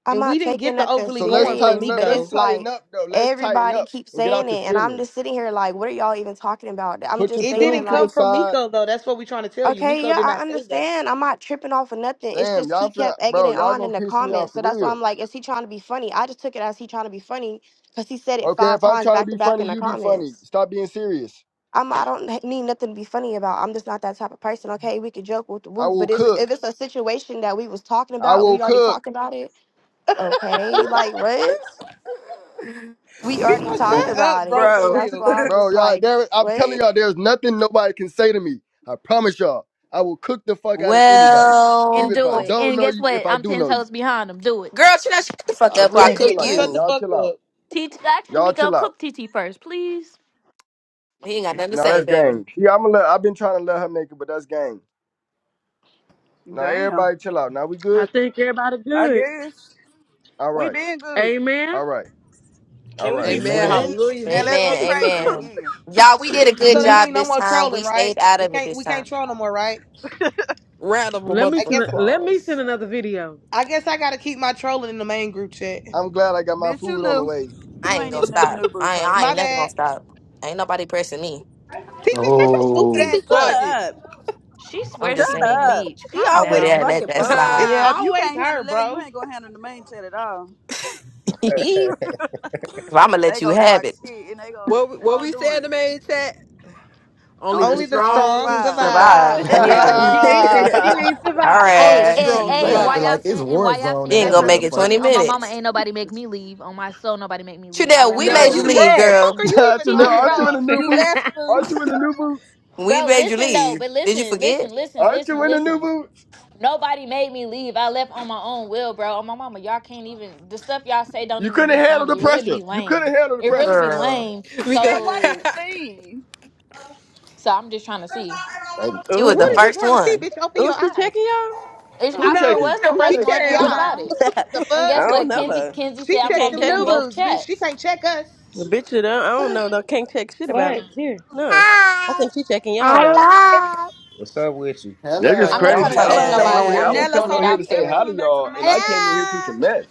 Speaker 4: I'm
Speaker 6: And we
Speaker 4: not
Speaker 6: didn't
Speaker 4: taking
Speaker 6: get the
Speaker 4: nothing
Speaker 6: overly
Speaker 15: So let's
Speaker 6: going from
Speaker 15: tighten
Speaker 4: serious,
Speaker 15: let,
Speaker 4: but
Speaker 15: let's
Speaker 4: it's
Speaker 6: Miko.
Speaker 15: tighten
Speaker 4: like
Speaker 15: up though. Let's tighten
Speaker 4: everybody
Speaker 15: up
Speaker 4: keeps
Speaker 15: and get
Speaker 4: saying
Speaker 15: out your
Speaker 4: it, and I'm
Speaker 15: feelings.
Speaker 4: just sitting here like, what are y'all even talking about? I'm
Speaker 15: Put your
Speaker 4: just
Speaker 6: It
Speaker 15: feelings
Speaker 4: saying
Speaker 6: didn't
Speaker 15: to the
Speaker 6: come
Speaker 4: like,
Speaker 6: from
Speaker 15: side.
Speaker 6: Miko, though. That's what we're trying to tell you.
Speaker 4: okay,
Speaker 6: Miko
Speaker 4: yeah,
Speaker 6: did
Speaker 4: I
Speaker 6: not say that.
Speaker 4: understand. I'm not tripping off of nothing. It's
Speaker 15: Damn,
Speaker 4: just he
Speaker 15: y'all finna
Speaker 4: kept egging
Speaker 15: bro,
Speaker 4: it
Speaker 15: y'all
Speaker 4: on in
Speaker 15: gonna
Speaker 4: the
Speaker 15: piss me off
Speaker 4: comments,
Speaker 15: for
Speaker 4: so that's why I'm
Speaker 15: real.
Speaker 4: like, is he trying to be funny? I just took it as he trying to be funny because he said it
Speaker 15: Okay,
Speaker 4: five
Speaker 15: if I'm
Speaker 4: times
Speaker 15: trying to
Speaker 4: back to
Speaker 15: be
Speaker 4: back
Speaker 15: funny,
Speaker 4: in the
Speaker 15: you be funny.
Speaker 4: comments.
Speaker 15: Stop being serious.
Speaker 4: I'm, I don't h- need nothing to be funny about. I'm just not that type of person. Okay, we could joke with the
Speaker 15: I
Speaker 4: whoop,
Speaker 15: will
Speaker 4: but it's, if
Speaker 15: cook.
Speaker 4: it's a situation that we was talking
Speaker 15: I
Speaker 4: about and
Speaker 15: will
Speaker 4: we already
Speaker 15: cook.
Speaker 4: talked about it, okay, like what? we already
Speaker 6: Miko,
Speaker 4: talked
Speaker 6: shut up,
Speaker 4: about
Speaker 6: bro,
Speaker 4: it.
Speaker 6: for
Speaker 4: So
Speaker 1: bro.
Speaker 4: that's
Speaker 6: real.
Speaker 4: why I'm
Speaker 15: Bro,
Speaker 4: just
Speaker 15: y'all,
Speaker 4: like,
Speaker 15: there, I'm telling
Speaker 4: what?
Speaker 15: y'all, there's nothing nobody can say to me. I promise y'all, I will cook the fuck out of anybody,
Speaker 2: and
Speaker 3: Well,
Speaker 15: even if
Speaker 2: do
Speaker 15: I
Speaker 3: girl,
Speaker 2: it.
Speaker 15: don't
Speaker 2: And
Speaker 15: know
Speaker 2: guess
Speaker 15: you.
Speaker 2: what?
Speaker 15: If I
Speaker 2: I'm
Speaker 15: do
Speaker 2: ten
Speaker 15: know you,
Speaker 2: toes behind him. Do it.
Speaker 3: you know, shut the fuck
Speaker 15: I
Speaker 3: up
Speaker 6: Girl,
Speaker 3: or I
Speaker 15: really
Speaker 4: Like,
Speaker 6: you
Speaker 15: get
Speaker 6: need
Speaker 3: cook
Speaker 6: to
Speaker 15: like that.
Speaker 6: shut
Speaker 4: what?
Speaker 6: the
Speaker 3: you.
Speaker 15: Y'all
Speaker 6: fuck
Speaker 15: chill out.
Speaker 6: up.
Speaker 2: T. T actually,
Speaker 15: Y'all
Speaker 2: Miko,
Speaker 15: chill out.
Speaker 2: cook T. T. first, please.
Speaker 3: He ain't got nothing to
Speaker 15: Now that's
Speaker 3: say, baby.
Speaker 15: gang. Yeah, I'm gonna let. I've been trying to let her make it, but that's gang. Now
Speaker 1: Damn.
Speaker 15: everybody chill out. Now we
Speaker 8: I
Speaker 15: good.
Speaker 8: think everybody
Speaker 1: I
Speaker 8: good.
Speaker 1: guess
Speaker 15: All
Speaker 1: we
Speaker 15: right.
Speaker 1: been good.
Speaker 8: Amen.
Speaker 15: All right. All
Speaker 10: Can we
Speaker 15: right.
Speaker 10: be
Speaker 14: Amen.
Speaker 5: Amen.
Speaker 10: friends?
Speaker 14: Hallelujah.
Speaker 1: Now
Speaker 10: Can we
Speaker 1: let's
Speaker 10: all
Speaker 1: get
Speaker 10: be
Speaker 3: Amen.
Speaker 1: crazy
Speaker 3: Amen.
Speaker 10: friends?
Speaker 1: again,
Speaker 3: Y'all, we did a good
Speaker 6: So
Speaker 8: Do
Speaker 6: that
Speaker 8: we-
Speaker 6: means
Speaker 3: job
Speaker 6: no
Speaker 3: this
Speaker 6: more
Speaker 3: time.
Speaker 6: trolling,
Speaker 3: We
Speaker 6: right?
Speaker 3: stayed out
Speaker 6: We
Speaker 3: of it
Speaker 6: can't
Speaker 3: this
Speaker 6: we can't
Speaker 3: time.
Speaker 6: troll no more, right?
Speaker 14: Round of a
Speaker 8: Let me
Speaker 6: I
Speaker 8: send
Speaker 14: motherfucking
Speaker 6: guess
Speaker 8: a, let me send
Speaker 14: applause.
Speaker 8: another video.
Speaker 6: I guess I gotta keep my trolling in the main group chat.
Speaker 15: I'm glad I got my
Speaker 1: bitch. You
Speaker 15: food on the
Speaker 1: knew.
Speaker 15: way.
Speaker 3: I
Speaker 1: You
Speaker 3: ain't
Speaker 1: ain't
Speaker 3: gonna
Speaker 1: even in the
Speaker 3: stop.
Speaker 1: new boots,
Speaker 3: I ain't,
Speaker 1: huh?
Speaker 3: I
Speaker 6: My
Speaker 3: ain't never gonna
Speaker 6: bad.
Speaker 3: stop. Ain't nobody pressing me.
Speaker 6: TT, shut your stupid
Speaker 7: No.
Speaker 17: Kiki,
Speaker 6: ass
Speaker 17: shut
Speaker 14: Fuck
Speaker 6: up.
Speaker 14: it.
Speaker 17: up.
Speaker 2: She
Speaker 3: I'm
Speaker 2: swears
Speaker 17: Shut
Speaker 3: just
Speaker 2: she big
Speaker 3: saying.
Speaker 17: up.
Speaker 2: meech.
Speaker 17: She
Speaker 2: Calm
Speaker 3: I would
Speaker 17: always
Speaker 2: down.
Speaker 3: have let
Speaker 17: fucking
Speaker 14: [LAUGHS]
Speaker 3: that
Speaker 17: bumping.
Speaker 3: slide.
Speaker 6: It's
Speaker 1: Yeah,
Speaker 14: Ah,
Speaker 1: if you
Speaker 6: always
Speaker 1: can't
Speaker 6: her,
Speaker 1: handle that, you
Speaker 6: bro.
Speaker 1: ain't gonna handle the main chat at all.
Speaker 3: [LAUGHS] I'ma
Speaker 1: They
Speaker 3: let you
Speaker 1: gonna
Speaker 3: have
Speaker 1: talk
Speaker 3: it.
Speaker 1: shit and they gonna
Speaker 14: what we-
Speaker 1: keep
Speaker 14: what
Speaker 1: on
Speaker 14: we said
Speaker 1: doing
Speaker 14: in the
Speaker 1: it.
Speaker 14: main chat? Only
Speaker 1: Only
Speaker 14: the
Speaker 1: the
Speaker 6: Only the
Speaker 1: strong
Speaker 6: strong
Speaker 14: strong
Speaker 1: survive.
Speaker 6: survive.
Speaker 3: Survive
Speaker 15: [LAUGHS]
Speaker 14: survive.
Speaker 3: for
Speaker 8: Yeah,
Speaker 17: [LAUGHS] ooh,
Speaker 3: real.
Speaker 8: she ain't and she ain't
Speaker 3: All
Speaker 8: surviving.
Speaker 14: Only
Speaker 2: Hey,
Speaker 14: the
Speaker 3: right.
Speaker 2: hey,
Speaker 14: strong
Speaker 2: hey,
Speaker 5: They
Speaker 2: and
Speaker 3: She
Speaker 2: why
Speaker 5: acting
Speaker 14: survive.
Speaker 2: y'all
Speaker 5: like it's
Speaker 2: saying and
Speaker 5: war
Speaker 2: why y'all
Speaker 5: zone
Speaker 3: she
Speaker 5: in
Speaker 2: saying
Speaker 3: ain't
Speaker 2: that
Speaker 5: that
Speaker 3: gonna
Speaker 2: trying to
Speaker 3: make
Speaker 2: be
Speaker 3: it
Speaker 2: funny?
Speaker 3: 20
Speaker 5: motherfucker.
Speaker 2: On my mama,
Speaker 3: minutes.
Speaker 2: ain't nobody make me leave. On my soul, nobody make me leave. I
Speaker 3: Trudell,
Speaker 2: left
Speaker 3: we
Speaker 2: on
Speaker 1: Girl,
Speaker 2: my
Speaker 3: made
Speaker 15: Chanel,
Speaker 14: Nella.
Speaker 3: you
Speaker 1: you
Speaker 14: [LAUGHS]
Speaker 6: What
Speaker 2: own.
Speaker 3: leave,
Speaker 6: the
Speaker 1: left.
Speaker 6: fuck
Speaker 3: girl.
Speaker 6: are you
Speaker 15: [LAUGHS]
Speaker 6: even
Speaker 2: T.
Speaker 15: Chanel,
Speaker 2: T.
Speaker 6: talking
Speaker 15: aren't you in
Speaker 2: bro,
Speaker 15: the
Speaker 6: about?
Speaker 15: new
Speaker 1: You left,
Speaker 15: boots?
Speaker 1: boo.
Speaker 15: Aren't you in the new boots?
Speaker 3: We
Speaker 2: bro,
Speaker 3: made you
Speaker 2: listen though,
Speaker 3: leave.
Speaker 2: but
Speaker 3: Did you
Speaker 2: listen,
Speaker 3: forget?
Speaker 2: listen, listen,
Speaker 15: Aren't
Speaker 2: listen,
Speaker 15: you in the new
Speaker 2: listen.
Speaker 15: boots?
Speaker 2: Nobody made me leave. I left on my own will, bro. On my mama, y'all can't even the stuff y'all say don't
Speaker 15: You
Speaker 2: even
Speaker 15: couldn't
Speaker 2: be
Speaker 15: handle the
Speaker 2: funny. It really
Speaker 15: pressure.
Speaker 2: be
Speaker 15: You couldn't
Speaker 2: lame.
Speaker 15: handle the
Speaker 2: It really
Speaker 15: pressure.
Speaker 2: be
Speaker 3: Girl.
Speaker 2: lame.
Speaker 14: We go
Speaker 1: Girl,
Speaker 14: [LAUGHS]
Speaker 1: why did you
Speaker 2: So
Speaker 1: leave?
Speaker 2: So I'm just trying to see.
Speaker 5: They,
Speaker 3: She was the
Speaker 6: What
Speaker 5: uh,
Speaker 6: is you
Speaker 3: first
Speaker 6: trying to see,
Speaker 3: one.
Speaker 6: bitch? Open
Speaker 17: ooh,
Speaker 6: your
Speaker 17: she
Speaker 6: eyes.
Speaker 17: checking y'all?
Speaker 1: Uh
Speaker 2: It's,
Speaker 15: Who
Speaker 2: I
Speaker 1: uh
Speaker 2: sure
Speaker 6: No,
Speaker 15: checking?
Speaker 2: was the
Speaker 6: she
Speaker 2: first one,
Speaker 6: checked
Speaker 2: and
Speaker 1: Hell
Speaker 2: what
Speaker 6: y'all.
Speaker 2: about
Speaker 1: no.
Speaker 2: it?
Speaker 17: [LAUGHS] I
Speaker 6: What the
Speaker 2: And
Speaker 6: fuck?
Speaker 2: guess
Speaker 6: [LAUGHS]
Speaker 17: don't
Speaker 2: what?
Speaker 17: know
Speaker 2: Kenzie
Speaker 17: her.
Speaker 2: Kenzie
Speaker 6: She
Speaker 2: said
Speaker 17: She
Speaker 2: I'm
Speaker 6: checked
Speaker 2: gonna
Speaker 17: can't
Speaker 6: them
Speaker 2: be
Speaker 17: check
Speaker 2: in
Speaker 6: noobs,
Speaker 17: me.
Speaker 2: both
Speaker 6: bitch. She
Speaker 2: chats.
Speaker 6: can't check us.
Speaker 17: The bitch that I I don't know though can't check shit about
Speaker 8: What?
Speaker 17: me.
Speaker 8: Here.
Speaker 17: No, I
Speaker 3: Hi.
Speaker 17: think she checking y'all
Speaker 8: Hi.
Speaker 17: though.
Speaker 3: Hello.
Speaker 11: What's up with you?
Speaker 3: Bro,
Speaker 15: Niggas
Speaker 2: I'm not
Speaker 3: don't
Speaker 5: hello,
Speaker 2: trying
Speaker 15: crazy.
Speaker 2: to
Speaker 3: talk
Speaker 15: I
Speaker 3: to
Speaker 2: check
Speaker 15: was
Speaker 17: Hello,
Speaker 3: them.
Speaker 15: coming
Speaker 17: baby.
Speaker 15: on
Speaker 2: nobody.
Speaker 15: here.
Speaker 2: I'm
Speaker 15: I was
Speaker 14: Hey.
Speaker 2: just
Speaker 1: Nella,
Speaker 15: coming
Speaker 2: throwing
Speaker 1: so
Speaker 2: it
Speaker 15: on
Speaker 1: are
Speaker 15: here to
Speaker 1: you
Speaker 2: out
Speaker 15: say
Speaker 1: ever
Speaker 2: there.
Speaker 15: hi to
Speaker 1: coming back to the
Speaker 15: y'all, and
Speaker 1: main
Speaker 15: I
Speaker 1: chat?
Speaker 15: came in here to some
Speaker 3: Hello.
Speaker 15: mess.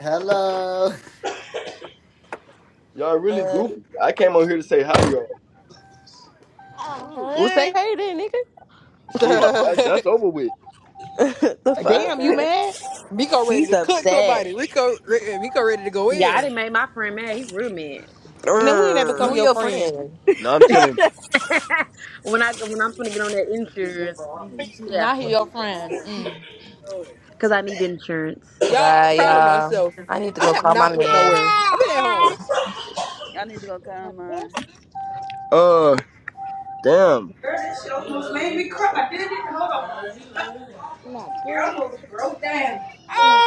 Speaker 5: hello.
Speaker 15: Y'all really
Speaker 3: Uh,
Speaker 15: goofy. I came on here to say hi to y'all.
Speaker 1: Who?
Speaker 17: Well, say
Speaker 3: Uh-huh.
Speaker 17: hey then,
Speaker 14: [LAUGHS]
Speaker 15: Shit, that, that's over with.
Speaker 17: nigga. [LAUGHS] the
Speaker 1: Oh,
Speaker 17: fuck?
Speaker 6: Damn, you
Speaker 1: dog.
Speaker 6: mad?
Speaker 14: Miko
Speaker 17: [LAUGHS]
Speaker 14: ready
Speaker 17: He's
Speaker 14: to cook
Speaker 17: upset.
Speaker 14: somebody. Miko, Miko ready to go
Speaker 8: Yeah, I
Speaker 14: in.
Speaker 8: didn't make my friend mad. He real mad.
Speaker 6: Then we ain't that become
Speaker 3: who
Speaker 17: Err.
Speaker 6: your
Speaker 3: your
Speaker 6: friend?
Speaker 3: friend?
Speaker 15: No, I'm
Speaker 1: [LAUGHS]
Speaker 15: chilling.
Speaker 8: [LAUGHS] when I when I'm gonna get on that
Speaker 5: Time
Speaker 8: insurance, yeah,
Speaker 2: Now he your
Speaker 3: Oh
Speaker 2: friend. Mm.
Speaker 8: because I
Speaker 10: sit
Speaker 8: need insurance.
Speaker 3: my
Speaker 14: Y'all, I'm proud of
Speaker 3: y'all.
Speaker 14: myself.
Speaker 3: I need to
Speaker 14: I
Speaker 3: go
Speaker 14: have
Speaker 3: call
Speaker 14: not
Speaker 3: my
Speaker 14: went
Speaker 3: man.
Speaker 14: nowhere. I've been at
Speaker 10: back.
Speaker 14: home.
Speaker 1: I need to go
Speaker 3: Not
Speaker 1: calm mine.
Speaker 3: this,
Speaker 15: Uh, damn,
Speaker 17: Girl, this shit almost made me cry. I did it. Hold on.
Speaker 3: not
Speaker 17: Girl, I
Speaker 3: good,
Speaker 17: almost broke down.
Speaker 3: not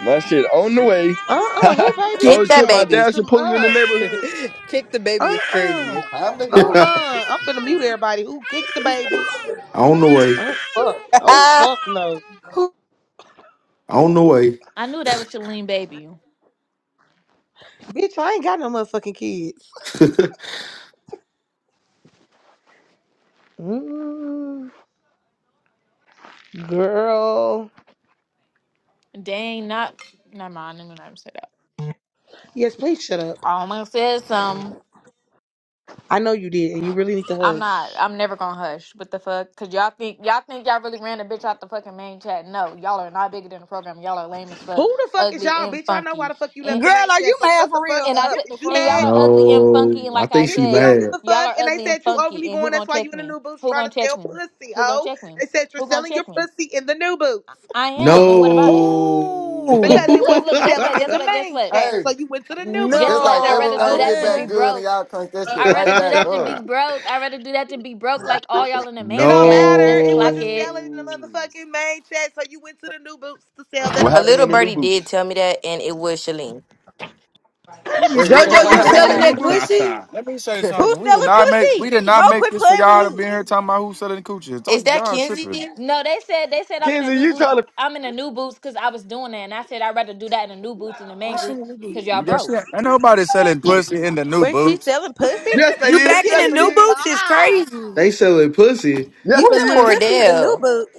Speaker 15: my shit on the way.
Speaker 6: Uh-uh, who
Speaker 3: that.
Speaker 15: [LAUGHS]
Speaker 6: baby
Speaker 15: oh
Speaker 6: is
Speaker 3: Get that
Speaker 15: shit,
Speaker 6: that?
Speaker 15: my
Speaker 3: baby.
Speaker 6: Hush
Speaker 15: dash are
Speaker 6: them
Speaker 15: pulling in the
Speaker 6: up.
Speaker 14: [LAUGHS]
Speaker 15: neighborhood.
Speaker 14: Kick the baby is
Speaker 6: Uh-uh,
Speaker 14: crazy.
Speaker 5: to go.
Speaker 7: [LAUGHS]
Speaker 6: uh-uh. I'm finna mute everybody who kicked the baby.
Speaker 7: On the way.
Speaker 6: Oh, fuck.
Speaker 3: [LAUGHS]
Speaker 6: Oh, fuck no.
Speaker 3: Who?
Speaker 7: On the way.
Speaker 2: I knew that was Shalene baby.
Speaker 6: Bitch, I ain't got no motherfucking kids.
Speaker 7: [LAUGHS]
Speaker 6: Ooh, girl.
Speaker 2: Dang, not never mind. I'm not even say that.
Speaker 6: Yes, please shut up.
Speaker 2: I almost said something.
Speaker 6: I know you did, and you really need to
Speaker 2: I'm not.
Speaker 6: hush.
Speaker 2: I'm never gonna hush. What the fuck? Cause y'all think y'all think y'all really ran a bitch out the fucking main chat. No, y'all are not bigger than the program. Y'all are lame as fuck,
Speaker 6: Who the fuck is
Speaker 2: ugly
Speaker 6: y'all,
Speaker 2: and
Speaker 6: bitch? I know why
Speaker 2: funky.
Speaker 6: the fuck you
Speaker 2: And
Speaker 6: left the
Speaker 1: Girl,
Speaker 6: main
Speaker 1: are you
Speaker 6: chat, so
Speaker 1: mad
Speaker 6: shut the
Speaker 1: for
Speaker 6: fuck
Speaker 1: real?
Speaker 2: and I
Speaker 6: up.
Speaker 1: Get
Speaker 2: said,
Speaker 1: the
Speaker 6: Is you
Speaker 1: fuck
Speaker 2: and y'all
Speaker 1: on.
Speaker 6: mad?
Speaker 2: are ugly and
Speaker 7: no.
Speaker 2: funky. And
Speaker 7: I
Speaker 2: like I
Speaker 7: think
Speaker 6: Bitch,
Speaker 7: she
Speaker 6: we
Speaker 2: said,
Speaker 6: don't give
Speaker 7: mad.
Speaker 6: a
Speaker 2: y'all
Speaker 6: fuck.
Speaker 2: are
Speaker 6: And they
Speaker 2: ugly and
Speaker 6: said you
Speaker 2: funky.
Speaker 6: overly
Speaker 2: And who
Speaker 6: going.
Speaker 2: gonna
Speaker 6: That's why you
Speaker 2: check
Speaker 6: in the
Speaker 2: me?
Speaker 6: new boots
Speaker 2: Who
Speaker 6: trying
Speaker 2: gonna
Speaker 6: to
Speaker 2: check
Speaker 6: sell
Speaker 2: me?
Speaker 6: pussy,
Speaker 2: Who gonna
Speaker 6: oh.
Speaker 2: check me?
Speaker 6: They said you're
Speaker 2: Who gonna
Speaker 6: selling your
Speaker 2: check me?
Speaker 6: pussy in the new boots
Speaker 2: I
Speaker 7: No.
Speaker 2: am. And what about it? Look,
Speaker 6: because
Speaker 2: look,
Speaker 6: it
Speaker 2: look,
Speaker 6: wasn't
Speaker 2: look. Guess
Speaker 6: selling
Speaker 2: what?
Speaker 6: in
Speaker 2: Guess
Speaker 6: the
Speaker 2: what?
Speaker 7: [LAUGHS]
Speaker 2: Guess
Speaker 6: main
Speaker 2: what?
Speaker 6: chat.
Speaker 5: Hey,
Speaker 6: So you went to the new boots
Speaker 2: Guess
Speaker 5: it's
Speaker 6: to
Speaker 2: what?
Speaker 5: like
Speaker 2: I'd
Speaker 6: sell it,
Speaker 2: rather
Speaker 14: No,
Speaker 2: do
Speaker 5: everything
Speaker 6: oh.
Speaker 2: that
Speaker 5: get
Speaker 2: than be
Speaker 5: back
Speaker 14: twin.
Speaker 5: good and
Speaker 2: broke.
Speaker 5: y'all crank that shit
Speaker 2: I'd
Speaker 7: [LAUGHS]
Speaker 2: rather
Speaker 5: right
Speaker 2: do
Speaker 5: back
Speaker 2: that than
Speaker 5: up.
Speaker 2: be broke. I'd rather do that than be broke like all y'all in the
Speaker 6: It
Speaker 2: main
Speaker 6: don't
Speaker 2: chat. Let's
Speaker 6: matter. It
Speaker 2: clock
Speaker 6: wasn't
Speaker 2: it.
Speaker 6: selling in the
Speaker 7: no.
Speaker 6: motherfucking main chat, so you went to the new boots to sell that
Speaker 15: What
Speaker 3: A
Speaker 15: happened
Speaker 3: little
Speaker 15: in the
Speaker 6: pussy.
Speaker 15: new
Speaker 3: birdie did
Speaker 15: boots?
Speaker 3: tell me that, and it was Shalene.
Speaker 9: let me
Speaker 15: Wait,
Speaker 9: say.
Speaker 14: [LAUGHS]
Speaker 15: wait,
Speaker 9: Jojo,
Speaker 15: what
Speaker 9: you
Speaker 15: happened in
Speaker 9: selling
Speaker 15: the
Speaker 14: um,
Speaker 15: new
Speaker 9: that
Speaker 7: [LAUGHS]
Speaker 15: boots?
Speaker 9: pussy? Let me say
Speaker 17: Who's
Speaker 9: something. We did
Speaker 17: selling
Speaker 9: not make. We
Speaker 17: pussy?
Speaker 9: did
Speaker 17: Mo,
Speaker 9: not make
Speaker 17: quit
Speaker 9: this for
Speaker 17: playing with
Speaker 9: y'all to be
Speaker 17: me.
Speaker 9: in here talking about who's selling coochie. Talk
Speaker 3: Is that
Speaker 9: y'all tripping.
Speaker 3: Kenzie?
Speaker 2: No, they said they said I'm in a
Speaker 15: Kenzie,
Speaker 2: new
Speaker 15: you
Speaker 2: boots.
Speaker 15: trying to?
Speaker 2: I'm in a new boots because I was doing that, and I said I'd rather do that in a new
Speaker 17: You
Speaker 2: boots than the man group
Speaker 9: Washington D.
Speaker 2: because y'all
Speaker 9: C. Yeah,
Speaker 2: broke.
Speaker 9: shit. Ain't nobody selling pussy in the new
Speaker 17: Wait, she
Speaker 9: boots.
Speaker 17: selling pussy?
Speaker 15: Yes, they
Speaker 9: You
Speaker 15: is.
Speaker 9: back in
Speaker 15: Yes,
Speaker 9: the
Speaker 15: they
Speaker 9: new
Speaker 6: Kizzy,
Speaker 15: is.
Speaker 9: boots is
Speaker 6: bye.
Speaker 9: crazy.
Speaker 7: they selling pussy.
Speaker 17: You
Speaker 15: Yes,
Speaker 3: Who
Speaker 15: they
Speaker 3: is
Speaker 17: selling
Speaker 15: is.
Speaker 17: pussy in the new
Speaker 3: Cordell?
Speaker 17: boots?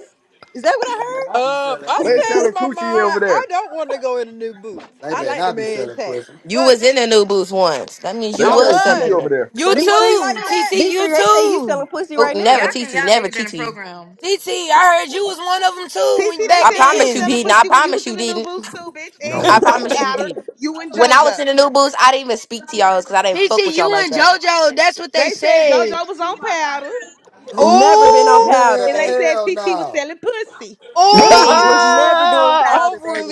Speaker 17: Is that what
Speaker 5: They better
Speaker 17: I heard?
Speaker 5: not be selling
Speaker 14: I
Speaker 15: They
Speaker 5: pussy.
Speaker 15: selling
Speaker 14: changed my
Speaker 15: coochie
Speaker 14: mind.
Speaker 15: over there.
Speaker 14: I don't want to go in a new boots.
Speaker 5: They
Speaker 14: I
Speaker 5: better
Speaker 14: like the
Speaker 5: not be
Speaker 14: man's
Speaker 5: selling
Speaker 14: hat.
Speaker 5: pussy.
Speaker 3: You
Speaker 14: Fuck
Speaker 3: was
Speaker 14: it.
Speaker 3: in the new booth once. That means you
Speaker 15: They
Speaker 14: I
Speaker 15: selling
Speaker 3: was
Speaker 15: coochie
Speaker 3: selling
Speaker 14: was,
Speaker 15: over
Speaker 3: it.
Speaker 15: there.
Speaker 9: You
Speaker 14: but it
Speaker 17: B
Speaker 14: wasn't
Speaker 17: three,
Speaker 9: too,
Speaker 14: like
Speaker 9: TT.
Speaker 14: that.
Speaker 17: B
Speaker 9: You
Speaker 17: three. They say you
Speaker 9: too,
Speaker 17: selling pussy
Speaker 3: Oh,
Speaker 17: right
Speaker 2: Y'all
Speaker 3: never,
Speaker 17: now.
Speaker 2: think
Speaker 3: TT.
Speaker 2: y'all
Speaker 3: Never,
Speaker 2: bigger than the
Speaker 3: TT.
Speaker 2: program.
Speaker 9: TT. I heard you was one of them too
Speaker 6: TT,
Speaker 9: when
Speaker 3: I
Speaker 9: back
Speaker 6: they said you was
Speaker 3: promise you
Speaker 6: selling
Speaker 9: then.
Speaker 3: didn't. I
Speaker 6: pussy when you
Speaker 3: promise
Speaker 6: was
Speaker 3: you
Speaker 6: in the new
Speaker 3: didn't.
Speaker 6: boost too, bitch, and you
Speaker 3: I
Speaker 6: was on
Speaker 3: promise
Speaker 7: No.
Speaker 3: you,
Speaker 6: powder.
Speaker 3: Viva.
Speaker 6: You and
Speaker 3: When I was
Speaker 6: JoJo.
Speaker 3: in the new booth, I didn't even speak to y'all because I didn't
Speaker 9: TT,
Speaker 3: fuck with y'all
Speaker 9: you
Speaker 3: like
Speaker 9: and
Speaker 3: that.
Speaker 9: JoJo. That's what they
Speaker 6: They said
Speaker 9: said.
Speaker 6: JoJo was on powder,
Speaker 3: Who?
Speaker 17: Never been on
Speaker 9: Oh,
Speaker 14: Ooh,
Speaker 17: powder,
Speaker 6: and
Speaker 5: Man,
Speaker 6: they
Speaker 17: baby.
Speaker 6: said
Speaker 5: hell
Speaker 6: TT was
Speaker 5: no.
Speaker 6: selling pussy.
Speaker 14: I'm
Speaker 8: Oh,
Speaker 17: Was
Speaker 3: Bitch.
Speaker 9: oh,
Speaker 17: never doing
Speaker 15: [LAUGHS]
Speaker 17: powder, baby.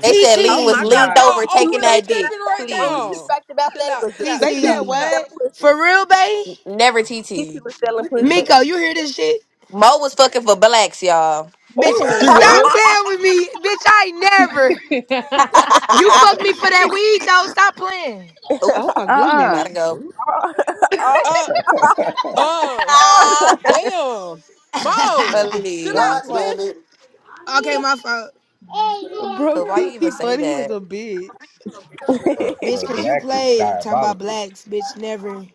Speaker 3: They said
Speaker 8: oh
Speaker 3: Lean was
Speaker 8: my
Speaker 9: TT,
Speaker 17: Now the
Speaker 3: leaned
Speaker 8: God.
Speaker 14: Y'all
Speaker 3: over
Speaker 17: only true
Speaker 3: taking
Speaker 14: overly
Speaker 17: fact
Speaker 3: that
Speaker 17: about
Speaker 3: dick.
Speaker 14: tripping
Speaker 17: that,
Speaker 14: right
Speaker 17: the only true
Speaker 3: Please.
Speaker 14: now.
Speaker 17: fact about
Speaker 14: Chill
Speaker 17: that it
Speaker 14: out,
Speaker 17: was that
Speaker 14: chill out,
Speaker 17: the
Speaker 6: They
Speaker 14: chill out,
Speaker 6: said
Speaker 17: Titi
Speaker 9: TT.
Speaker 17: was
Speaker 14: chill out.
Speaker 6: what?
Speaker 17: selling pussy.
Speaker 9: For real, bae?
Speaker 3: Never
Speaker 17: Titi
Speaker 3: TT.
Speaker 17: was
Speaker 5: [LAUGHS]
Speaker 17: selling
Speaker 5: Look at
Speaker 17: pussy.
Speaker 9: Miko,
Speaker 5: her.
Speaker 9: you hear this shit?
Speaker 3: Mo was fucking for blacks, y'all.
Speaker 9: Bitch,
Speaker 15: she
Speaker 8: Oh,
Speaker 17: [LAUGHS]
Speaker 9: stop
Speaker 15: was.
Speaker 11: Uh,
Speaker 9: playing with me. Bitch, I ain't never.
Speaker 8: [LAUGHS]
Speaker 3: [LAUGHS]
Speaker 5: I
Speaker 9: You
Speaker 5: can
Speaker 9: fucked me
Speaker 5: believe
Speaker 9: for
Speaker 5: that.
Speaker 9: that weed though. Stop playing.
Speaker 3: Oop,
Speaker 6: Oh my
Speaker 1: Uh uh
Speaker 3: gotta
Speaker 6: goodness,
Speaker 11: uh,
Speaker 3: go.
Speaker 17: Oh,
Speaker 14: Uh, uh.
Speaker 3: [LAUGHS]
Speaker 17: oh.
Speaker 14: Damn. Mo. Chill out,
Speaker 5: God
Speaker 3: Please.
Speaker 8: what?
Speaker 14: twin.
Speaker 5: damn it.
Speaker 9: Okay, my fault.
Speaker 6: bro, [LAUGHS]
Speaker 3: Because why you even
Speaker 6: TT
Speaker 3: say
Speaker 6: funny as
Speaker 3: that?
Speaker 6: a bitch.
Speaker 11: Bro,
Speaker 9: Bitch,
Speaker 11: bro,
Speaker 9: cause you
Speaker 11: black is
Speaker 9: played talking about
Speaker 11: diabolical.
Speaker 9: blacks, bitch, never.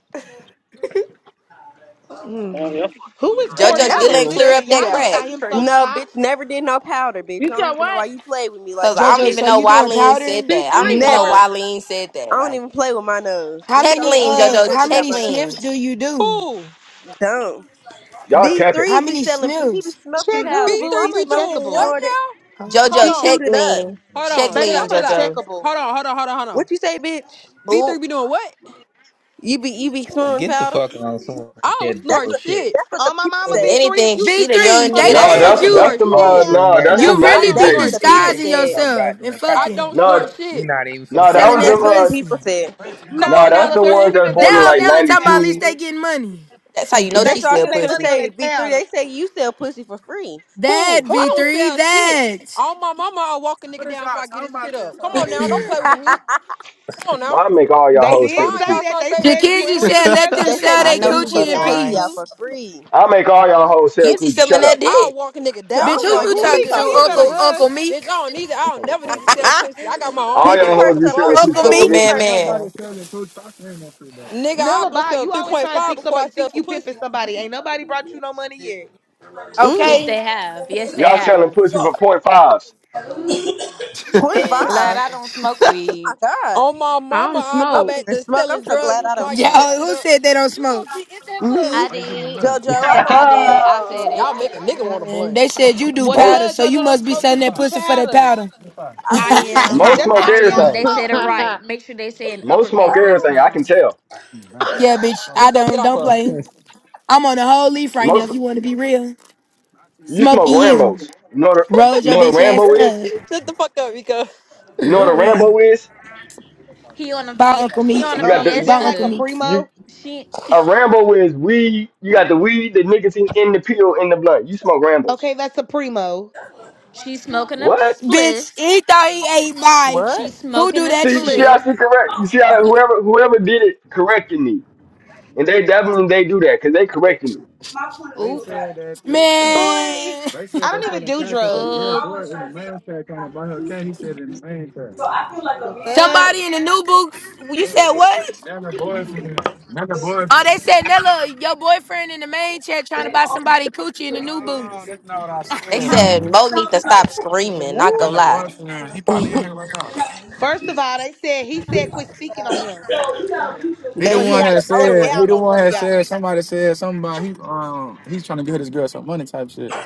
Speaker 10: Damn,
Speaker 6: Mm.
Speaker 10: y'all fucking
Speaker 6: Who
Speaker 10: fuck
Speaker 6: is
Speaker 3: JoJo
Speaker 10: around.
Speaker 14: Y'all
Speaker 6: Cordell
Speaker 3: still
Speaker 6: that's
Speaker 14: don't
Speaker 3: ain't
Speaker 17: Mm-mm.
Speaker 3: clear
Speaker 14: stress
Speaker 3: up
Speaker 6: listening?
Speaker 14: me
Speaker 3: that
Speaker 6: Y'all just
Speaker 14: out.
Speaker 3: crack.
Speaker 6: got
Speaker 14: That's
Speaker 6: him so
Speaker 14: crazy.
Speaker 17: no, bitch,
Speaker 6: shocked.
Speaker 17: never did no powder, bitch.
Speaker 8: You
Speaker 17: I don't
Speaker 8: said
Speaker 17: even know why
Speaker 8: what?
Speaker 17: you play with me
Speaker 3: Because
Speaker 17: like that,
Speaker 3: I don't
Speaker 9: Jojo,
Speaker 17: bitch.
Speaker 3: even
Speaker 9: so
Speaker 3: know
Speaker 9: you
Speaker 3: why
Speaker 9: doing
Speaker 3: Lean said
Speaker 9: powder?
Speaker 8: She
Speaker 3: that. I don't even
Speaker 8: sleep.
Speaker 3: know
Speaker 14: Huh?
Speaker 17: Never.
Speaker 3: why Lean said
Speaker 17: I
Speaker 3: that.
Speaker 17: don't
Speaker 3: Like,
Speaker 17: even play with my nose,
Speaker 9: How
Speaker 17: bitch. I
Speaker 3: check
Speaker 17: don't
Speaker 9: many
Speaker 17: even
Speaker 3: Lean,
Speaker 17: dig
Speaker 9: uh
Speaker 3: JoJo.
Speaker 17: books
Speaker 9: how
Speaker 17: without
Speaker 3: Check
Speaker 9: many
Speaker 17: my
Speaker 9: sniffs
Speaker 3: Lean.
Speaker 17: nose.
Speaker 9: do you do?
Speaker 14: Who?
Speaker 17: Dumb.
Speaker 15: Y'all
Speaker 17: V
Speaker 15: capping.
Speaker 17: three
Speaker 9: How
Speaker 17: be
Speaker 9: many
Speaker 17: selling. She be
Speaker 9: sniffs?
Speaker 17: smoking
Speaker 6: Check
Speaker 17: powder,
Speaker 6: who,
Speaker 17: bitch.
Speaker 6: boo.
Speaker 17: She
Speaker 14: B3 be
Speaker 6: I'm
Speaker 17: smoked it,
Speaker 14: doing
Speaker 6: uncheckable,
Speaker 14: what
Speaker 17: snorted.
Speaker 14: now?
Speaker 9: Huh?
Speaker 14: Hold
Speaker 17: She
Speaker 3: Jojo, check
Speaker 17: shoot
Speaker 14: on.
Speaker 17: it up.
Speaker 3: lean.
Speaker 14: Hold
Speaker 3: Check
Speaker 14: on. Chill
Speaker 6: baby.
Speaker 3: lean,
Speaker 6: I'm
Speaker 14: out. Chill out. Eh,
Speaker 3: Jojo.
Speaker 6: uncheckable.
Speaker 14: Hold on. Hold on. Hold on. Hold on.
Speaker 17: What you say, bitch?
Speaker 3: Ooh,
Speaker 14: V3 be doing what?
Speaker 17: You be you be snorting
Speaker 11: Get the
Speaker 17: powder.
Speaker 11: fuck on somewhere
Speaker 14: I
Speaker 11: with
Speaker 14: don't
Speaker 11: that
Speaker 17: That's
Speaker 14: snort
Speaker 17: what
Speaker 14: shit.
Speaker 11: bullshit.
Speaker 17: that's what the
Speaker 6: On my
Speaker 17: people
Speaker 6: mama
Speaker 3: if
Speaker 6: V3,
Speaker 17: said.
Speaker 6: if
Speaker 3: anything,
Speaker 6: you
Speaker 3: she
Speaker 6: just
Speaker 3: the
Speaker 6: came
Speaker 3: young
Speaker 9: V3,
Speaker 6: from
Speaker 9: they
Speaker 3: nigga
Speaker 6: the
Speaker 11: Get
Speaker 14: I
Speaker 3: that's
Speaker 6: new
Speaker 15: Nah,
Speaker 11: the
Speaker 9: said
Speaker 6: booth,
Speaker 14: don't
Speaker 15: that's
Speaker 3: selling
Speaker 6: you
Speaker 9: you
Speaker 3: it.
Speaker 15: that's
Speaker 11: fuck
Speaker 14: snort
Speaker 6: you
Speaker 15: them.
Speaker 6: do
Speaker 11: on
Speaker 15: Uh,
Speaker 14: shit.
Speaker 6: powder
Speaker 15: nah,
Speaker 6: too,
Speaker 11: somewhere
Speaker 15: that's
Speaker 11: with
Speaker 15: them
Speaker 17: That's
Speaker 6: ho.
Speaker 9: you
Speaker 17: what
Speaker 11: that
Speaker 14: I
Speaker 9: really
Speaker 15: nineties
Speaker 14: don't
Speaker 9: be
Speaker 17: that's what
Speaker 14: snort
Speaker 17: the
Speaker 15: babies.
Speaker 11: bullshit. You
Speaker 17: people
Speaker 14: shit.
Speaker 9: disguising
Speaker 11: ain't doing
Speaker 17: said.
Speaker 11: no
Speaker 9: yourself and
Speaker 11: goddamn
Speaker 14: I
Speaker 11: powder.
Speaker 9: fucking
Speaker 14: don't snort
Speaker 15: Nah,
Speaker 11: We're
Speaker 14: shit.
Speaker 11: not even finna
Speaker 15: nah,
Speaker 11: play
Speaker 15: that
Speaker 9: selling
Speaker 15: was
Speaker 11: like
Speaker 9: that
Speaker 17: That's
Speaker 15: them.
Speaker 17: what the
Speaker 15: Uh,
Speaker 17: people
Speaker 9: pussy.
Speaker 17: said.
Speaker 14: Come
Speaker 6: No,
Speaker 15: nah,
Speaker 14: on now,
Speaker 15: that's
Speaker 6: Nella,
Speaker 15: the
Speaker 6: they're
Speaker 15: ones
Speaker 14: twin.
Speaker 15: that's
Speaker 6: spending their
Speaker 15: born in
Speaker 9: That whole
Speaker 6: money
Speaker 15: like
Speaker 6: on
Speaker 9: Della
Speaker 6: that
Speaker 15: ninety
Speaker 9: talking about at
Speaker 6: powder,
Speaker 9: least
Speaker 15: two.
Speaker 9: they
Speaker 6: boo.
Speaker 9: getting money.
Speaker 3: That's how you know
Speaker 6: They
Speaker 17: That's
Speaker 3: she
Speaker 17: what I was
Speaker 3: still
Speaker 6: spending
Speaker 17: just
Speaker 6: their
Speaker 17: gonna
Speaker 6: money
Speaker 3: pussy.
Speaker 6: on
Speaker 17: say.
Speaker 6: that
Speaker 17: V three. They
Speaker 6: powder.
Speaker 17: say you sell pussy for free.
Speaker 9: That
Speaker 14: Who?
Speaker 6: Who?
Speaker 14: I don't
Speaker 9: V3,
Speaker 14: sell shit.
Speaker 9: that.
Speaker 14: On my mama, I'll walk a nigga down before I get his shit up. Come on now. Don't play
Speaker 17: [LAUGHS]
Speaker 14: with me. Come on now.
Speaker 15: I make all y'all
Speaker 6: They
Speaker 15: hoes sell
Speaker 6: did
Speaker 15: the
Speaker 14: Find
Speaker 6: say
Speaker 14: y'all
Speaker 15: coochie.
Speaker 6: that. They
Speaker 14: something safe to
Speaker 6: said
Speaker 14: do, twin.
Speaker 9: Jackenzie
Speaker 6: V3 was
Speaker 9: said,
Speaker 6: in
Speaker 9: "Let
Speaker 7: [LAUGHS]
Speaker 6: there
Speaker 9: them
Speaker 17: they
Speaker 6: selling
Speaker 17: say
Speaker 9: sell
Speaker 3: I
Speaker 9: they
Speaker 17: Big
Speaker 6: pussy
Speaker 3: know
Speaker 17: Three
Speaker 6: and
Speaker 3: he
Speaker 17: be
Speaker 6: doing
Speaker 9: coochie in
Speaker 17: giving
Speaker 3: fucking
Speaker 6: powder
Speaker 17: pussy
Speaker 3: lying.
Speaker 17: out
Speaker 6: too.
Speaker 9: peace."
Speaker 17: for free.
Speaker 15: I make all y'all hoes sell
Speaker 3: Kimsey
Speaker 15: coochie.
Speaker 3: selling
Speaker 15: Shut
Speaker 3: that
Speaker 15: up.
Speaker 14: I'll
Speaker 3: dick.
Speaker 14: walk a nigga
Speaker 17: So I
Speaker 14: down
Speaker 9: Bitch, who
Speaker 17: don't
Speaker 14: before I
Speaker 17: know
Speaker 9: you
Speaker 14: get
Speaker 17: who
Speaker 14: this
Speaker 17: he
Speaker 9: talking
Speaker 14: shit
Speaker 9: to,
Speaker 14: up
Speaker 6: Miko,
Speaker 17: talking
Speaker 14: for
Speaker 6: you
Speaker 14: the
Speaker 6: better
Speaker 9: Uncle
Speaker 17: to.
Speaker 14: free.
Speaker 9: Uncle
Speaker 6: hush.
Speaker 14: Bitch, I
Speaker 9: Meek?
Speaker 14: don't need it.
Speaker 5: I put
Speaker 14: I
Speaker 5: some
Speaker 14: don't
Speaker 5: on
Speaker 14: never need to
Speaker 5: target out
Speaker 14: sell
Speaker 5: there.
Speaker 14: pussy. I
Speaker 3: [LAUGHS]
Speaker 14: got my
Speaker 15: All
Speaker 14: own
Speaker 17: Pick your
Speaker 15: y'all
Speaker 14: bread.
Speaker 15: hoes
Speaker 14: The
Speaker 17: purse
Speaker 15: be
Speaker 17: up,
Speaker 15: selling
Speaker 14: fuck?
Speaker 15: coochie
Speaker 9: Uncle
Speaker 15: fuck
Speaker 17: princess.
Speaker 3: Uncle
Speaker 17: Pick your
Speaker 15: with
Speaker 9: Meek?
Speaker 15: me.
Speaker 3: Man
Speaker 17: purse up.
Speaker 3: Man.
Speaker 14: Nigga, I'll
Speaker 6: Nella,
Speaker 14: go
Speaker 6: bye.
Speaker 14: sell
Speaker 6: You always trying to
Speaker 14: 3.5
Speaker 6: think
Speaker 14: before I
Speaker 6: somebody
Speaker 14: sell
Speaker 6: think
Speaker 14: some
Speaker 6: you pimping
Speaker 14: pussy.
Speaker 6: somebody. Ain't nobody brought you no money yet.
Speaker 2: Yes,
Speaker 17: Mm,
Speaker 9: Okay,
Speaker 2: they have. Yes, they
Speaker 15: Y'all selling
Speaker 2: have.
Speaker 15: pussy for point fives.
Speaker 17: point
Speaker 9: bitch.
Speaker 2: Glad
Speaker 17: five.
Speaker 2: I don't smoke
Speaker 17: Oh my
Speaker 2: weed.
Speaker 17: god.
Speaker 14: On my
Speaker 8: I
Speaker 14: mama,
Speaker 8: don't
Speaker 14: I'll
Speaker 17: I
Speaker 14: go
Speaker 8: smoke.
Speaker 17: don't
Speaker 8: [LAUGHS]
Speaker 14: back
Speaker 17: even
Speaker 14: to
Speaker 17: smoke. I'm
Speaker 14: selling
Speaker 17: so
Speaker 14: drugs
Speaker 17: glad I
Speaker 14: before
Speaker 17: don't
Speaker 14: I
Speaker 9: Yeah,
Speaker 14: get
Speaker 17: smoke.
Speaker 14: that
Speaker 9: uh,
Speaker 14: shit
Speaker 9: who
Speaker 14: up.
Speaker 9: said they don't smoke?
Speaker 2: I
Speaker 17: Me,
Speaker 2: did.
Speaker 17: JoJo,
Speaker 15: [LAUGHS]
Speaker 17: I don't
Speaker 2: I
Speaker 17: smoke.
Speaker 2: did. I said it.
Speaker 14: Y'all make a nigga want a
Speaker 9: Man,
Speaker 14: blunt.
Speaker 9: they said you do
Speaker 6: Well,
Speaker 9: powder,
Speaker 15: most
Speaker 6: duh,
Speaker 9: so
Speaker 6: JoJo
Speaker 9: you
Speaker 6: don't
Speaker 9: must
Speaker 5: That's
Speaker 9: be
Speaker 6: smoke
Speaker 5: what
Speaker 9: selling
Speaker 6: because she
Speaker 9: that
Speaker 6: do
Speaker 9: pussy for that
Speaker 6: powder.
Speaker 9: powder.
Speaker 17: I
Speaker 2: I
Speaker 17: will do it.
Speaker 2: am.
Speaker 17: [LAUGHS]
Speaker 15: most
Speaker 6: That's
Speaker 15: smoke
Speaker 6: why
Speaker 2: I
Speaker 6: she
Speaker 2: am.
Speaker 6: don't
Speaker 2: They
Speaker 15: everything.
Speaker 2: said it
Speaker 6: smoke.
Speaker 5: you
Speaker 2: right. Make sure they say it in
Speaker 15: Most smoke
Speaker 2: uppercase next
Speaker 17: Ah,
Speaker 15: everything. I can
Speaker 2: time.
Speaker 5: done.
Speaker 15: tell.
Speaker 9: Yeah, bitch, I
Speaker 14: Miko, get
Speaker 9: don't.
Speaker 14: off
Speaker 9: Don't
Speaker 14: her.
Speaker 9: play.
Speaker 11: this.
Speaker 9: I'm on a whole leaf right now.
Speaker 15: most.
Speaker 9: If you want to be real,
Speaker 15: You smoke
Speaker 9: smoking you.
Speaker 15: Rambo's. You know what a,
Speaker 9: Rolled
Speaker 15: you know
Speaker 9: your
Speaker 15: what a
Speaker 9: bitch ass
Speaker 15: Rambo is?
Speaker 9: up.
Speaker 14: [LAUGHS] Shut the fuck up, Miko.
Speaker 15: You know what a
Speaker 17: Louis.
Speaker 15: Rambo is?
Speaker 2: He on a
Speaker 9: Bye,
Speaker 2: fie-
Speaker 9: Uncle
Speaker 2: she
Speaker 9: Meek.
Speaker 2: on a
Speaker 15: You got
Speaker 6: Um,
Speaker 15: the
Speaker 6: is
Speaker 15: you,
Speaker 6: that
Speaker 9: Bye,
Speaker 6: like
Speaker 9: Uncle
Speaker 6: a
Speaker 2: fiesta.
Speaker 9: Meek.
Speaker 6: primo?
Speaker 2: She
Speaker 15: a Rambo is weed. You got the weed, the nicotine in the pill in the blunt. You smoke Rambo's.
Speaker 6: Okay, that's a primo.
Speaker 2: she smoking a
Speaker 15: What?
Speaker 9: Bitch,
Speaker 2: spliff.
Speaker 9: he thought he ate my.
Speaker 2: She
Speaker 17: What?
Speaker 9: Who
Speaker 2: smoking
Speaker 9: do
Speaker 2: a
Speaker 9: that
Speaker 15: See, see,
Speaker 9: shit?
Speaker 15: I
Speaker 2: spliff.
Speaker 15: see correct. You
Speaker 17: Oh,
Speaker 15: see,
Speaker 17: my-
Speaker 15: how
Speaker 17: let
Speaker 15: whoever whoever did it corrected me, and they definitely they do that because they
Speaker 17: me
Speaker 15: corrected
Speaker 17: give
Speaker 15: me.
Speaker 17: you my point of view
Speaker 2: Oop.
Speaker 17: about it.
Speaker 6: Boy, I
Speaker 9: Man,
Speaker 6: don't even do drugs.
Speaker 2: Oop.
Speaker 17: I always try to be a so I feel like a
Speaker 6: The
Speaker 17: man should
Speaker 6: fuck?
Speaker 9: somebody in the new books. You said what? Oh, they said Nella, your boyfriend in the main chat trying to
Speaker 17: and
Speaker 9: buy
Speaker 17: also
Speaker 9: somebody coochie in the
Speaker 17: play
Speaker 9: new no, boots. No,
Speaker 17: space.
Speaker 9: that's not what I
Speaker 3: They
Speaker 9: said. [LAUGHS]
Speaker 3: said Mo need to stop screaming, not
Speaker 9: That
Speaker 3: gonna
Speaker 9: little
Speaker 14: Woo.
Speaker 3: lie.
Speaker 9: boyfriend, he probably in here right now.
Speaker 6: First of all, they said he said quit speaking on him,
Speaker 9: He the
Speaker 17: They
Speaker 6: so he
Speaker 9: one
Speaker 17: said
Speaker 6: had to
Speaker 9: had
Speaker 17: that Mo
Speaker 6: step
Speaker 17: the one
Speaker 9: said, he
Speaker 17: that
Speaker 6: down
Speaker 17: be
Speaker 9: the
Speaker 6: on
Speaker 9: one
Speaker 17: saying
Speaker 6: one of
Speaker 9: had said,
Speaker 6: y'all.
Speaker 17: all
Speaker 9: somebody said something about he um he's trying to give this girl some money type shit.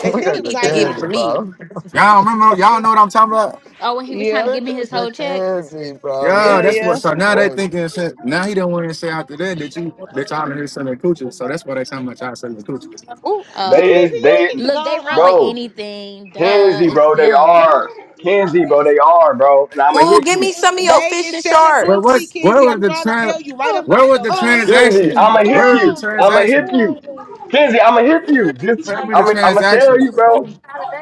Speaker 6: They
Speaker 5: We
Speaker 6: said
Speaker 5: got
Speaker 3: You
Speaker 6: it was
Speaker 5: the
Speaker 3: need to give it to
Speaker 6: Aisha.
Speaker 5: Tansy,
Speaker 3: me.
Speaker 5: bro.
Speaker 9: Y'all remember y'all know what I'm talking about?
Speaker 2: Oh, when he was trying to
Speaker 6: Yep.
Speaker 5: We
Speaker 2: give me
Speaker 5: got
Speaker 2: his
Speaker 5: the
Speaker 2: whole check.
Speaker 5: Tansy, bro.
Speaker 9: Yeah,
Speaker 14: Ooh,
Speaker 5: That
Speaker 1: Hell
Speaker 9: that's what
Speaker 1: yeah.
Speaker 5: nigga
Speaker 9: so now they
Speaker 5: crazy.
Speaker 9: thinking shit- now he don't want to say after that that you that y'all in here selling coochie. So that's why they talking about y'all selling coochie.
Speaker 14: ooh,
Speaker 6: The
Speaker 15: They
Speaker 2: Oh,
Speaker 6: kids and
Speaker 15: is
Speaker 6: you
Speaker 15: they,
Speaker 6: need to go
Speaker 2: look, they run with
Speaker 6: on.
Speaker 15: bro,
Speaker 2: anything. Duh,
Speaker 15: Kenzie,
Speaker 2: it's
Speaker 15: bro, they
Speaker 2: them,
Speaker 15: are Kenzie, bro, they are, bro, and I'm going to
Speaker 3: Ooh,
Speaker 15: hit
Speaker 3: give
Speaker 15: you.
Speaker 3: me some of your
Speaker 6: They
Speaker 3: fish
Speaker 6: is
Speaker 3: and
Speaker 6: selling
Speaker 9: But what?
Speaker 6: pussy,
Speaker 3: sharks.
Speaker 9: Where
Speaker 6: Kenzie.
Speaker 9: was
Speaker 6: I'm
Speaker 9: the
Speaker 6: trying to
Speaker 9: trans?
Speaker 6: tell you, right up
Speaker 8: All
Speaker 6: under
Speaker 9: Where was
Speaker 6: your
Speaker 9: the
Speaker 6: nose.
Speaker 15: Kenzie, I'ma
Speaker 9: transaction?
Speaker 15: hip
Speaker 9: Where was the
Speaker 15: you. I'ma hip
Speaker 9: transaction?
Speaker 15: you. Kenzie, I'ma hip you. Just
Speaker 9: Tell
Speaker 17: the
Speaker 9: me the
Speaker 15: I'm I'ma tell
Speaker 9: transaction.
Speaker 15: you, bro.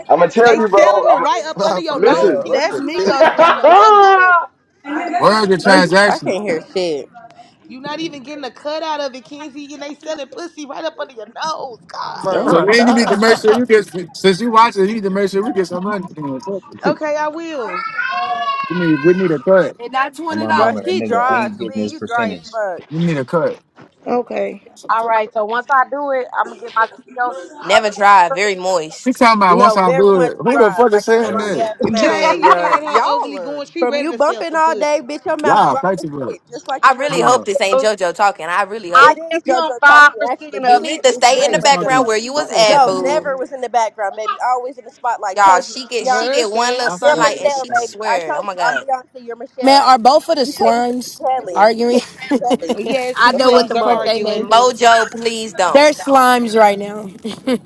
Speaker 15: I'ma tell
Speaker 6: They
Speaker 15: you, bro.
Speaker 6: selling it
Speaker 15: I'm
Speaker 6: right up under
Speaker 5: Nah,
Speaker 6: your
Speaker 5: for
Speaker 6: nose,
Speaker 15: listen.
Speaker 5: real. What's
Speaker 6: Kenzie,
Speaker 1: That's
Speaker 6: and
Speaker 5: the
Speaker 6: you
Speaker 15: [LAUGHS]
Speaker 6: not
Speaker 1: Miko
Speaker 5: ticket?
Speaker 6: even
Speaker 1: saying
Speaker 6: getting a
Speaker 1: that
Speaker 6: cut
Speaker 1: shit.
Speaker 6: out of it.
Speaker 17: shit.
Speaker 9: Where was the
Speaker 15: Let's
Speaker 17: I
Speaker 9: transaction?
Speaker 17: can't hear shit.
Speaker 6: you not even getting a cut out of it, Kenzie, and they selling pussy right up under your nose. God.
Speaker 5: [LAUGHS]
Speaker 17: Oh
Speaker 14: bro.
Speaker 9: So
Speaker 17: my
Speaker 9: then you need to
Speaker 17: god.
Speaker 9: make sure you get. Since you watch it, you need to make sure we get some money. We
Speaker 6: Okay, I will.
Speaker 9: need. We need a cut. And that's
Speaker 11: [LAUGHS] i
Speaker 9: twenty
Speaker 11: my
Speaker 17: Bro,
Speaker 11: mama, that
Speaker 9: dollars.
Speaker 17: she
Speaker 11: nigga
Speaker 17: dry.
Speaker 11: ain't getting
Speaker 17: Talia,
Speaker 11: his
Speaker 17: you dry as
Speaker 11: percentage.
Speaker 17: fuck.
Speaker 9: We need a cut.
Speaker 6: Okay.
Speaker 8: right, so once I do it, I'm gonna get my CEO.
Speaker 3: Never dry, very
Speaker 9: She
Speaker 3: moist.
Speaker 9: talking about once
Speaker 17: No,
Speaker 9: I
Speaker 17: very
Speaker 9: do
Speaker 17: much
Speaker 9: it. Who the
Speaker 17: dry,
Speaker 9: fuck is
Speaker 17: like your
Speaker 9: saying
Speaker 5: hey,
Speaker 17: dry
Speaker 9: that?
Speaker 17: ass
Speaker 5: bro.
Speaker 8: [LAUGHS] I
Speaker 17: mouth,
Speaker 6: Jay,
Speaker 14: Man,
Speaker 6: you
Speaker 17: bitch.
Speaker 6: know
Speaker 14: bro.
Speaker 6: that hoe
Speaker 14: Y'all
Speaker 6: overly
Speaker 14: are.
Speaker 6: going. She
Speaker 17: From
Speaker 6: ready
Speaker 17: you
Speaker 6: to sell
Speaker 17: bumping
Speaker 6: some
Speaker 17: all day,
Speaker 6: pussy.
Speaker 17: bitch, your mouth
Speaker 9: Y'all
Speaker 17: dry
Speaker 9: fight
Speaker 17: as
Speaker 9: you, bro
Speaker 17: shit, just like
Speaker 3: I
Speaker 17: your mother.
Speaker 3: really hope
Speaker 9: hello.
Speaker 3: this ain't
Speaker 8: give,
Speaker 3: JoJo talking. I really
Speaker 8: I
Speaker 17: It
Speaker 3: hope.
Speaker 17: is
Speaker 8: give him
Speaker 17: JoJo
Speaker 8: five
Speaker 17: talking, actually,
Speaker 8: percent
Speaker 3: You
Speaker 8: of
Speaker 17: bitch.
Speaker 3: need to
Speaker 17: It's
Speaker 3: stay
Speaker 9: I
Speaker 3: in
Speaker 17: very
Speaker 3: the
Speaker 9: is
Speaker 17: much JoJo.
Speaker 3: background
Speaker 9: talking.
Speaker 3: where you
Speaker 9: I
Speaker 3: was
Speaker 9: had to
Speaker 3: at,
Speaker 17: No,
Speaker 9: come
Speaker 3: boo.
Speaker 17: never
Speaker 9: in.
Speaker 17: was in the background, baby. Always in the spotlight.
Speaker 3: Y'all,
Speaker 17: Told you,
Speaker 3: she
Speaker 17: I'm
Speaker 3: get she
Speaker 17: Beyonce.
Speaker 6: Heard
Speaker 3: get one
Speaker 6: that.
Speaker 3: little
Speaker 9: I
Speaker 17: You're
Speaker 9: forgot
Speaker 3: sunlight
Speaker 9: they
Speaker 3: and
Speaker 9: got the
Speaker 17: Michelle,
Speaker 3: she
Speaker 17: baby.
Speaker 9: time.
Speaker 17: I
Speaker 3: swear,
Speaker 17: told
Speaker 3: oh my
Speaker 17: you, I'm
Speaker 3: god.
Speaker 17: Beyonce. You're Michelle,
Speaker 9: Man, are
Speaker 17: baby.
Speaker 9: both of the
Speaker 17: You can't even be
Speaker 9: slimes
Speaker 17: Kelly. You
Speaker 9: arguing?
Speaker 17: can't even be Kelly.
Speaker 9: [LAUGHS]
Speaker 6: Yes, the
Speaker 9: I
Speaker 17: The
Speaker 9: know what
Speaker 17: fuck?
Speaker 6: Slims
Speaker 9: the
Speaker 6: are
Speaker 9: fuck
Speaker 14: Bro,
Speaker 9: they name
Speaker 6: arguing.
Speaker 9: is.
Speaker 3: Mojo, please
Speaker 9: They're
Speaker 3: don't.
Speaker 9: slimes right now. [LAUGHS]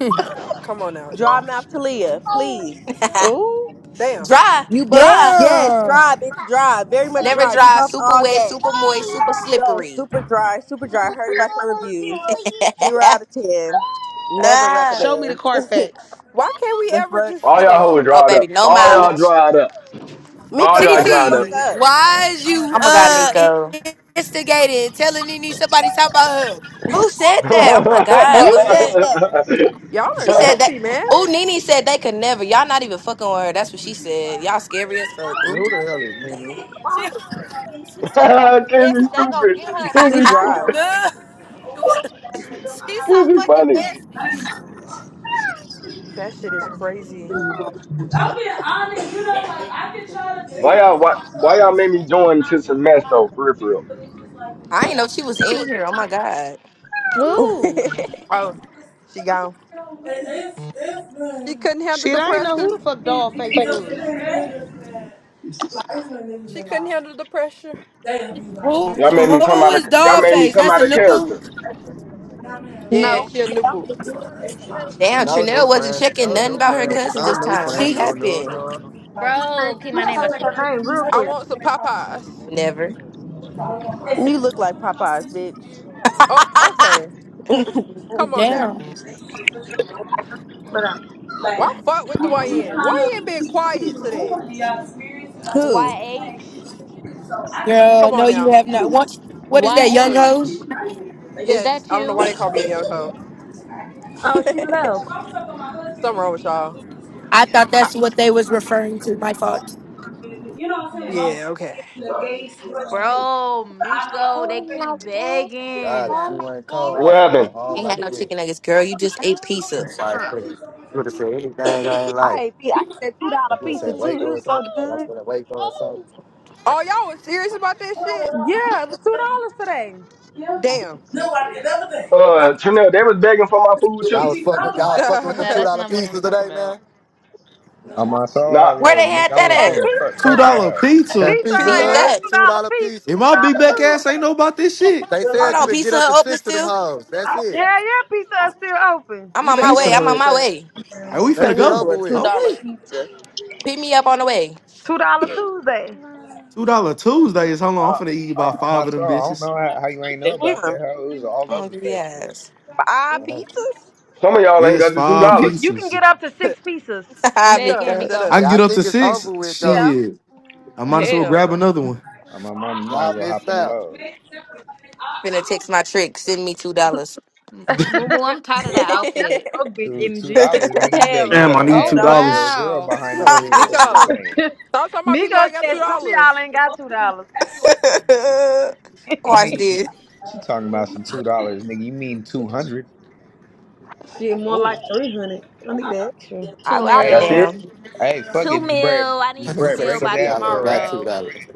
Speaker 14: come on now,
Speaker 17: Dry
Speaker 14: John.
Speaker 17: mouth Talia, please.
Speaker 3: [LAUGHS]
Speaker 6: Ooh.
Speaker 14: Damn.
Speaker 3: dry,
Speaker 17: You bump?
Speaker 3: dry,
Speaker 17: Yes,
Speaker 9: Damn.
Speaker 17: dry, bitch, dry. Very much
Speaker 3: never
Speaker 8: it.
Speaker 17: dry. You
Speaker 3: dry,
Speaker 17: bump
Speaker 3: super
Speaker 17: all
Speaker 3: wet,
Speaker 17: day.
Speaker 3: super moist, super
Speaker 17: No,
Speaker 3: slippery.
Speaker 17: super dry, super dry. Heard about your reviews.
Speaker 3: [LAUGHS]
Speaker 17: Zero out of ten. Never
Speaker 3: Ah.
Speaker 6: Show me the
Speaker 17: recommend.
Speaker 6: Carfax.
Speaker 14: Why can't
Speaker 17: [LAUGHS]
Speaker 14: we
Speaker 17: the
Speaker 14: ever
Speaker 17: fuck?
Speaker 14: just
Speaker 15: all
Speaker 14: get
Speaker 15: y'all hoes
Speaker 14: along?
Speaker 3: oh
Speaker 15: dried
Speaker 3: baby,
Speaker 15: up.
Speaker 3: no
Speaker 15: All y'all
Speaker 3: mileage.
Speaker 15: dried up.
Speaker 17: Miko,
Speaker 15: All
Speaker 9: T
Speaker 15: y'all
Speaker 17: shut the
Speaker 15: dried
Speaker 17: fuck
Speaker 15: up.
Speaker 9: T,
Speaker 17: up.
Speaker 9: why is you
Speaker 3: Oh my god,
Speaker 9: uh
Speaker 3: Nico.
Speaker 9: in- instigating, telling Nene somebody talking about her?
Speaker 3: Who
Speaker 15: [LAUGHS]
Speaker 3: said that? Oh my god,
Speaker 17: You said
Speaker 3: what?
Speaker 17: that.
Speaker 14: Y'all
Speaker 3: She
Speaker 14: are
Speaker 3: said that.
Speaker 14: messy, man.
Speaker 3: Oh, Nene said they could never. Y'all not even fucking with her. That's what she said. Y'all scary as fuck. Ooh.
Speaker 5: who the hell is Mimi?
Speaker 9: She, she's so fucking bad,
Speaker 15: Kenzie
Speaker 9: so they're gonna
Speaker 15: stupid.
Speaker 9: get her and knock
Speaker 17: She
Speaker 9: her
Speaker 15: Kenzie
Speaker 9: out
Speaker 17: dry.
Speaker 15: stupid.
Speaker 9: No.
Speaker 15: Kenzie funny.
Speaker 17: [LAUGHS]
Speaker 14: That shit is crazy.
Speaker 17: I'm being honest, you know, like I can try to be
Speaker 15: Why y'all why, why y'all made me
Speaker 17: understanding.
Speaker 15: join
Speaker 17: I
Speaker 15: to
Speaker 17: am,
Speaker 15: some mess though, for real for real.
Speaker 17: but it's just like with
Speaker 3: I
Speaker 17: me,
Speaker 3: ain't know she was in here. Oh my god.
Speaker 6: Ooh.
Speaker 17: like.
Speaker 14: Oh, she gone.
Speaker 17: [LAUGHS] it's, it's good.
Speaker 14: She couldn't handle
Speaker 6: Shit,
Speaker 14: the
Speaker 6: I ain't know
Speaker 14: pressure.
Speaker 6: who the fuck
Speaker 17: These
Speaker 6: Dollface
Speaker 17: niggas
Speaker 6: was.
Speaker 17: that like it's when niggas
Speaker 14: She
Speaker 17: that
Speaker 14: couldn't
Speaker 17: like
Speaker 14: handle the pressure.
Speaker 17: they'll be like, man,
Speaker 9: Who
Speaker 17: this
Speaker 15: Y'all
Speaker 17: shit
Speaker 15: made me come
Speaker 9: who
Speaker 15: out of
Speaker 9: is
Speaker 15: y'all made me
Speaker 9: Dogface?
Speaker 15: come
Speaker 9: That's a
Speaker 15: out of
Speaker 9: new boo?
Speaker 15: character.
Speaker 17: down there.
Speaker 14: Yeah,
Speaker 8: No,
Speaker 14: she a
Speaker 8: yeah,
Speaker 14: new
Speaker 8: I'm
Speaker 14: boot.
Speaker 3: Damn,
Speaker 5: No new
Speaker 3: Trinell wasn't
Speaker 5: friends.
Speaker 3: checking
Speaker 5: No
Speaker 3: nothing
Speaker 5: new
Speaker 3: about her
Speaker 5: friends.
Speaker 3: cousin
Speaker 17: I
Speaker 5: No
Speaker 3: this
Speaker 5: new
Speaker 17: like
Speaker 3: time.
Speaker 17: I
Speaker 5: friends.
Speaker 3: What
Speaker 9: See?
Speaker 5: No
Speaker 17: keep it
Speaker 5: new
Speaker 17: away
Speaker 3: happened?
Speaker 5: no.
Speaker 17: from me. like
Speaker 8: trying.
Speaker 2: bro. Keep
Speaker 8: She
Speaker 17: I
Speaker 2: my
Speaker 17: don't
Speaker 2: name
Speaker 17: feel
Speaker 2: out
Speaker 8: changed
Speaker 17: like
Speaker 2: your
Speaker 8: her
Speaker 17: let
Speaker 2: mouth.
Speaker 8: name
Speaker 17: me know
Speaker 8: real
Speaker 14: I
Speaker 17: like
Speaker 8: quick.
Speaker 14: want some
Speaker 17: that's how
Speaker 14: Popeyes.
Speaker 3: Never.
Speaker 17: I'm like. You look So like Popeyes, bitch.
Speaker 3: [LAUGHS]
Speaker 14: Oh, okay. Come on now.
Speaker 9: Damn.
Speaker 8: But uh,
Speaker 17: like
Speaker 14: Why fuck with
Speaker 17: you,
Speaker 14: the YN?
Speaker 17: you
Speaker 14: Why
Speaker 17: kind
Speaker 14: you
Speaker 17: of
Speaker 14: ain't been
Speaker 17: keep keep
Speaker 14: quiet today?
Speaker 17: going in your experience like Who?
Speaker 2: YH?
Speaker 17: like so I get that
Speaker 9: Girl,
Speaker 14: Come
Speaker 9: no
Speaker 14: on
Speaker 9: you
Speaker 14: now.
Speaker 9: have not. What what is that, young ho?
Speaker 17: I'm in a
Speaker 2: is
Speaker 17: relationship. [LAUGHS]
Speaker 14: Yes,
Speaker 2: that
Speaker 14: I don't know
Speaker 2: you,
Speaker 14: why they call me a young hoe.
Speaker 8: Oh, she
Speaker 17: If I'm
Speaker 8: left.
Speaker 17: talking about my husband,
Speaker 14: Something
Speaker 17: it
Speaker 14: wrong
Speaker 17: would
Speaker 14: with
Speaker 17: be a
Speaker 14: y'all.
Speaker 17: whole other story.
Speaker 9: I
Speaker 17: Yeah.
Speaker 9: thought
Speaker 14: I-
Speaker 9: that's what they was referring to. My fault.
Speaker 17: You know what I'm saying? Long
Speaker 14: yeah, okay.
Speaker 17: as I get engaged.
Speaker 2: bro?
Speaker 17: But I know I
Speaker 2: Miko,
Speaker 17: can
Speaker 2: they
Speaker 3: All
Speaker 17: fix
Speaker 2: keep
Speaker 17: it.
Speaker 3: nuggets.
Speaker 2: begging.
Speaker 5: God, if
Speaker 3: All
Speaker 2: No,
Speaker 5: you ain't cold, I
Speaker 3: nuggets.
Speaker 15: What
Speaker 5: was finna go
Speaker 15: happened?
Speaker 5: home
Speaker 3: They
Speaker 5: like
Speaker 3: had
Speaker 5: a
Speaker 3: no
Speaker 5: bitch.
Speaker 3: chicken nuggets, girl. You just ate pizzas.
Speaker 5: Like, pretty. you
Speaker 17: so
Speaker 5: would have said anything I ain't
Speaker 8: I
Speaker 5: like.
Speaker 8: ate, pe- I ate that two dollar
Speaker 5: Like you would have
Speaker 8: pizza
Speaker 5: said
Speaker 8: too.
Speaker 5: Waco
Speaker 8: It
Speaker 5: or
Speaker 8: was so
Speaker 5: something. Like I was
Speaker 8: good.
Speaker 5: gonna Waco or something.
Speaker 14: Oh, y'all was serious about that shit?
Speaker 8: Yeah, it was two dollars today.
Speaker 17: Yeah,
Speaker 14: Damn.
Speaker 15: Uh, Chanel, they was begging for my food
Speaker 5: Y'all
Speaker 17: and
Speaker 15: too.
Speaker 5: was
Speaker 17: you
Speaker 5: fucking.
Speaker 17: got
Speaker 5: Y'all
Speaker 17: one.
Speaker 5: was fucking with them two
Speaker 14: [LAUGHS]
Speaker 2: that's
Speaker 5: dollar
Speaker 2: not what I'm
Speaker 5: pieces
Speaker 2: talking
Speaker 5: today,
Speaker 2: about.
Speaker 5: man.
Speaker 11: On my soul, I
Speaker 15: Nah,
Speaker 3: Where
Speaker 11: was.
Speaker 3: they
Speaker 11: Nigga,
Speaker 3: had
Speaker 11: I went
Speaker 3: that
Speaker 8: At
Speaker 11: there
Speaker 3: at?
Speaker 11: and
Speaker 8: Pizza
Speaker 11: cr-
Speaker 7: Two
Speaker 11: crushed
Speaker 8: Hut,
Speaker 7: dollar
Speaker 11: that
Speaker 7: pizza.
Speaker 5: That
Speaker 8: Pizza
Speaker 5: pizza,
Speaker 8: Hut
Speaker 14: Pizza
Speaker 3: Need
Speaker 8: had
Speaker 14: Hut?
Speaker 5: Hut,
Speaker 3: that.
Speaker 8: two
Speaker 5: two
Speaker 8: dollar
Speaker 5: dollar
Speaker 8: pizza,
Speaker 7: And
Speaker 5: pieces.
Speaker 7: my
Speaker 8: two
Speaker 7: big back
Speaker 8: dollar
Speaker 7: ass ain't know
Speaker 8: Tuesday.
Speaker 7: about this shit.
Speaker 5: They
Speaker 17: But
Speaker 3: Hold
Speaker 5: said
Speaker 17: like,
Speaker 5: you
Speaker 3: on,
Speaker 5: could get
Speaker 3: Pizza
Speaker 5: up to
Speaker 3: Hut open
Speaker 5: six of them
Speaker 3: still?
Speaker 5: hoes. That's it.
Speaker 8: Yeah, yeah, Pizza Hut's still open.
Speaker 3: I'm
Speaker 14: You
Speaker 3: on my
Speaker 14: better go
Speaker 7: Pizza
Speaker 3: way.
Speaker 14: to
Speaker 3: I'm on
Speaker 7: Hut.
Speaker 3: my
Speaker 14: Pizza Hut.
Speaker 3: way.
Speaker 7: Are we
Speaker 5: That
Speaker 7: finna
Speaker 17: Talking
Speaker 5: shit
Speaker 7: go?
Speaker 17: about
Speaker 5: over
Speaker 17: a two
Speaker 5: with.
Speaker 7: Oh
Speaker 17: dollar
Speaker 7: wait.
Speaker 17: pizza.
Speaker 3: Pick me up on the way.
Speaker 8: Two dollar Tuesday.
Speaker 7: Two dollar Tuesdays. How long? I'm
Speaker 11: hoe. Uh,
Speaker 7: finna eat about
Speaker 11: uh, on
Speaker 7: five
Speaker 11: my
Speaker 7: of
Speaker 11: soul,
Speaker 7: them
Speaker 11: I don't
Speaker 7: bitches.
Speaker 11: know how, how you ain't know about
Speaker 17: Damn,
Speaker 11: that hoe. It was all over
Speaker 3: Hungry
Speaker 11: Facebook.
Speaker 3: ass.
Speaker 17: five
Speaker 3: [LAUGHS]
Speaker 5: Y'all
Speaker 17: pizzas?
Speaker 15: some of y'all ain't
Speaker 7: Yes,
Speaker 15: got the two
Speaker 7: five
Speaker 8: You
Speaker 15: dollars.
Speaker 8: you can
Speaker 7: pieces.
Speaker 8: get up to six pizzas.
Speaker 3: Hi,
Speaker 2: Say it
Speaker 14: Miko,
Speaker 2: again,
Speaker 3: Mika.
Speaker 14: shut
Speaker 2: Miko.
Speaker 7: I
Speaker 14: up.
Speaker 7: can get up to
Speaker 5: think it's
Speaker 7: six.
Speaker 5: over with though.
Speaker 8: Yeah,
Speaker 7: Shit. I might as well
Speaker 17: Hell
Speaker 7: grab
Speaker 17: no.
Speaker 7: another one.
Speaker 11: On my
Speaker 17: I
Speaker 11: mama, you might as
Speaker 5: Y'all
Speaker 11: well hop
Speaker 5: missed
Speaker 11: in the
Speaker 17: already
Speaker 5: out.
Speaker 11: load.
Speaker 17: made separate.
Speaker 3: Finna text my trick. Send me two dollars. [LAUGHS]
Speaker 2: M- moo. Moo, I'm tired of
Speaker 17: I,
Speaker 2: that
Speaker 17: I'm
Speaker 8: Dollar- that's
Speaker 2: outfit.
Speaker 17: okay.
Speaker 8: broke bitch
Speaker 11: Two two
Speaker 8: energy.
Speaker 11: dollars, nigga.
Speaker 17: [LAUGHS]
Speaker 11: You bet.
Speaker 17: Hell
Speaker 11: You
Speaker 7: Damn, I
Speaker 17: no.
Speaker 11: better
Speaker 7: need
Speaker 17: Two
Speaker 6: Oh
Speaker 7: two
Speaker 11: add a
Speaker 17: dollars.
Speaker 11: zero
Speaker 7: dollars.
Speaker 11: zero
Speaker 6: wow.
Speaker 11: behind
Speaker 5: Go
Speaker 11: that.
Speaker 14: [LAUGHS]
Speaker 5: ahead.
Speaker 11: What the fuck are you
Speaker 14: Miko.
Speaker 3: Watch
Speaker 11: saying?
Speaker 14: Stop talking
Speaker 8: [LAUGHS]
Speaker 14: about people I
Speaker 8: Migos
Speaker 14: got two
Speaker 8: said some of y'all
Speaker 14: dollars.
Speaker 8: ain't got $2.
Speaker 11: You mean
Speaker 3: this.
Speaker 11: she talking about some two dollars, nigga? You mean two hundred?
Speaker 8: Shit, more
Speaker 14: Oh,
Speaker 8: like 300. I need that extra.
Speaker 3: I,
Speaker 2: Two
Speaker 3: I'll be
Speaker 11: Hey,
Speaker 15: That's
Speaker 2: mil,
Speaker 11: fuck,
Speaker 15: it.
Speaker 3: down.
Speaker 11: hey, fuck
Speaker 2: two
Speaker 11: it, just break,
Speaker 2: mil. I
Speaker 5: [LAUGHS]
Speaker 2: need
Speaker 11: just
Speaker 5: Let me
Speaker 2: two
Speaker 11: break,
Speaker 5: say
Speaker 11: break
Speaker 2: mil
Speaker 5: some
Speaker 11: his
Speaker 2: by
Speaker 5: of
Speaker 11: ass
Speaker 5: y'all
Speaker 11: for
Speaker 5: ain't
Speaker 11: a
Speaker 5: got
Speaker 11: rat.
Speaker 5: two
Speaker 2: tomorrow.
Speaker 5: dollars.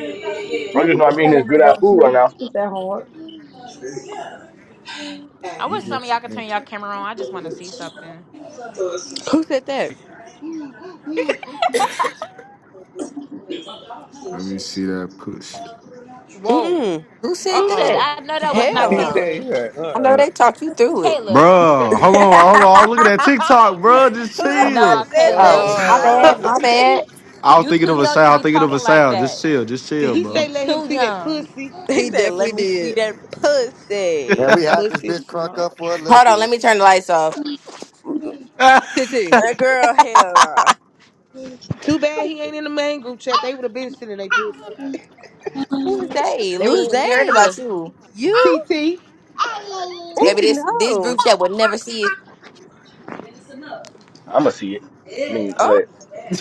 Speaker 17: yeah, yeah, yeah,
Speaker 15: I
Speaker 17: yeah.
Speaker 8: Nigga,
Speaker 15: just know
Speaker 8: just
Speaker 15: I'm eating
Speaker 8: lay down
Speaker 15: this
Speaker 8: and
Speaker 15: good
Speaker 8: go
Speaker 15: ass
Speaker 8: to
Speaker 15: food right
Speaker 8: sleep.
Speaker 15: now.
Speaker 8: It's that hard.
Speaker 2: I
Speaker 11: You
Speaker 2: wish some of
Speaker 11: just
Speaker 2: y'all could turn
Speaker 11: spent.
Speaker 2: y'all camera on. I just want to see something.
Speaker 17: Who said that?
Speaker 7: Let me see that push.
Speaker 14: whoa.
Speaker 17: Mm
Speaker 3: Who said
Speaker 14: Uh
Speaker 2: Who said
Speaker 3: that?
Speaker 14: uh-uh.
Speaker 2: I know
Speaker 17: mm.
Speaker 2: that
Speaker 14: uh.
Speaker 2: was
Speaker 11: [LAUGHS]
Speaker 2: not
Speaker 17: Hell
Speaker 11: he
Speaker 14: uh.
Speaker 17: no.
Speaker 11: said,
Speaker 2: Caleb?
Speaker 11: yeah,
Speaker 3: I know
Speaker 11: uh,
Speaker 3: they talked you through it.
Speaker 2: Caleb.
Speaker 7: Bro, hold on, hold on. I'm
Speaker 17: [LAUGHS]
Speaker 7: looking at TikTok, bro. Just
Speaker 17: Who the fuck
Speaker 2: Nah,
Speaker 7: chill.
Speaker 17: said that
Speaker 2: Caleb.
Speaker 3: Oh,
Speaker 17: shit,
Speaker 3: my
Speaker 7: [LAUGHS]
Speaker 17: bro?
Speaker 3: bad.
Speaker 14: No.
Speaker 3: My bad.
Speaker 7: I was
Speaker 2: You
Speaker 7: thinking
Speaker 2: too
Speaker 7: of a
Speaker 2: young
Speaker 7: sound.
Speaker 2: to
Speaker 7: I was
Speaker 2: be
Speaker 7: thinking of
Speaker 2: talking
Speaker 7: a
Speaker 2: like
Speaker 7: sound. Just
Speaker 2: that.
Speaker 7: chill. Just
Speaker 6: Did
Speaker 7: chill,
Speaker 6: he
Speaker 2: You
Speaker 6: say
Speaker 7: bro.
Speaker 6: let him
Speaker 2: too
Speaker 6: see that
Speaker 2: young.
Speaker 6: pussy?
Speaker 17: [LAUGHS] they
Speaker 14: He
Speaker 17: said, "Let
Speaker 14: definitely
Speaker 17: me see
Speaker 14: did.
Speaker 17: that
Speaker 7: [LAUGHS]
Speaker 17: pussy."
Speaker 5: Man, we
Speaker 7: no,
Speaker 5: had this
Speaker 6: Pussy
Speaker 5: bitch crunk
Speaker 6: smart.
Speaker 5: up for a little
Speaker 3: Hold on, let me
Speaker 5: bit.
Speaker 3: turn the lights off.
Speaker 14: TT.
Speaker 17: That girl, hell, nah.
Speaker 6: Too bad he ain't in the main group chat. They would have been sending they pussy.
Speaker 3: Who is they?
Speaker 14: They
Speaker 17: who's
Speaker 14: would
Speaker 3: Lean, we heard
Speaker 17: they?
Speaker 3: about you.
Speaker 17: You
Speaker 6: TT.
Speaker 14: Ooh.
Speaker 3: Baby,
Speaker 17: teaching no?
Speaker 3: this this
Speaker 17: Oh,
Speaker 3: group chat would never see it.
Speaker 15: I'ma see it. I mean, uh,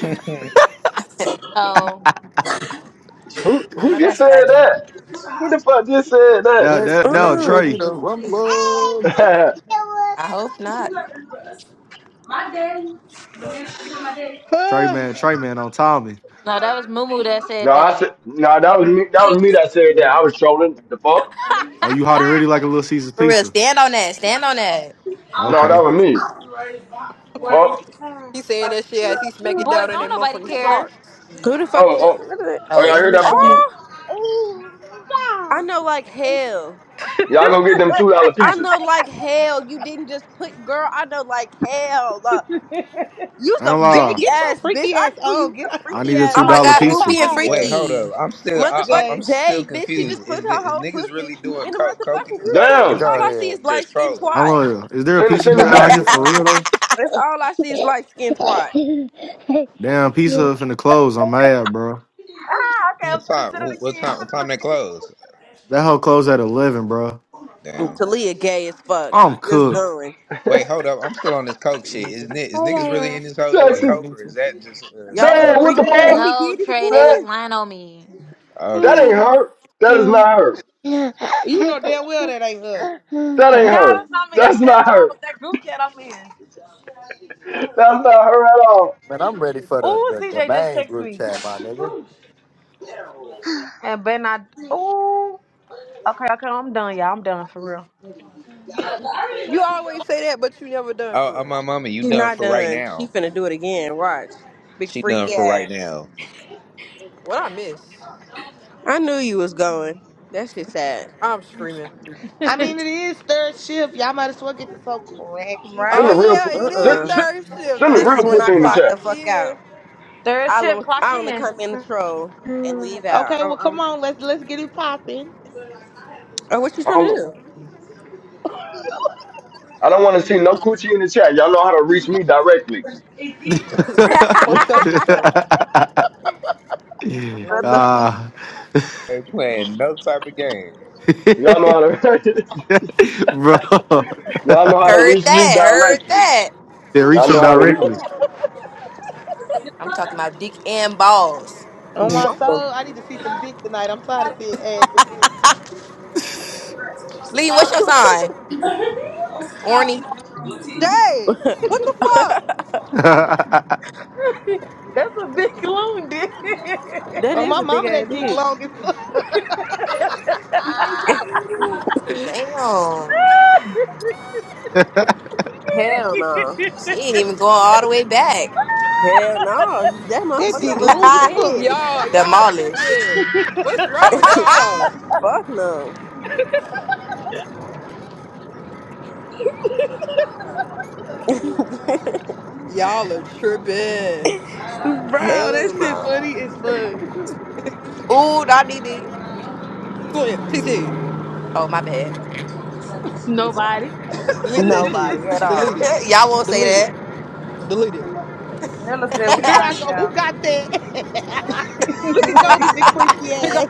Speaker 11: uh [LAUGHS]
Speaker 2: Oh.
Speaker 15: who
Speaker 3: I
Speaker 15: who
Speaker 3: know
Speaker 15: just
Speaker 3: that's
Speaker 15: said
Speaker 3: right.
Speaker 15: that? Who the fuck just said that?
Speaker 5: Let's
Speaker 7: no, no, [LAUGHS]
Speaker 5: get
Speaker 17: mm-mm.
Speaker 5: ready
Speaker 7: Trey.
Speaker 5: to rumble.
Speaker 15: [LAUGHS]
Speaker 3: I hope not.
Speaker 7: Trey man, Trey man on Tommy.
Speaker 2: No, that was Mumu that
Speaker 15: no,
Speaker 2: said
Speaker 15: I
Speaker 2: that.
Speaker 15: said no. That was me. That was me that said that. I was trolling. The fuck?
Speaker 7: Oh, you hot and
Speaker 2: [LAUGHS]
Speaker 7: ready like a little Caesar's
Speaker 3: For real,
Speaker 7: pizza.
Speaker 3: stand on that. Stand on that.
Speaker 15: No, that
Speaker 7: Okay.
Speaker 15: was me. Fuck.
Speaker 14: He saying that shit as he smacking
Speaker 2: Boy,
Speaker 14: down in
Speaker 2: don't
Speaker 14: that
Speaker 2: nobody
Speaker 14: motherfucking
Speaker 2: care.
Speaker 14: sharks.
Speaker 17: Who the fuck? Said,
Speaker 15: Oh, oh,
Speaker 17: look at that.
Speaker 15: oh!
Speaker 3: Oh,
Speaker 15: Y'all hear
Speaker 3: you
Speaker 15: that
Speaker 3: like that.
Speaker 15: food?
Speaker 17: Oh, I know like hell.
Speaker 15: Y'all gonna get them two dollar
Speaker 17: I
Speaker 15: pieces?
Speaker 17: know like hell. You didn't just put girl. I know like hell. Uh, you's
Speaker 7: I
Speaker 17: a
Speaker 7: don't
Speaker 6: Jay,
Speaker 7: lie.
Speaker 17: freaky
Speaker 6: get your
Speaker 17: ass bitch.
Speaker 6: freaky
Speaker 17: I
Speaker 6: ass
Speaker 17: knew you
Speaker 6: on.
Speaker 17: was a
Speaker 6: Get out
Speaker 7: I
Speaker 6: [LAUGHS] of
Speaker 17: freaky
Speaker 7: need a
Speaker 6: sending
Speaker 17: ass
Speaker 7: two
Speaker 3: Oh
Speaker 6: all
Speaker 3: my
Speaker 6: these
Speaker 7: dollar
Speaker 17: bitch.
Speaker 3: god,
Speaker 6: nasty
Speaker 3: who
Speaker 7: pizza.
Speaker 3: being
Speaker 11: Wait,
Speaker 6: videos.
Speaker 11: hold
Speaker 3: freaky?
Speaker 11: up. I'm still, I, I'm I'm
Speaker 6: Jay.
Speaker 17: motherfucking
Speaker 11: still
Speaker 17: Jay, bitch. she
Speaker 11: confused.
Speaker 17: just put
Speaker 11: Is, thi-
Speaker 17: her
Speaker 11: is
Speaker 17: whole
Speaker 11: niggas
Speaker 17: pussy
Speaker 11: really doing
Speaker 17: in the
Speaker 11: coke, coke in
Speaker 17: motherfucking
Speaker 11: this
Speaker 17: group
Speaker 11: hole,
Speaker 17: chat.
Speaker 11: or
Speaker 17: Bitch,
Speaker 11: was
Speaker 15: Damn!
Speaker 5: Go
Speaker 17: all I
Speaker 11: niggas
Speaker 17: see is
Speaker 5: ahead.
Speaker 17: light
Speaker 11: just
Speaker 17: skinned
Speaker 11: trolling?
Speaker 7: I don't
Speaker 17: twat.
Speaker 7: know. Is there a
Speaker 15: Send it,
Speaker 7: pizza
Speaker 15: send
Speaker 7: Hut
Speaker 15: it
Speaker 7: out
Speaker 15: back.
Speaker 7: here
Speaker 3: [LAUGHS]
Speaker 7: for real though?
Speaker 17: That's all I see is light skinned twat.
Speaker 7: Damn, pizza Hut finna close. I'm mad, bro.
Speaker 8: Ah, okay, I'm
Speaker 11: What
Speaker 8: finna sit
Speaker 11: time?
Speaker 8: it
Speaker 11: wh- What
Speaker 8: again.
Speaker 11: time?
Speaker 8: I'm
Speaker 11: What time they close?
Speaker 7: That whole closed at eleven, bro.
Speaker 17: And
Speaker 11: Damn.
Speaker 17: Talia gay as fuck.
Speaker 7: I'm
Speaker 17: Just
Speaker 7: cooked.
Speaker 17: going.
Speaker 11: Wait, hold up. I'm still on this coke
Speaker 5: You
Speaker 11: shit.
Speaker 5: need
Speaker 11: Is,
Speaker 5: to.
Speaker 11: ni- is niggas really in this
Speaker 15: [LAUGHS]
Speaker 11: hole
Speaker 5: Do
Speaker 11: doing
Speaker 15: Texas.
Speaker 5: you
Speaker 11: coke,
Speaker 5: need
Speaker 11: or is
Speaker 5: to?
Speaker 11: that just uh, some
Speaker 17: Y'all
Speaker 5: I
Speaker 17: is
Speaker 15: Damn!
Speaker 11: trolling
Speaker 5: don't.
Speaker 15: What
Speaker 17: freak.
Speaker 15: the
Speaker 11: shit?
Speaker 17: And she
Speaker 15: fuck?
Speaker 2: No,
Speaker 17: did it
Speaker 2: Trey, they was
Speaker 17: again.
Speaker 2: lying on me.
Speaker 15: That
Speaker 11: Okay.
Speaker 15: ain't
Speaker 8: finna sit it
Speaker 15: her. That is
Speaker 8: again.
Speaker 15: not her.
Speaker 8: No, that's
Speaker 6: You know damn well that ain't her.
Speaker 15: That ain't her.
Speaker 8: not me. That's
Speaker 15: That's
Speaker 8: that
Speaker 15: not her.
Speaker 8: um that group chat I'm in.
Speaker 15: That's not her at all.
Speaker 5: Man, I'm ready for the,
Speaker 8: Ooh,
Speaker 5: the, the
Speaker 8: CJ just
Speaker 5: main
Speaker 8: text
Speaker 5: group
Speaker 8: me.
Speaker 5: chat, my nigga.
Speaker 8: And Ben I ooh. Okay, okay, I'm done, y'all. I'm done for real.
Speaker 14: You always say that, but you never done
Speaker 11: Oh,
Speaker 14: for
Speaker 11: oh,
Speaker 14: real.
Speaker 11: my mama, you
Speaker 17: She
Speaker 11: done
Speaker 17: not
Speaker 11: for right
Speaker 17: done. She
Speaker 11: now.
Speaker 17: finna do it again. Watch. Big
Speaker 11: She done
Speaker 17: freaky
Speaker 11: for right
Speaker 17: ass.
Speaker 11: now.
Speaker 14: What I miss?
Speaker 17: I knew you was going. That shit sad.
Speaker 14: I'm screaming.
Speaker 6: I
Speaker 8: [LAUGHS]
Speaker 6: mean it
Speaker 3: Oops,
Speaker 6: is third shift. Y'all might as well get this whole cracking.
Speaker 15: Send
Speaker 14: Oh
Speaker 15: the
Speaker 8: Right?
Speaker 15: real, pu-
Speaker 17: Uh
Speaker 14: yeah, it is
Speaker 15: send,
Speaker 17: uh
Speaker 15: send,
Speaker 14: third shift.
Speaker 15: send the
Speaker 14: Third
Speaker 17: This is
Speaker 15: real
Speaker 17: when
Speaker 14: shift
Speaker 17: I
Speaker 15: pussy in the
Speaker 14: clock
Speaker 17: clock
Speaker 15: chat.
Speaker 17: the fuck
Speaker 14: in.
Speaker 17: out.
Speaker 8: Third
Speaker 17: I
Speaker 8: shift
Speaker 17: only,
Speaker 8: clock
Speaker 17: I only
Speaker 8: in.
Speaker 17: come in the
Speaker 8: [LAUGHS]
Speaker 17: troll and leave out.
Speaker 6: Okay,
Speaker 17: I,
Speaker 6: well
Speaker 17: I,
Speaker 6: come on, let's let's get it popping.
Speaker 17: oh, what you
Speaker 15: I
Speaker 17: trying to
Speaker 15: don't, I don't want to see no coochie in the chat. Y'all know how to reach me directly.
Speaker 17: do?
Speaker 14: [LAUGHS]
Speaker 7: [LAUGHS]
Speaker 14: Shut the
Speaker 15: [LAUGHS]
Speaker 14: fuck up, Nico.
Speaker 7: [LAUGHS]
Speaker 3: I know
Speaker 17: What
Speaker 3: he's
Speaker 17: the
Speaker 3: not
Speaker 7: Ah.
Speaker 3: there.
Speaker 11: Ain't playing no type of game.
Speaker 15: Y'all know how
Speaker 7: [LAUGHS]
Speaker 15: to, [LAUGHS]
Speaker 7: Bro,
Speaker 15: y'all know how to
Speaker 3: Heard
Speaker 15: reach me
Speaker 3: that, heard
Speaker 15: directly.
Speaker 3: that.
Speaker 7: they
Speaker 3: Who
Speaker 7: reach
Speaker 15: Y'all
Speaker 7: them
Speaker 15: know
Speaker 3: that?
Speaker 15: how to reach
Speaker 7: directly.
Speaker 3: What? I'm talking about dick and balls.
Speaker 6: On my
Speaker 17: Whoa.
Speaker 6: soul, I need to see some dick tonight. I'm tired of seeing ass and pussy.
Speaker 3: Lean, what's your sign? Orny.
Speaker 14: Jay, what the
Speaker 8: That's a big loon, dude.
Speaker 17: That
Speaker 6: Oh
Speaker 17: is
Speaker 6: my
Speaker 17: a big
Speaker 6: mama,
Speaker 17: ass
Speaker 6: that dick
Speaker 17: dick.
Speaker 6: long as fuck. [LAUGHS]
Speaker 14: fuck? [LAUGHS]
Speaker 3: Damn.
Speaker 7: [LAUGHS]
Speaker 17: Hell no.
Speaker 3: She ain't even going all the way back.
Speaker 17: Hell no. You- That
Speaker 6: That
Speaker 17: motherfucker
Speaker 6: dick
Speaker 17: look
Speaker 6: long
Speaker 17: too
Speaker 6: as
Speaker 3: [LAUGHS]
Speaker 6: fuck.
Speaker 17: big.
Speaker 14: Y'all, y'all
Speaker 3: Demolished.
Speaker 14: tripping. What's wrong with
Speaker 3: [LAUGHS]
Speaker 14: y'all?
Speaker 17: Fuck no. [LAUGHS]
Speaker 14: Y'all are tripping.
Speaker 6: [LAUGHS] Bro, that
Speaker 17: Hell
Speaker 6: shit
Speaker 17: no.
Speaker 6: funny as fuck.
Speaker 3: Ooh, Donnie
Speaker 14: Slim, T, T,
Speaker 3: Oh, my bad.
Speaker 8: [LAUGHS]
Speaker 3: Too far.
Speaker 8: Nobody.
Speaker 14: delete that shit.
Speaker 17: Nobody at
Speaker 14: Delete
Speaker 17: all.
Speaker 14: it.
Speaker 3: [LAUGHS] Y'all won't
Speaker 14: Delete it.
Speaker 3: say
Speaker 14: Delete it.
Speaker 1: Nella said
Speaker 6: [LAUGHS]
Speaker 1: we
Speaker 6: Here I
Speaker 1: lame,
Speaker 6: go. Who
Speaker 1: y'all.
Speaker 6: got that? [LAUGHS] Look at
Speaker 8: [LAUGHS]
Speaker 6: Kobe, big
Speaker 3: that. [LAUGHS]
Speaker 6: freaky ass.